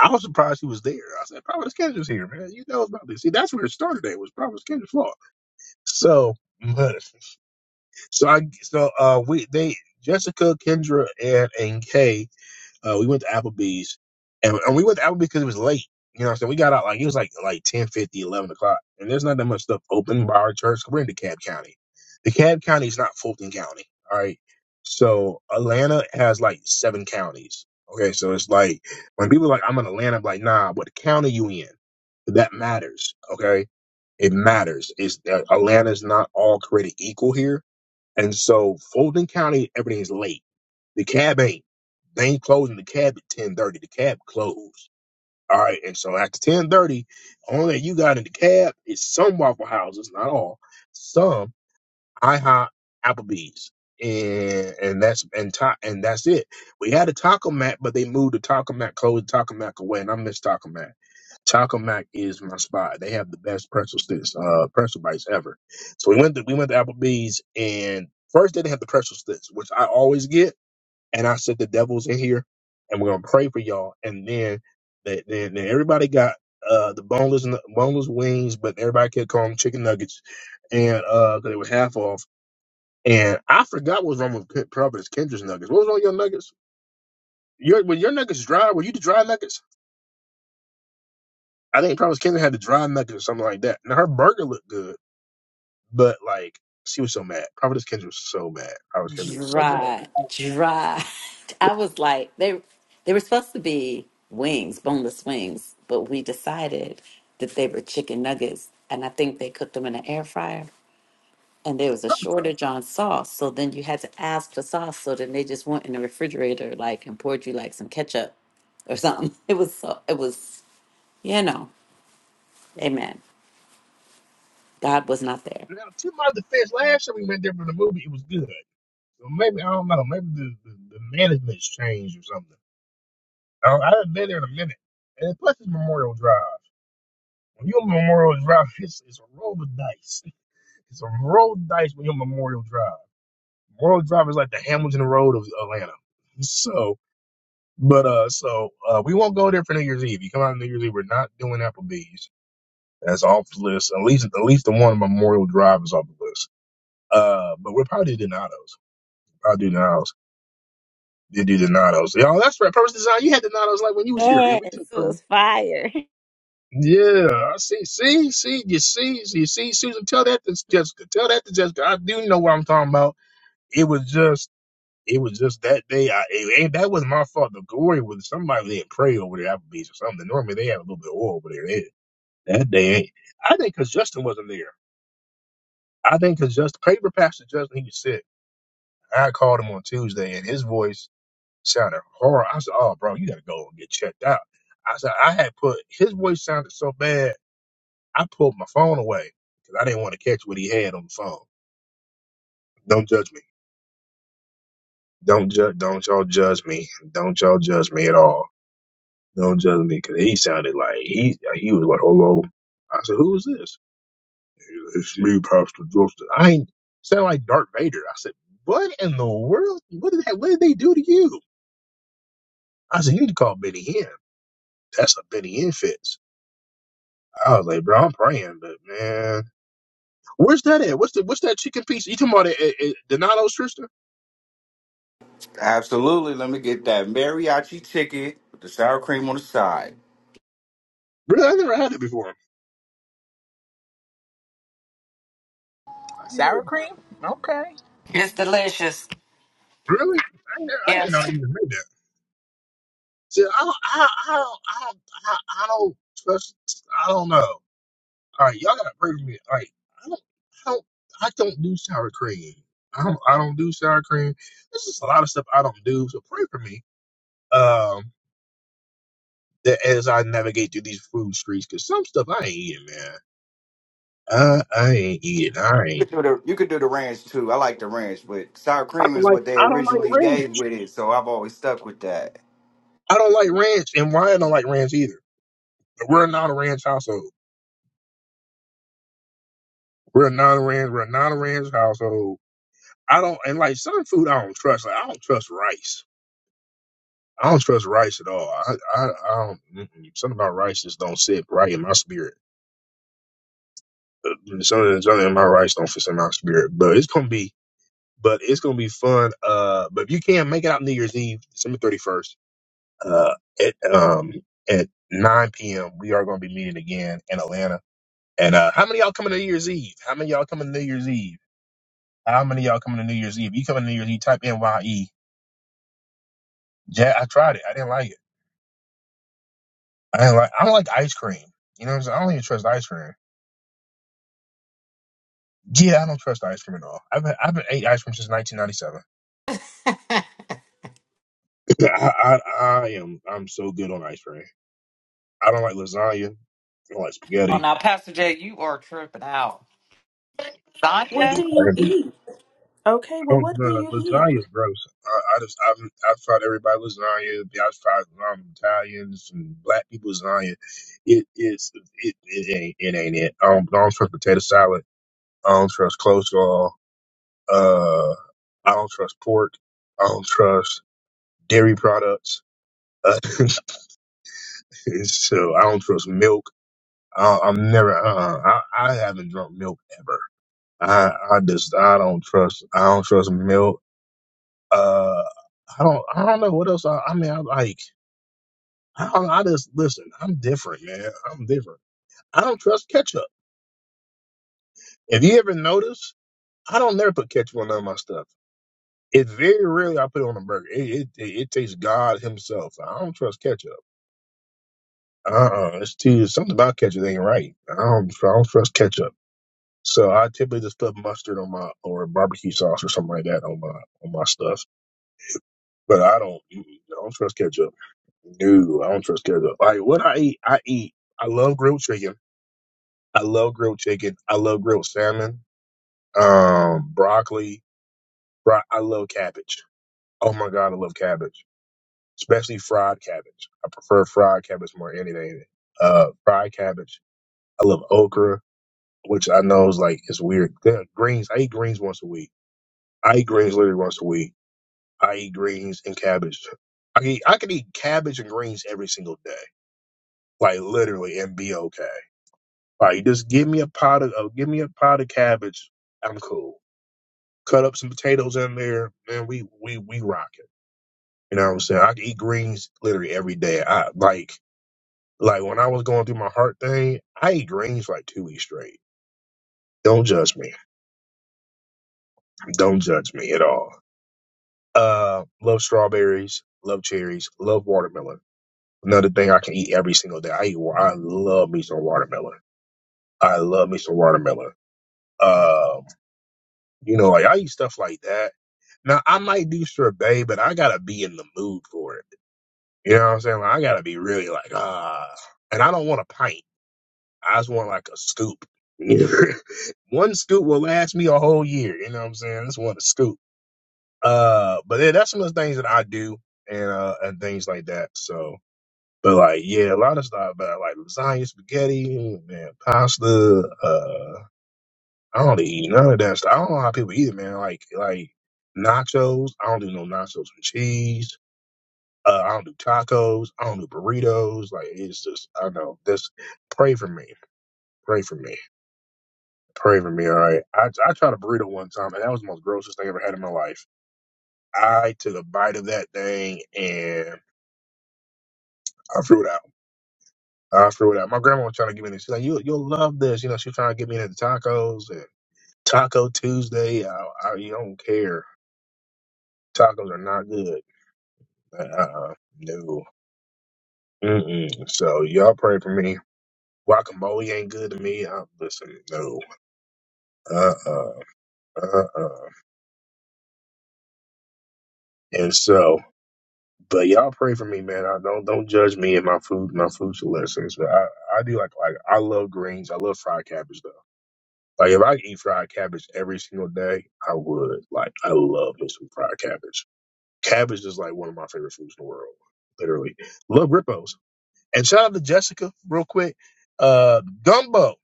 I was surprised he was there. I said, Providence Kendra's here, man. You know about this. See, that's where it started at, was Providence Kendra's fault. So, but, so I, so, uh, we, they, Jessica, Kendra, and, and Kay Uh, we went to Applebee's, and, and we went to Applebee's because it was late. You know what I'm saying? We got out like it was like like ten fifty, eleven o'clock, and there's not that much stuff open by our church. We're in DeKalb County. DeKalb County is not Fulton County. All right, so Atlanta has like seven counties. Okay, so it's like when people are like I'm in Atlanta, I'm like nah, what county you in? That matters. Okay, it matters. Is uh, Atlanta's not all created equal here, and so Fulton County everything's late. The cab ain't. They ain't closing the cab at ten thirty. The cab closed. All right, and so after ten thirty, only thing you got in the cab is some waffle houses, not all, some IHOP, Applebee's, and and that's and ta- and that's it. We had a Taco Mac, but they moved the Taco Mac, closed the Taco Mac away, and I miss Taco Mac. Taco Mac is my spot. They have the best pretzel sticks, uh, pretzel bites ever. So we went to we went to Applebee's, and first they didn't have the pretzel sticks, which I always get and I said the devil's in here, and we're gonna pray for y'all. And then, they, then, then everybody got uh the boneless boneless wings, but everybody kept calling them chicken nuggets, and uh 'cause they were half off. And I forgot what was wrong with Ke- Providence Kendra's nuggets. What was on your nuggets? Your when your nuggets dry, were you the dry nuggets? I think Providence Kendra had the dry nuggets or something like that. Now her burger looked good, but like. She was so mad. Providence Kendra was so mad. Providence Kendra was so mad.
Dry, dry. I was like, they they were supposed to be wings, boneless wings, but we decided that they were chicken nuggets, and I think they cooked them in an air fryer. and there was a shortage on sauce. So then you had to ask for sauce. So then they just went in the refrigerator, like, and poured you like some ketchup or something. It was so. It was you know, amen. God was not there.
Now, to my defense, last time we went there for the movie, it was good. Well, Maybe I don't know. Maybe the, the, the management's changed or something. I, don't- I haven't been there in a minute. And plus, it's Memorial Drive. When you're on Memorial Drive, it's, it's a roll of dice. It's a roll of dice when you're on Memorial Drive. Memorial Drive is like the Hamilton Road of Atlanta. So, but uh, so uh, we won't go there for New Year's Eve. You come out on New Year's Eve, we're not doing Applebee's. That's off the list. At least, at least the one on Memorial Drive is off the list. Uh, but we're probably doing Donatos. Probably do Donatos. Did you deny those? Y'all, that's right. Purpose design. You had denied those like when you was here. Yeah,
Yes,
we
it
took. Purpose.
was fire.
Yeah, I see. See, see, you see, you see, Susan. Tell that to Jessica. Tell that to Jessica. I do know what I'm talking about. It was just, it was just that day. I it, ain't that wasn't my fault. The glory was somebody that pray over there, Applebee's or something. Normally they have a little bit of oil over there. They- that day, ain't. I think because Justin wasn't there. I think because Justin, paper pastor Justin, he was sick. I called him on Tuesday, and his voice. sounded horrible. I said, "Oh, bro, you gotta go and get checked out." I said, "I had put his voice sounded so bad, I pulled my phone away because I didn't want to catch what he had on the phone." Don't judge me. Don't judge. Don't y'all judge me. Don't y'all judge me at all. Don't judge me because he sounded like he he was like, "Hello." I said, "Who is this?" It's me, Pastor Justin. I ain't sound like Darth Vader. I said, "What in the world? What did that? What did they do to you?" I said, "You need to call Benny Hinn. That's a Benny Hinn fits." I was like, bro, I'm praying, but man, where's that at? What's the what's that chicken piece? You talking about it at, at Donato's, Trista?
Absolutely. Let me get that mariachi ticket with the sour cream on the side.
Really, I never had it before. I ain't never
Sour
had it.
cream? Okay.
It's delicious.
Really, I ain't never, I didn't know
Yes.
they even made that. See, I don't, I, I don't, I don't, I, I don't trust. I don't know. All right, y'all gotta pray for me. All right, I don't, I don't, I don't do sour cream. I don't, I don't do sour cream. There's just a lot of stuff I don't do. So pray for me. Um, that as I navigate through these food streets, because some stuff I ain't eating, man. I, I ain't eating. I
You
ain't.
could do the, you could do the ranch too. I like the ranch, but sour
I
cream
don't
is
like.
what they
I don't like
originally
ranch.
gave with it, so I've always stuck with that.
I don't like ranch, and Ryan don't like ranch either. But we're not a ranch household. We're not a ranch. We're not a ranch household. I don't and like certain food. I don't trust. Like I don't trust rice. I don't trust rice at all. I I, I don't. mm-mm. Something about rice just don't sit right in my spirit. Something something in my rice don't fit in my spirit. But it's gonna be. But it's gonna be fun. Uh, but if you can't make it out New Year's Eve, December thirty first. uh, at um at 9 p.m. We are going to be meeting again in Atlanta. And uh, how many of y'all coming to New Year's Eve? How many of y'all coming to New Year's Eve? How many of y'all coming to New Year's Eve? You coming to New Year's Eve? Type NYE. Yeah, I tried it. I didn't like it. I didn't like. I don't like ice cream. You know what I'm saying? I don't even trust ice cream. Yeah, I don't trust ice cream at all. I've been, I've been ate ice cream since 1997. I, I I am I'm so good on ice cream. I don't like lasagna. I don't like
Oh,
spaghetti.
now, Pastor Jay, you are tripping out.
I don't
What
do.
Lasagna?
do you
pasta.
eat? Okay, well,
Oh,
what do
nah,
you eat?
lasagna, gross. I, I just, I've, I've tried everybody lasagna. Yeah, I've tried um, Italians and black people lasagna. It is, it, it ain't, it ain't it. I don't, I don't trust potato salad. I don't trust coleslaw. Uh, I don't trust pork. I don't trust dairy products. Uh, so I don't trust milk. I, I'm never, uh, I, I haven't drunk milk ever. I, I just, I don't trust, I don't trust milk. Uh, I don't I don't know what else I, I mean I like I, don't- I just listen, I'm different, man. I'm different. I don't trust ketchup. If you ever notice, I don't never put ketchup on none of my stuff. It's very rarely I put it on a burger. It it, it, it takes God himself. I don't trust ketchup. Uh uh it's too something about ketchup ain't right. I don't I don't trust ketchup. So I typically just put mustard on my or barbecue sauce or something like that on my on my stuff. But I don't mm-mm, I don't trust ketchup. No, I don't trust ketchup. Like what I eat, I eat. I love grilled chicken. I love grilled chicken. I love grilled salmon. Um, broccoli. Bro- I love cabbage. Oh my god, I love cabbage, especially fried cabbage. I prefer fried cabbage more than anything. Uh, fried cabbage. I love okra, which I know is like it's weird. Yeah, greens. I eat greens once a week. I eat greens literally once a week. I eat greens and cabbage. I can eat, I can eat cabbage and greens every single day, like literally, and be okay. Like just give me a pot of uh, give me a pot of cabbage. I'm cool. Cut up some potatoes in there, man. We we we rock it. You know what I'm saying? I can eat greens literally every day. I like like when I was going through my heart thing, I ate greens for like two weeks straight. Don't judge me. Don't judge me at all. Uh, love strawberries, love cherries, love watermelon. Another thing I can eat every single day. I eat. wa- I love me some watermelon. I love me some watermelon. Um. You know, like I eat stuff like that. Now I might do sorbet, but I gotta be in the mood for it. You know what I'm saying? Like I gotta be really like ah, and I don't want a pint. I just want like a scoop. one scoop will last me a whole year. You know what I'm saying? I just want a scoop. Uh, but yeah, that's some of the things that I do and uh and things like that. So, but like yeah, a lot of stuff. But like lasagna, spaghetti, man, pasta. uh. I don't eat none of that stuff. I don't know how people eat it, man. Like like nachos. I don't do no nachos and cheese. Uh, I don't do tacos. I don't do burritos. Like it's just I don't know. Just pray for me. Pray for me. Pray for me. All right. I I tried a burrito one time, and that was the most grossest thing I ever had in my life. I took a bite of that thing and I threw it out. I threw it out. My grandma was trying to give me this. She's like, you you'll love this. You know, She was trying to get me into tacos and Taco Tuesday. I, I you don't care. Tacos are not good. Uh, no. Mm-mm. So y'all pray for me. Guacamole ain't good to me. I'm listening. No. Uh. Uh. Uh. Uh. And so, but y'all pray for me, man. I don't don't judge me and my food. My food selections. But I I do like like I love greens. I love fried cabbage though. Like if I could eat fried cabbage every single day, I would. Like I love me some fried cabbage. Cabbage is like one of my favorite foods in the world. Literally, love ripos. And shout out to Jessica real quick. Uh, gumbo,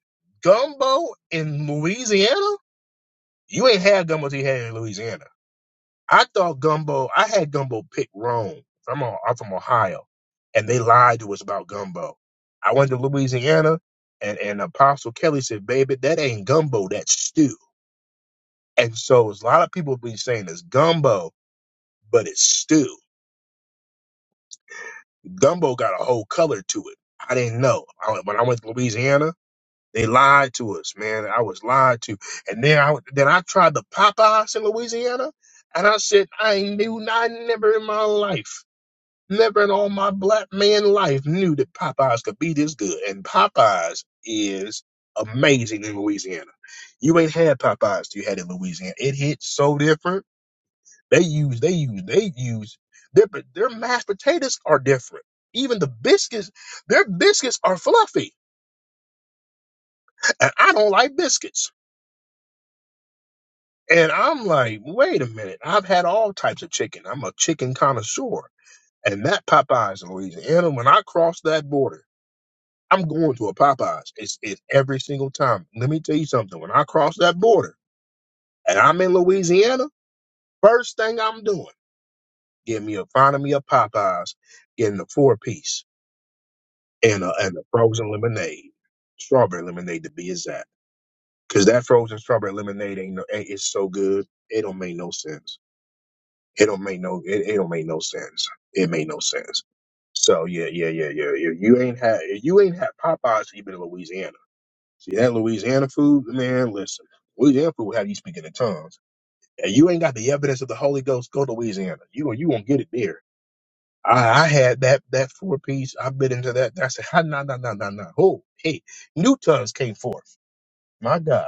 gumbo in Louisiana. You ain't had gumbo till you had it in Louisiana. I thought gumbo. I had gumbo picked wrong. I'm, on, I'm from Ohio, and they lied to us about gumbo. I went to Louisiana, and and Apostle Kelly said, "Baby, that ain't gumbo. That's stew." And so a lot of people be saying it's gumbo, but it's stew. Gumbo got a whole color to it. I didn't know I, when I went to Louisiana. They lied to us, man. I was lied to. And then I then I tried the Popeyes in Louisiana, and I said I ain't knew not never in my life, never in all my black man life knew that Popeyes could be this good. And Popeyes is amazing in Louisiana. You ain't had Popeyes till you had it in Louisiana. It hit so different. They use they use they use their their mashed potatoes are different. Even the biscuits, their biscuits are fluffy, and I don't like biscuits. And I'm like, wait a minute. I've had all types of chicken. I'm a chicken connoisseur. And that Popeyes in Louisiana, when I cross that border, I'm going to a Popeyes. It's, it's every single time. Let me tell you something. When I cross that border and I'm in Louisiana, first thing I'm doing, get me a, finding me a Popeyes, getting a four piece and a, and a frozen lemonade, strawberry lemonade to be exact. Cause that frozen strawberry lemonade ain't no, ain't, it's so good. It don't make no sense. It don't make no it, it don't make no sense. It made no sense. So yeah, yeah, yeah, yeah. If you ain't had if you ain't had Popeyes, you've been in Louisiana. See that Louisiana food, man. Listen, Louisiana food will have you speaking in tongues, and you ain't got the evidence of the Holy Ghost. Go to Louisiana. You you won't get it there. I, I had that that four piece. I bit into that. I said, "Ha, nah, nah, nah, nah, nah." Oh, hey, new tongues came forth. My God.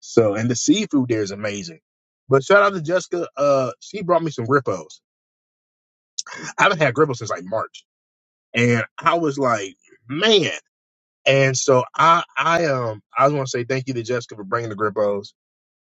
So, and the seafood there is amazing. But shout out to Jessica. Uh, she brought me some gripos. I haven't had gripos since like March. and I was like, man. And so I, I um, I just want to say thank you to Jessica for bringing the grippos.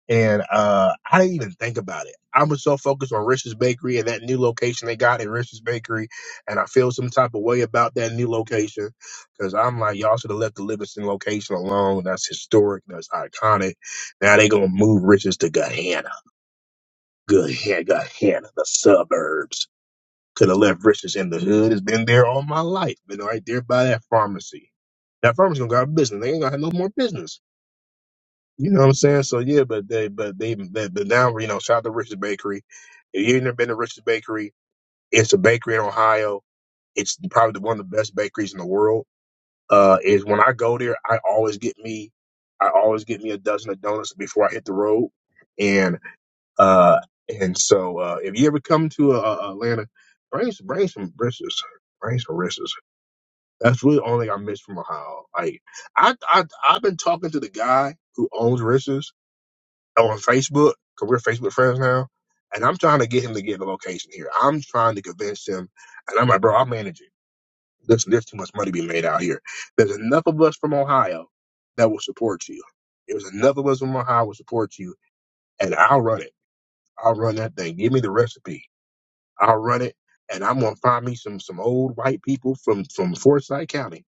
And uh, I didn't even think about it. I was so focused on Rich's Bakery and that new location they got at Rich's Bakery, and I feel some type of way about that new location because I'm like, y'all should have left the Livingston location alone. That's historic. That's iconic. Now they gonna move Rich's to Gahanna. Good Gahanna, the suburbs. Could have left Richards in the hood. It's been there all my life. Been right there by that pharmacy. That pharmacy gonna go out of business. They ain't gonna have no more business. You know what I'm saying? So yeah, but they, but they, but, but now you know, shout out to Richards Bakery. If you ain't never been to Richards Bakery, it's a bakery in Ohio. It's probably one of the best bakeries in the world. Uh, is when I go there, I always get me, I always get me a dozen of donuts before I hit the road, and uh, and so, uh, if you ever come to uh, uh, Atlanta, bring some, bring some wrists, bring some wrists. That's really the only thing I miss from Ohio. Like, I, I, I've been talking to the guy who owns wrists on Facebook because we're Facebook friends now, and I'm trying to get him to get the location here. I'm trying to convince him, and I'm like, bro, I'll manage it. Listen, there's too much money to be made out here. There's enough of us from Ohio that will support you. There's enough of us from Ohio will support you, and I'll run it. I'll run that thing. Give me the recipe I'll run it, and I'm gonna find me some some old white people from from Forsyth County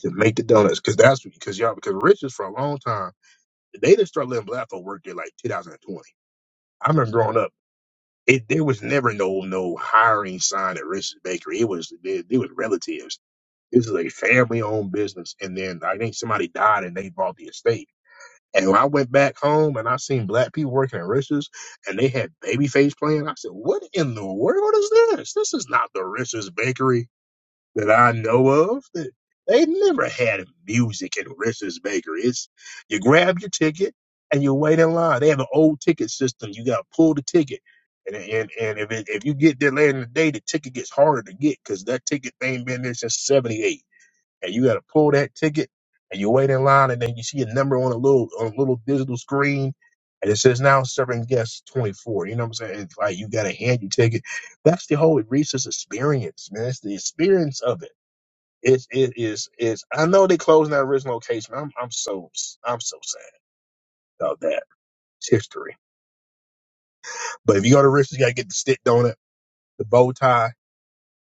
to make the donuts, cause that's because y'all because riches for a long time they didn't start letting black folk work there like 2020. I remember growing up, it there was never no no hiring sign at Rich's Bakery. It was it, it was relatives. This is a family owned business, and then like, I think somebody died and they bought the estate and when I went back home and I seen black people working at Rich's and they had Babyface playing, I said, "What in the world is this? This is not the Rich's bakery that I know of. That they never had music at Rich's bakery. It's you grab your ticket and you wait in line. They have an old ticket system. You got to pull the ticket." And, and, and if it, if you get there later in the day, the ticket gets harder to get because that ticket ain't been there since '78 and you got to pull that ticket and you wait in line and then you see a number on a little on a little digital screen and it says now serving guests 24 you know what i'm saying it's like you got to hand your ticket that's the whole Reese's experience man it's the experience of it it's it is is i know they closed that original location i'm i'm so i'm so sad about that it's history but if you go to Reese's, you got to get the stick donut the bow tie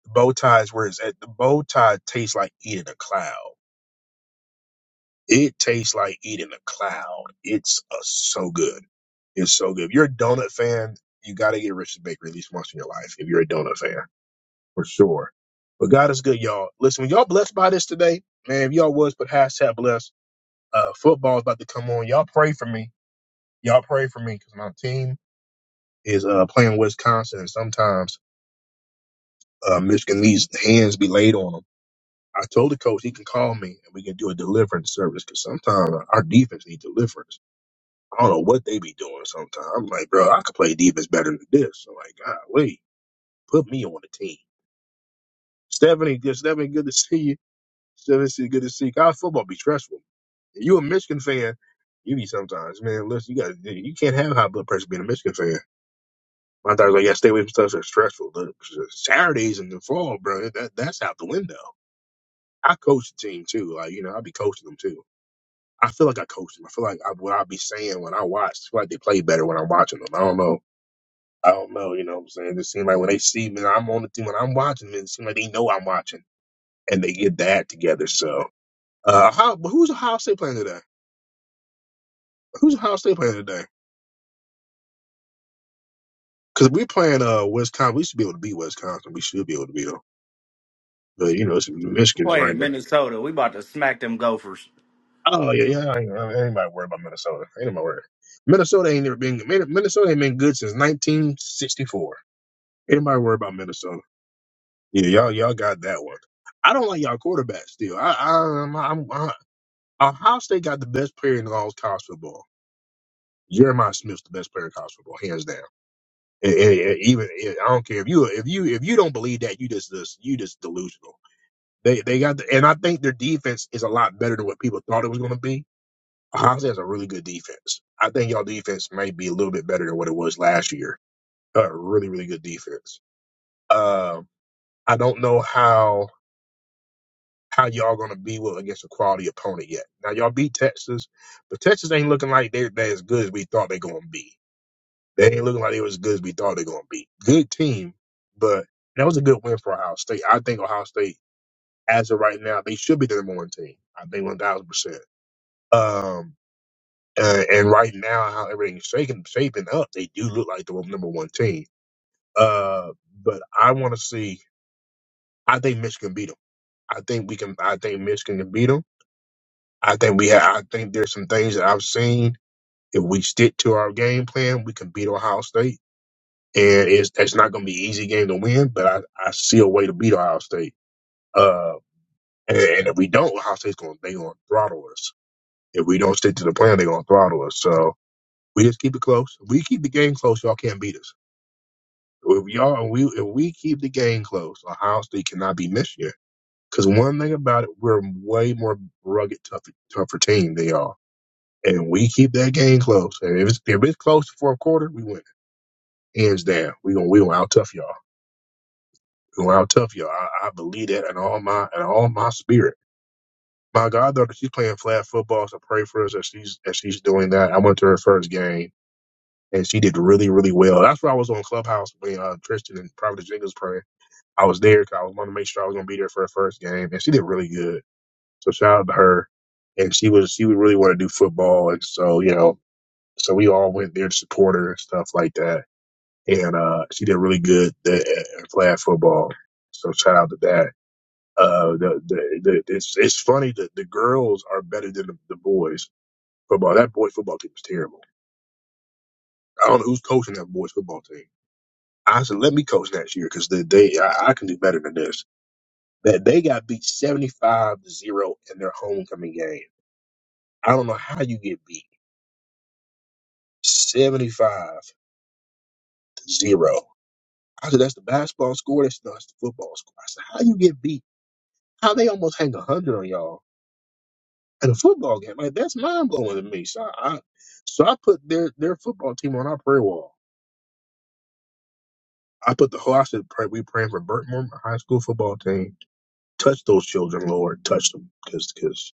the bow tie is where it's at the bow tie tastes like eating a cloud It tastes like eating a cloud. It's uh, so good. It's so good. If you're a donut fan, you got to get Rich's Bakery at least once in your life. If you're a donut fan, for sure. But God is good, y'all. Listen, when y'all blessed by this today, man, if y'all was, but hashtag blessed. Uh, football is about to come on. Y'all pray for me. Y'all pray for me because my team is uh, playing Wisconsin, and sometimes uh, Michigan needs hands be laid on them. I told the coach he can call me and we can do a deliverance service because sometimes our defense needs deliverance. I don't know what they be doing sometimes. I'm like, bro, I could play defense better than this. I'm like, God, wait, put me on the team. Stephanie, good, Stephanie, good to see you. Stephanie, good to see you. College football be stressful. If you a Michigan fan, you be sometimes, man, listen, you got you can't have high blood pressure being a Michigan fan. My thought was like, yeah, stay away from stuff that's stressful. Look, Saturdays in the fall, bro, that, that's out the window. I coach the team too. Like, you know, I be coaching them too. I feel like I coach them. I feel like I, what I be saying when I watch, I feel like they play better when I'm watching them. I don't know. I don't know, you know what I'm saying? It seems like when they see me, I'm on the team, when I'm watching, it seems like they know I'm watching and they get that together. So, uh, how, but who's Ohio State playing today? Who's Ohio State playing today? Because we playing, uh, Wisconsin. We should be able to beat Wisconsin. We should be able to beat them. But, you know, it's Michigan
Boy,
right
in
now.
Minnesota, we about to smack them gophers.
Oh, yeah, yeah. I ain't, I ain't about worried about Minnesota. Ain't nobody worried. Minnesota ain't never been, Min- Minnesota ain't been good since 1964. Anybody worry about Minnesota? Yeah, y'all, y'all got that one. I don't like y'all quarterback still. I, I, I'm, I'm, Ohio State got the best player in all of college football. Jeremiah Smith's the best player in college football, hands down. And- and- and even I don't care if you if you if you don't believe that you just this you just delusional. They they got the, and I think their defense is a lot better than what people thought it was going to be. Ohio State has a really good defense. I think y'all defense may be a little bit better than what it was last year. Uh, really really good defense. Um, I don't know how how y'all gonna be with against a quality opponent yet. Now y'all beat Texas, but Texas ain't looking like they they as good as we thought they gonna be. They ain't looking like they was as good as we thought they gonna be. Good team, but that was a good win for Ohio State. I think Ohio State, as of right now, they should be the number one team. I think one thousand percent. Um, uh, and right now, how everything's shaking shaping up, they do look like the number one team. Uh, but I want to see. I think Michigan beat them. I think we can. I think Michigan can beat them. I think we have. I think there's some things that I've seen. If we stick to our game plan, we can beat Ohio State, and it's it's not going to be an easy game to win. But I, I see a way to beat Ohio State. Uh, and, and if we don't, Ohio State's going they going to throttle us. If we don't stick to the plan, they're going to throttle us. So we just keep it close. If we keep the game close, y'all can't beat us. If y'all if we if we keep the game close, Ohio State cannot be Michigan. Because one thing about it, we're a way more rugged, tougher, tougher team than y'all and we keep that game close. And if it's if it's close to fourth quarter, we win hands down. We gonna we gonna out tough y'all. We gonna out tough y'all. I, I believe that in all my in all my spirit. My goddaughter, she's playing flag football, so pray for us as she's as she's doing that. I went to her first game and she did really really well. That's where I was on Clubhouse when uh, Tristan and Providence Jingles praying. I was there because I was wanting to make sure I was gonna be there for her first game, and she did really good. So shout out to her. And she was she would really want to do football, and so you know So we all went there to support her and stuff like that. And uh, she did really good th- in flag football. So shout out to that. Uh, the, the, the, it's it's funny that the girls are better than the, the boys football. That boys football team is terrible. I don't know who's coaching that boys football team. I said, let me coach next year because they, they I, I can do better than this. That they got beat seventy five to zero in their homecoming game. I don't know how you get beat seventy five to zero I said, that's the basketball score. That's, no, that's the football score. I said, how you get beat? How they almost hang a hundred on y'all in a football game? Like that's mind blowing to me. So I, so I put their their football team on our prayer wall. I put the whole. I said, pray, we praying for Burtmore High School football team. Touch those children, Lord. Touch them, cause cause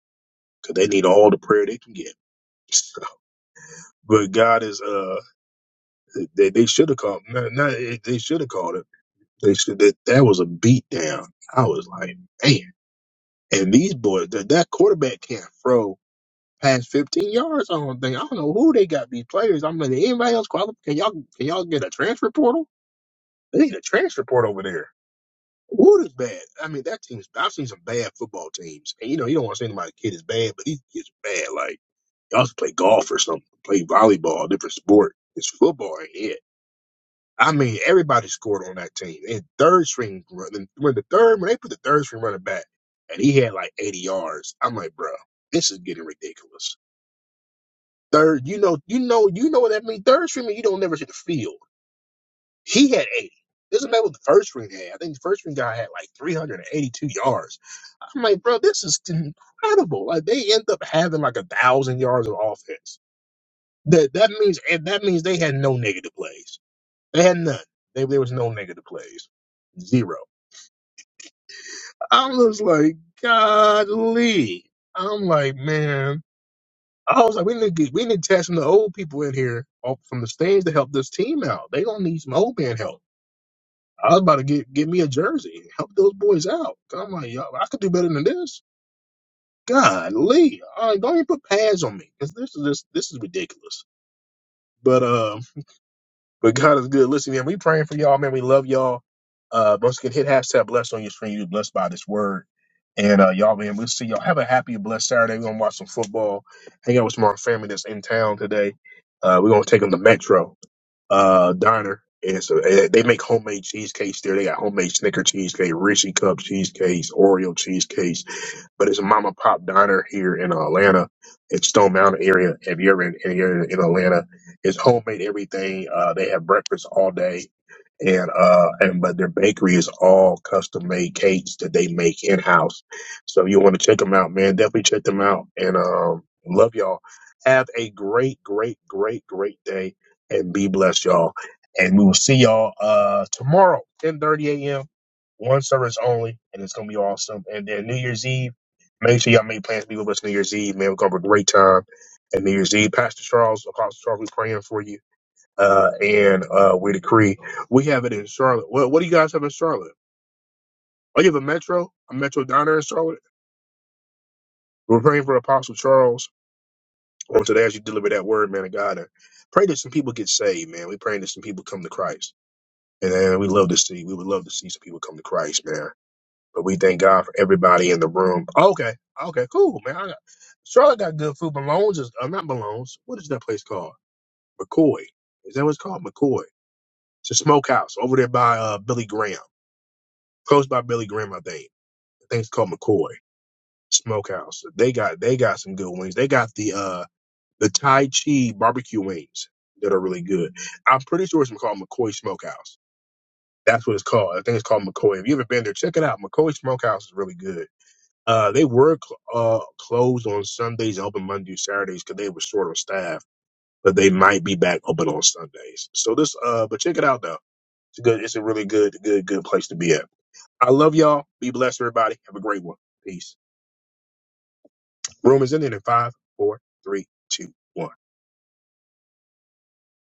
cause they need all the prayer they can get. But God is uh they they should have called no no they should have called it they should that that was a beat down I was like man And these boys, that, that quarterback can't throw past 15 yards. I don't think. I don't know who they got these players. I'm like, anybody else qualify? Can y'all can y'all get a transfer portal? They need a transfer portal over there. Wood is bad. I mean, that team's. I've seen some bad football teams, and you know you don't want to say anybody's kid is bad, but these kids are bad. Like y'all should play golf or something, play volleyball, a different sport. It's football ain't it. I mean, everybody scored on that team. And third string run- when the third when they put the third string running back, and he had like 80 yards. I'm like, bro, this is getting ridiculous. Third, you know, you know, you know what that means. Third string, mean you don't never see the field. He had 80. Doesn't matter what the first string had. I think the first string guy had like 382 yards. I'm like, bro, this is incredible. Like they end up having like a thousand yards of offense. That that means and that means they had no negative plays. They had none. They, there was no negative plays. Zero. I was like, Godly. I'm like, man. I was like, we need to get, we need to test some of the old people in here off from the stands to help this team out. They gonna need some old man help. I was about to get get me a jersey, help those boys out. I'm like, yo, I could do better than this. Godly, all right, don't even put pads on me because this is just this is ridiculous. But um. But God is good. Listen, man, we praying for y'all, man. We love y'all. Uh, once again, hit hashtag blessed on your screen. You're blessed by this word. And uh, y'all, man, we'll see y'all. Have a happy, and blessed Saturday. We're going to watch some football, hang out with some of our family that's in town today. Uh, we're going to take them to Metro uh, Diner. And so uh, they make homemade cheesecakes there. They got homemade Snicker cheesecake, Hershey cup cheesecakes, Oreo cheesecakes but it's a mom and pop diner here in Atlanta, in Stone Mountain area. If you're in, if you're in Atlanta, it's homemade everything. Uh, they have breakfast all day, and uh, and but their bakery is all custom made cakes that they make in house. So if you want to check them out, man, definitely check them out. And um, love y'all. Have a great, great, great, great day, and be blessed, y'all. And we will see y'all uh tomorrow, 10:30 a.m one service only, and it's gonna be awesome. And then New Year's Eve. Make sure y'all make plans to be with us New Year's Eve, man. We're gonna have a great time at New Year's Eve. Pastor Charles, Apostle Charles, we're praying for you. Uh, and uh, we decree we have it in Charlotte. What, what do you guys have in Charlotte? Oh, you have a Metro, a Metro diner in Charlotte. We're praying for Apostle Charles on today as you deliver that word, man of God. And pray that some people get saved, man. we praying that some people come to Christ. And uh, we love to see, we would love to see some people come to Christ, man. But we thank God for everybody in the room. Okay, okay, cool, man. I got, Charlotte got good food. Malone's is uh, not Malone's. What is that place called? McCoy. Is that what it's called? McCoy. It's a smokehouse over there by uh, Billy Graham, close by Billy Graham, I think. I think it's called McCoy Smokehouse. They got they got some good wings. They got the uh the Tai Chi barbecue wings that are really good. I'm pretty sure it's called McCoy Smokehouse. That's what it's called. I think it's called McCoy. If you ever been there, check it out. McCoy Smokehouse is really good Uh, they were cl- uh, closed on Sundays and open Monday, through Saturdays because they were short on staff, but they might be back open on Sundays. So this, uh, but check it out though. It's a good. It's a really good, good, good place to be at. I love y'all. Be blessed, everybody. Have a great one. Peace. Room is ending in five, four, three, two, one.